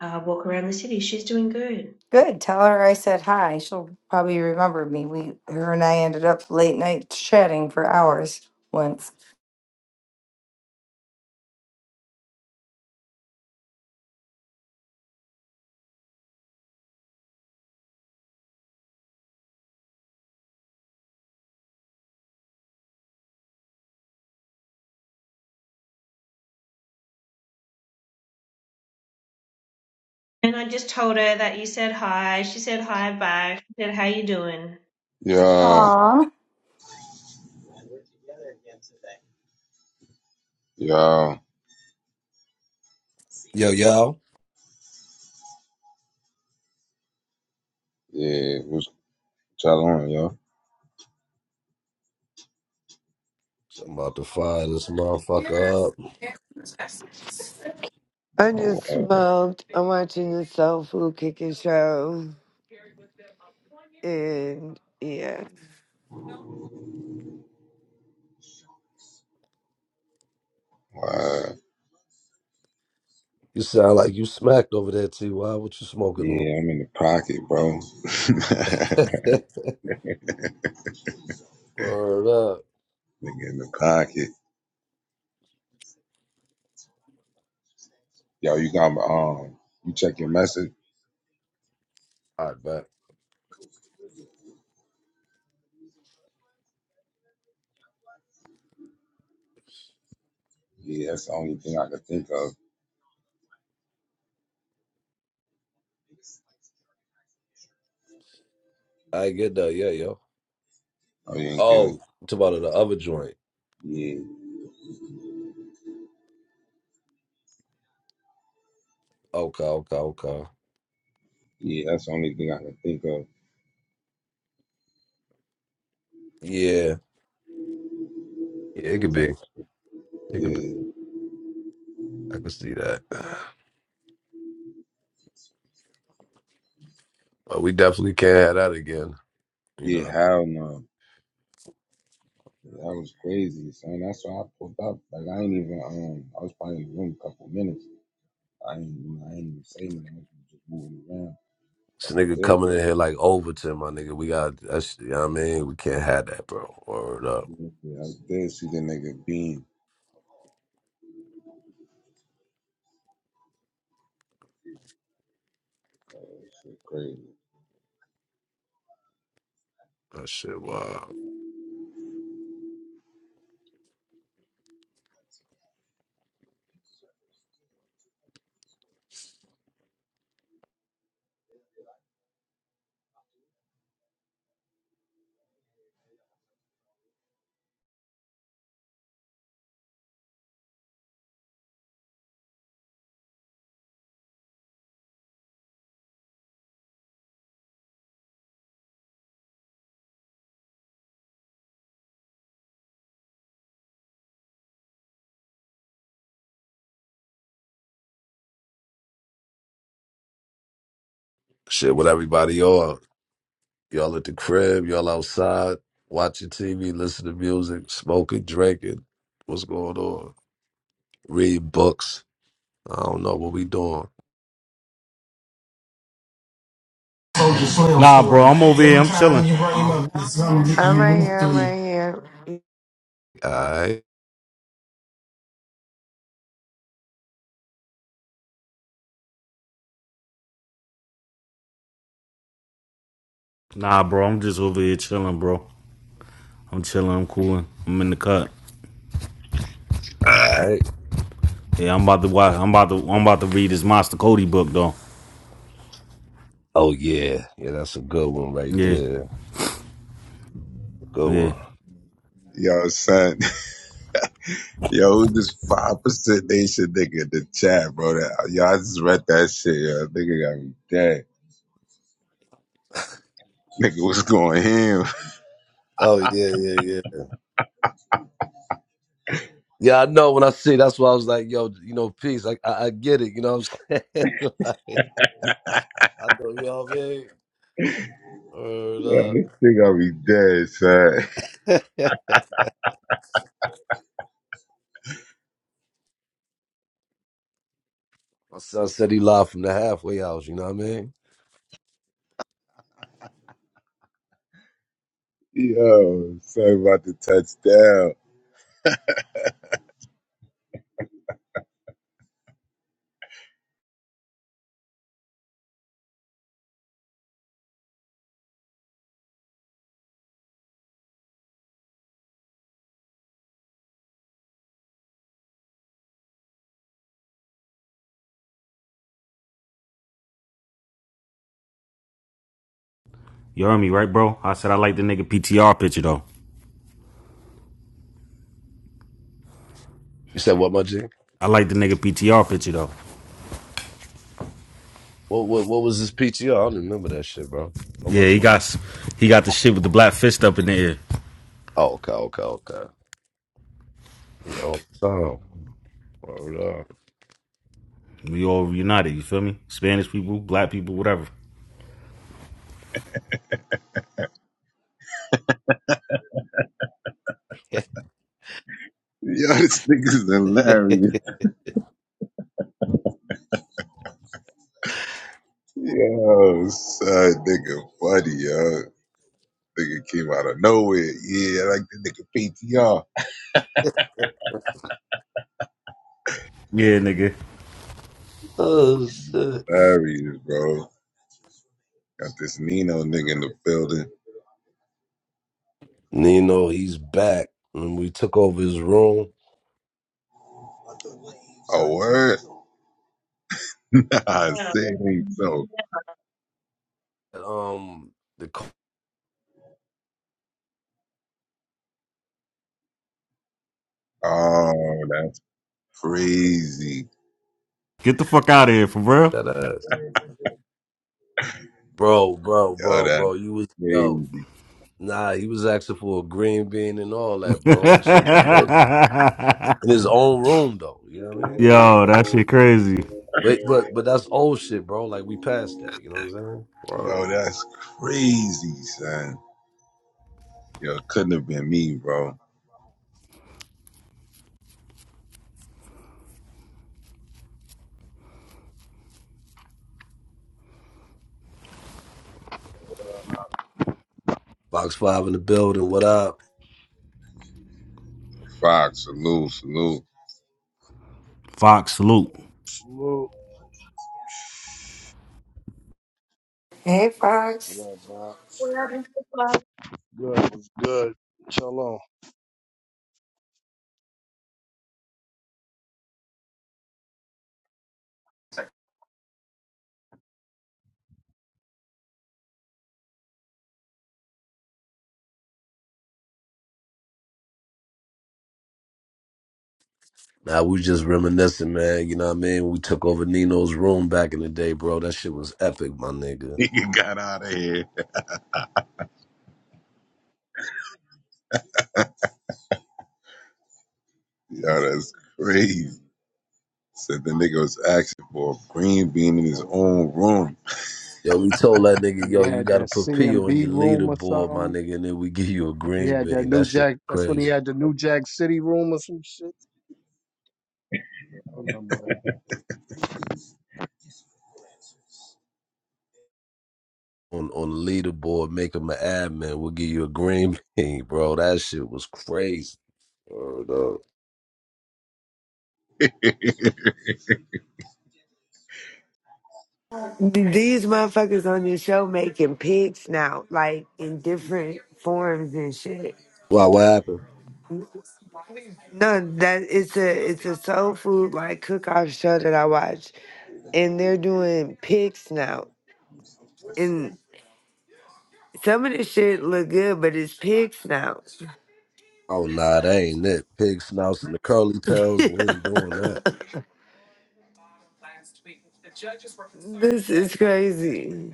[SPEAKER 6] uh, walk around the city. She's doing good.
[SPEAKER 12] Good. Tell her I said hi. She'll probably remember me. We, her and I ended up late night chatting for hours once.
[SPEAKER 6] And I just told her that you said hi. She said hi back. She said, how you doing?
[SPEAKER 1] Yo,
[SPEAKER 12] Aw.
[SPEAKER 1] yo,
[SPEAKER 8] Yo, yo,
[SPEAKER 1] yeah, what's going on, yo?
[SPEAKER 8] so I'm about to fire this motherfucker up.
[SPEAKER 11] I just
[SPEAKER 1] Wow,
[SPEAKER 11] smoked. I'm watching the Soul Food Kicking show, and yeah,
[SPEAKER 1] wow.
[SPEAKER 8] You sound like you smacked over there, Ty. What you smoking on?
[SPEAKER 1] Yeah, I'm in the pocket, bro. Nigga
[SPEAKER 8] Word up. All
[SPEAKER 1] in the pocket. Yo, you got my um you check your message?
[SPEAKER 8] right, back.
[SPEAKER 1] Yeah, that's the only thing I can think of.
[SPEAKER 8] I get that. Yeah, yo.
[SPEAKER 1] Oh yeah, good.
[SPEAKER 8] Oh, it's about the other joint.
[SPEAKER 1] Yeah,
[SPEAKER 8] Okay, okay, okay.
[SPEAKER 1] yeah, that's the only thing I can think of.
[SPEAKER 8] Yeah, yeah, it could be.
[SPEAKER 1] Type.
[SPEAKER 8] It could be.
[SPEAKER 1] Yeah.
[SPEAKER 8] I can see that. But we definitely can't have that again. You
[SPEAKER 1] Yeah,
[SPEAKER 8] know,
[SPEAKER 1] hell no. That was crazy, son. That's why I pulled up. Like I ain't even um I was probably in the room a couple minutes. I ain't I ain't even say nothing. I was just moving around. But
[SPEAKER 8] this
[SPEAKER 1] I
[SPEAKER 8] nigga
[SPEAKER 1] did.
[SPEAKER 8] coming in here like Overton, my nigga. We got that's you know what I mean. We can't have that, bro. Word up.
[SPEAKER 1] Yeah, I did see the nigga being. That shit crazy.
[SPEAKER 8] That shit wow. Shit with everybody y'all. Y'all at the crib, y'all outside, watching TV, listening to music, smoking, drinking. What's going on? Read books. I don't know what we doing.
[SPEAKER 3] Nah, bro, I'm over here. I'm chilling.
[SPEAKER 11] I'm right here. I'm right here.
[SPEAKER 8] Alright.
[SPEAKER 3] Nah, bro, I'm just over here chilling, bro. I'm chilling. I'm cooling. I'm in the cut.
[SPEAKER 8] Alright.
[SPEAKER 3] Yeah, I'm about to watch. I'm about to. I'm about to read this Monster Cody book, though.
[SPEAKER 8] Oh yeah. Yeah, that's a good one right
[SPEAKER 3] Yeah,
[SPEAKER 8] there. Good
[SPEAKER 3] yeah.
[SPEAKER 8] one.
[SPEAKER 1] Yo, son. Yo, who this five percent nation nigga in the chat, bro? That, yo, I just read that shit. Yo, nigga got me dead. Nigga, what's going him?
[SPEAKER 8] Oh yeah, yeah, Yeah, I know. When I see, that's why I was like, "Yo, you know, peace." I, I, I get it. You know what I'm saying? like, I know you all mean. Word
[SPEAKER 1] Yeah,
[SPEAKER 8] up.
[SPEAKER 1] this nigga got me dead, son.
[SPEAKER 8] My son said he live from the halfway house. You know what I mean?
[SPEAKER 1] Yo, sorry about the touchdown.
[SPEAKER 3] You heard me, right, bro? I said I like the nigga PTR picture, though.
[SPEAKER 8] You said what, my G?
[SPEAKER 3] I like the nigga PTR picture, though.
[SPEAKER 8] What what what was this PTR? I don't even remember that shit, bro. Oh, What
[SPEAKER 3] Yeah,
[SPEAKER 8] was?
[SPEAKER 3] he got s- he got the shit with the black fist up in the air.
[SPEAKER 8] Oh, okay, okay, okay. Yeah, all the time. Hold on.
[SPEAKER 3] We all united. You feel me? Spanish people, black people, whatever.
[SPEAKER 1] Yo, this nigga's hilarious. Yo, son, nigga, funny, yo. Nigga came out of nowhere. Yeah, like the nigga PTR.
[SPEAKER 3] Yeah, nigga.
[SPEAKER 8] Oh shit.
[SPEAKER 1] Hilarious, bro. Got this Nino nigga in the building.
[SPEAKER 8] Nino, he's back. When we took over his room,
[SPEAKER 1] Oh, word? nah,
[SPEAKER 6] Yeah.
[SPEAKER 1] say it ain't so.
[SPEAKER 8] um, the c-
[SPEAKER 1] Oh, that's crazy.
[SPEAKER 3] Get the fuck out of here, for real.
[SPEAKER 8] that ass, bro, bro,
[SPEAKER 1] Yo,
[SPEAKER 8] bro,
[SPEAKER 1] that's
[SPEAKER 8] bro. You was
[SPEAKER 1] crazy.
[SPEAKER 8] yo, nah. He was asking for a green bean and all that, bro. This shit was crazy in his own room, though. You know what I mean?
[SPEAKER 3] Yo, that shit crazy.
[SPEAKER 8] But but but that's old shit, bro. Like we passed that. You know what I'm saying?
[SPEAKER 1] Yo,
[SPEAKER 8] Word.
[SPEAKER 1] that's crazy, son. Yo, it couldn't have been me, bro.
[SPEAKER 8] Box five in the building. What up?
[SPEAKER 1] Fox, salute, salute.
[SPEAKER 3] Fox salute.
[SPEAKER 15] Whoop.
[SPEAKER 11] Hey, Fox.
[SPEAKER 15] What up, Bob?
[SPEAKER 6] What happened
[SPEAKER 15] Good, was good. Shalom.
[SPEAKER 8] Nah, we just reminiscing, man. You know what I mean? We took over Nino's room back in the day, bro. That shit was epic, my nigga.
[SPEAKER 1] Nigga got out of here. Yo, that's crazy. Said the nigga was asking for a green bean in his
[SPEAKER 15] Well,
[SPEAKER 1] own room.
[SPEAKER 8] Yo, we told that nigga,
[SPEAKER 15] When he
[SPEAKER 8] yo, you
[SPEAKER 15] had
[SPEAKER 8] gotta
[SPEAKER 15] that
[SPEAKER 8] put P on your
[SPEAKER 15] CMB room or
[SPEAKER 8] leaderboard, my
[SPEAKER 15] something,
[SPEAKER 8] nigga, and then we give you a
[SPEAKER 15] he
[SPEAKER 8] green
[SPEAKER 15] had that
[SPEAKER 8] bean. That
[SPEAKER 15] New
[SPEAKER 8] shit
[SPEAKER 15] Jack. That's when he
[SPEAKER 8] crazy.
[SPEAKER 15] had the New Jack City room or some shit. I remember
[SPEAKER 8] On on the leaderboard, make him an admin. We'll give you a green bean, bro. That shit was crazy. Word up.
[SPEAKER 11] These motherfuckers on your show making pigs now, like in different forms and shit.
[SPEAKER 8] Why what happened?
[SPEAKER 11] No, that it's a it's a soul food like cook off show that I watch, and they're doing pig snout, and some of the shit look good, but it's pig snout.
[SPEAKER 8] Oh nah, that ain't it. Pig snouts and the curly tails, we ain't doing that.
[SPEAKER 11] This is crazy.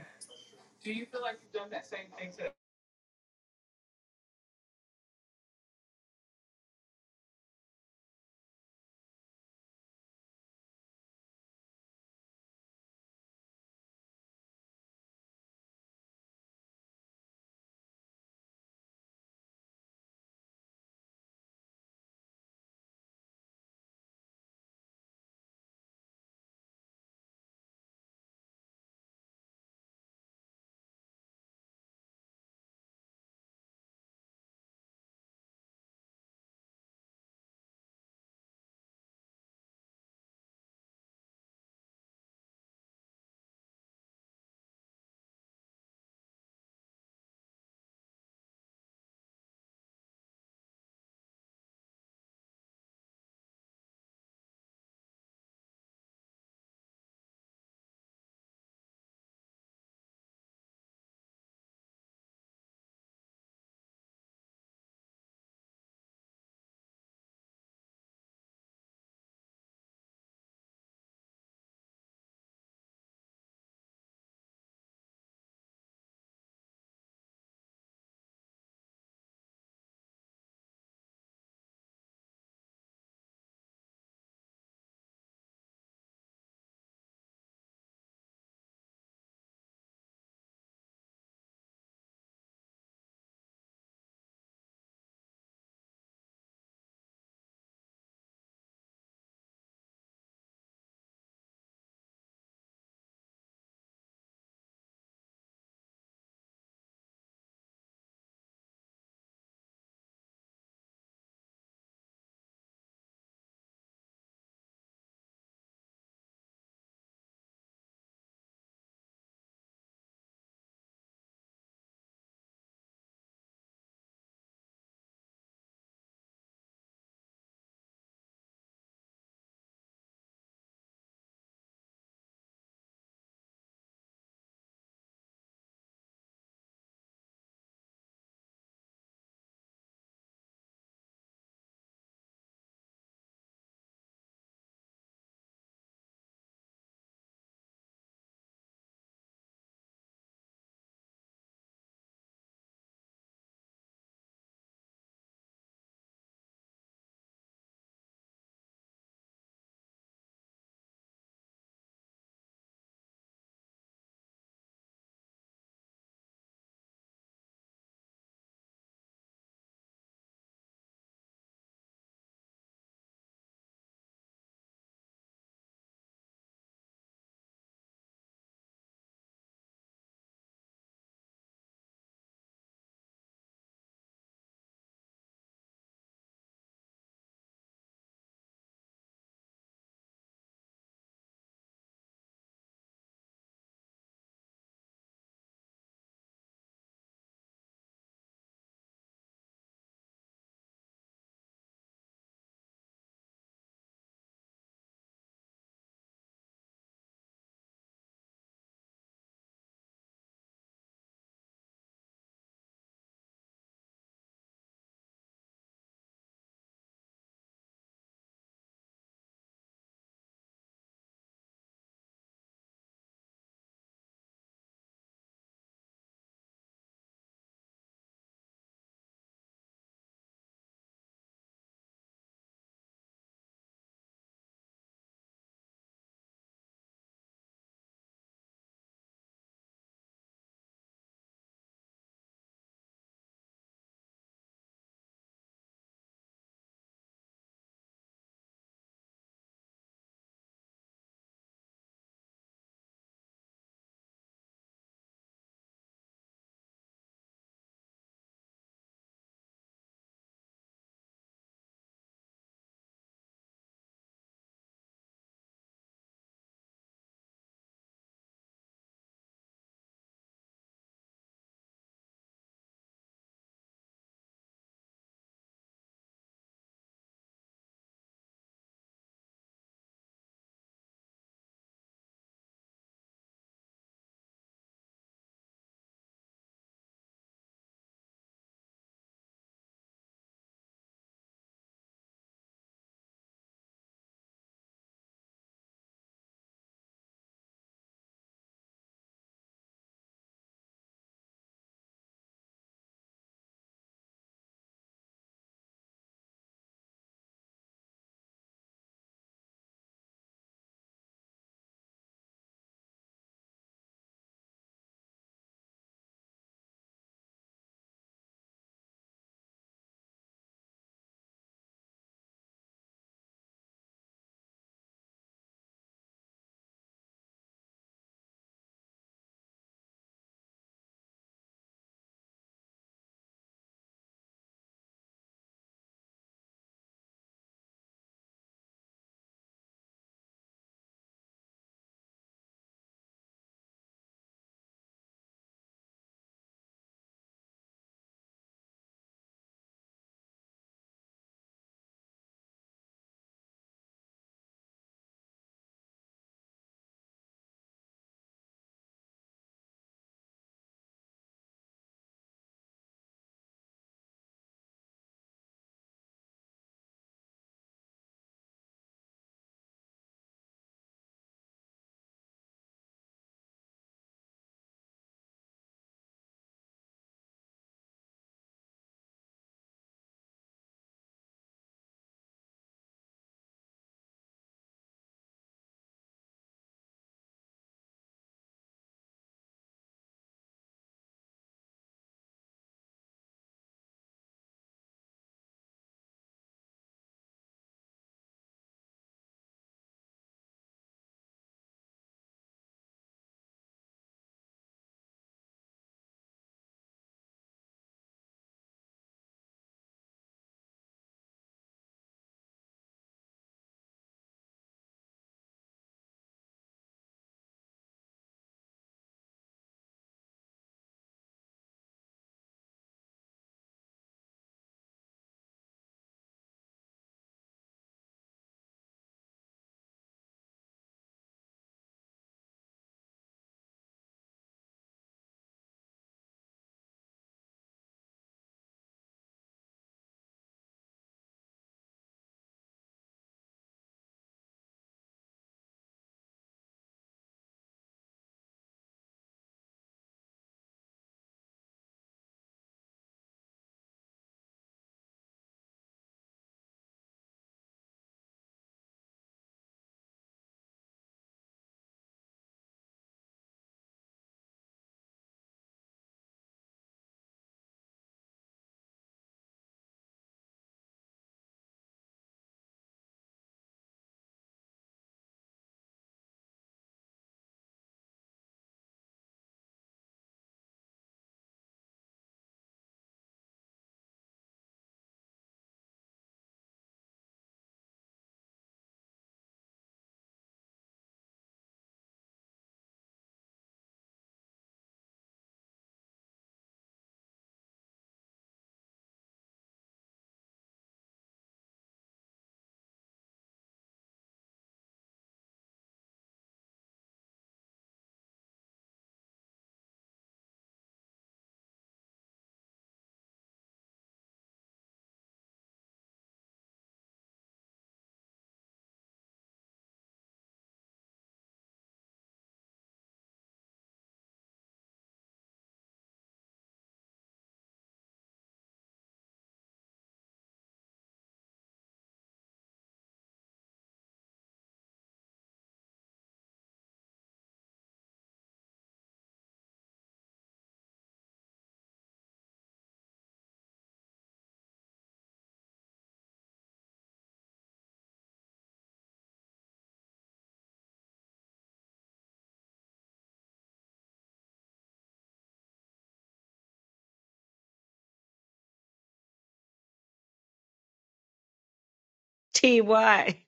[SPEAKER 6] to Ty?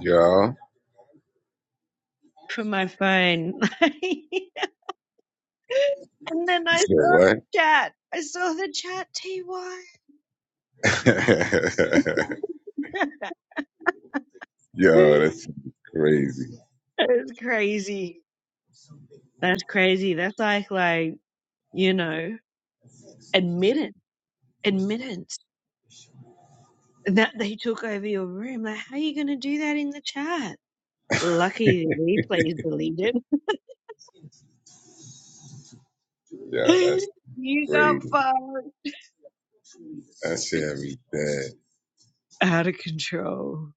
[SPEAKER 1] Yo,
[SPEAKER 6] from my phone. and then
[SPEAKER 1] you
[SPEAKER 6] I
[SPEAKER 1] said
[SPEAKER 6] saw the
[SPEAKER 1] what?
[SPEAKER 6] chat. I saw the chat TY.
[SPEAKER 1] Yo, that's crazy.
[SPEAKER 6] that is crazy. That's crazy. That's like like, you know, admittance admittance that they took over your room. Like how are you gonna do that in the chat? Lucky the replay's deleted.
[SPEAKER 1] Yo, that's
[SPEAKER 6] you got
[SPEAKER 1] crazy.
[SPEAKER 6] far
[SPEAKER 1] That shit had me dead.
[SPEAKER 6] out of control.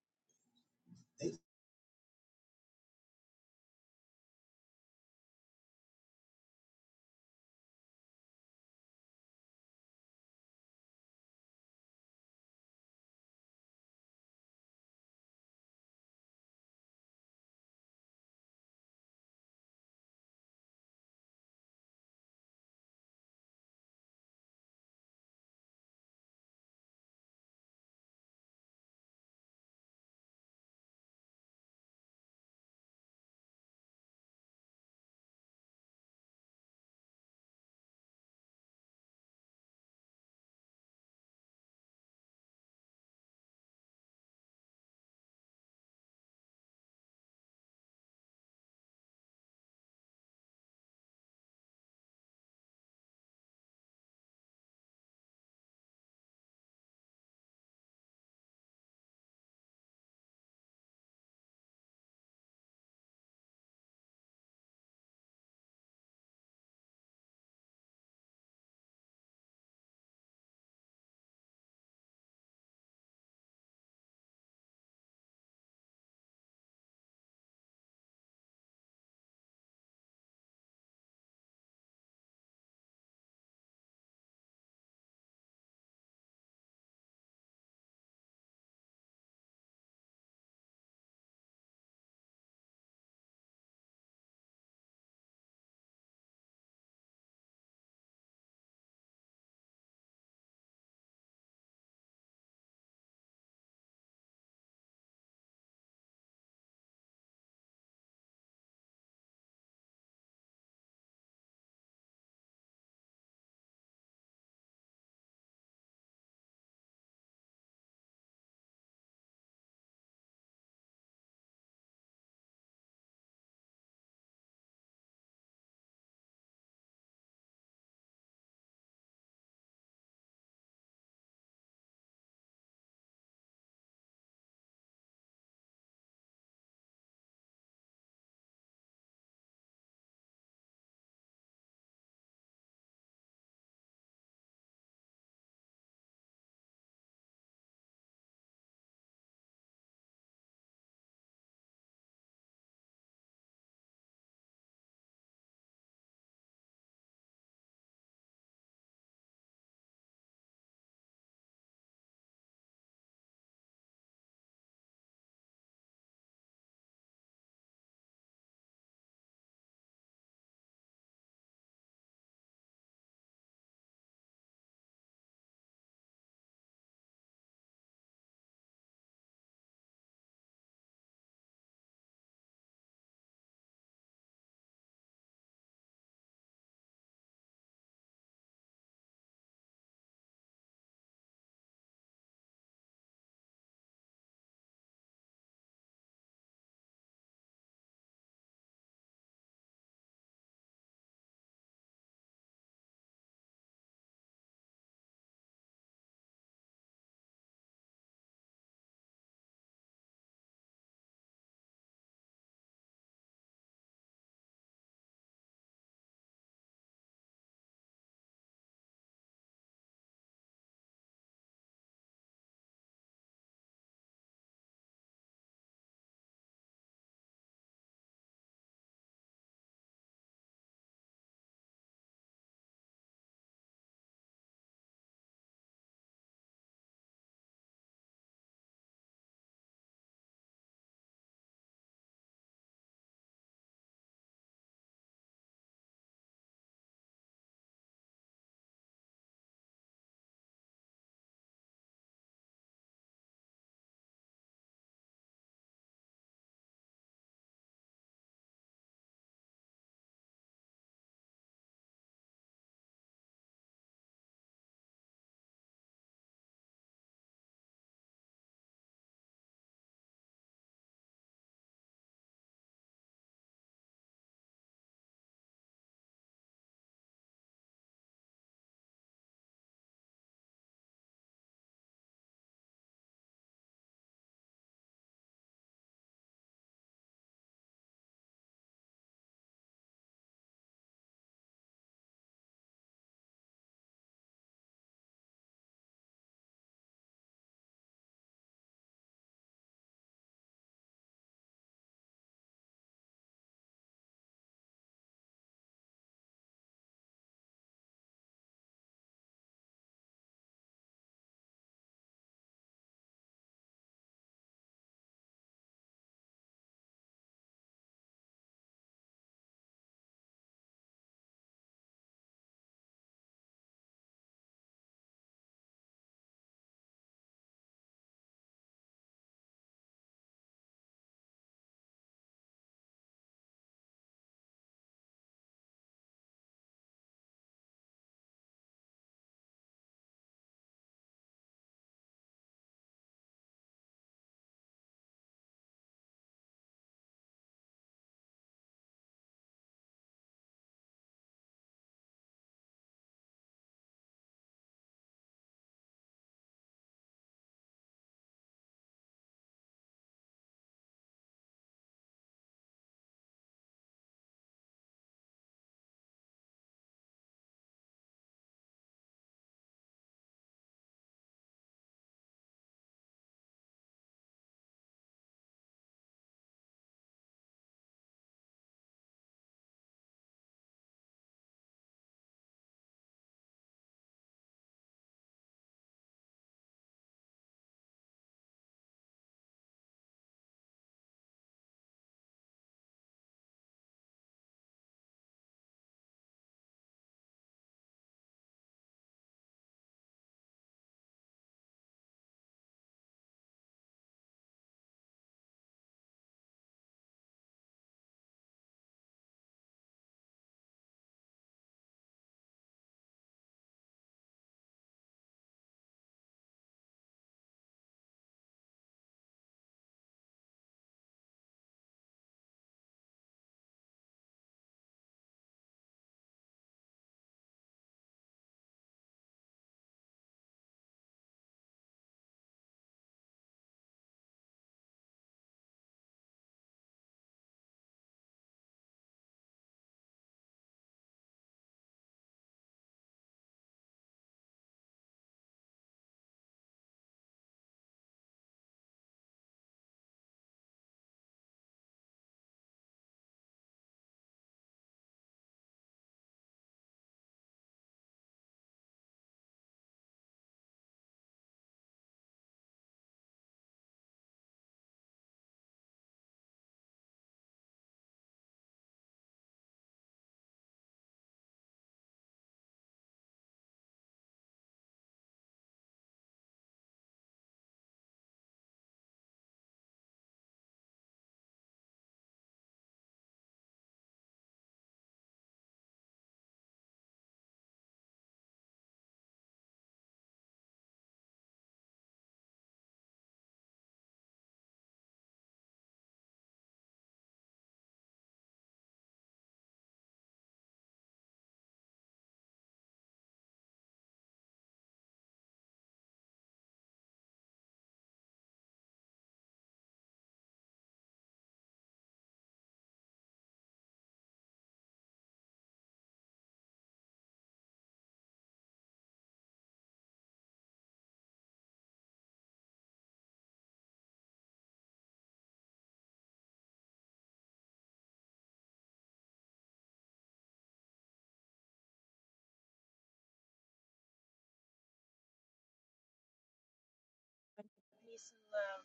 [SPEAKER 6] Peace and love.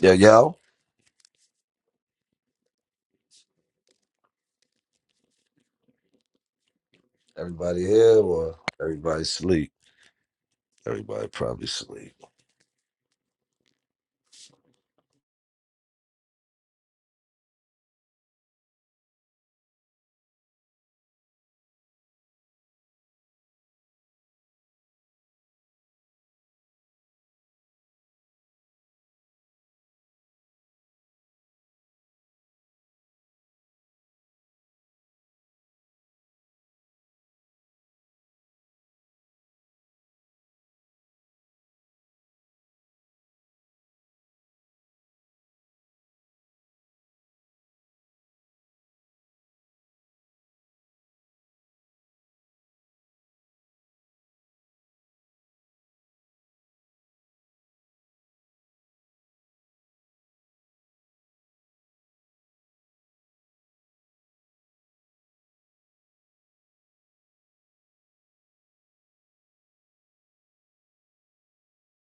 [SPEAKER 8] Yeah, yo. Everybody here or everybody sleep. Everybody probably sleep.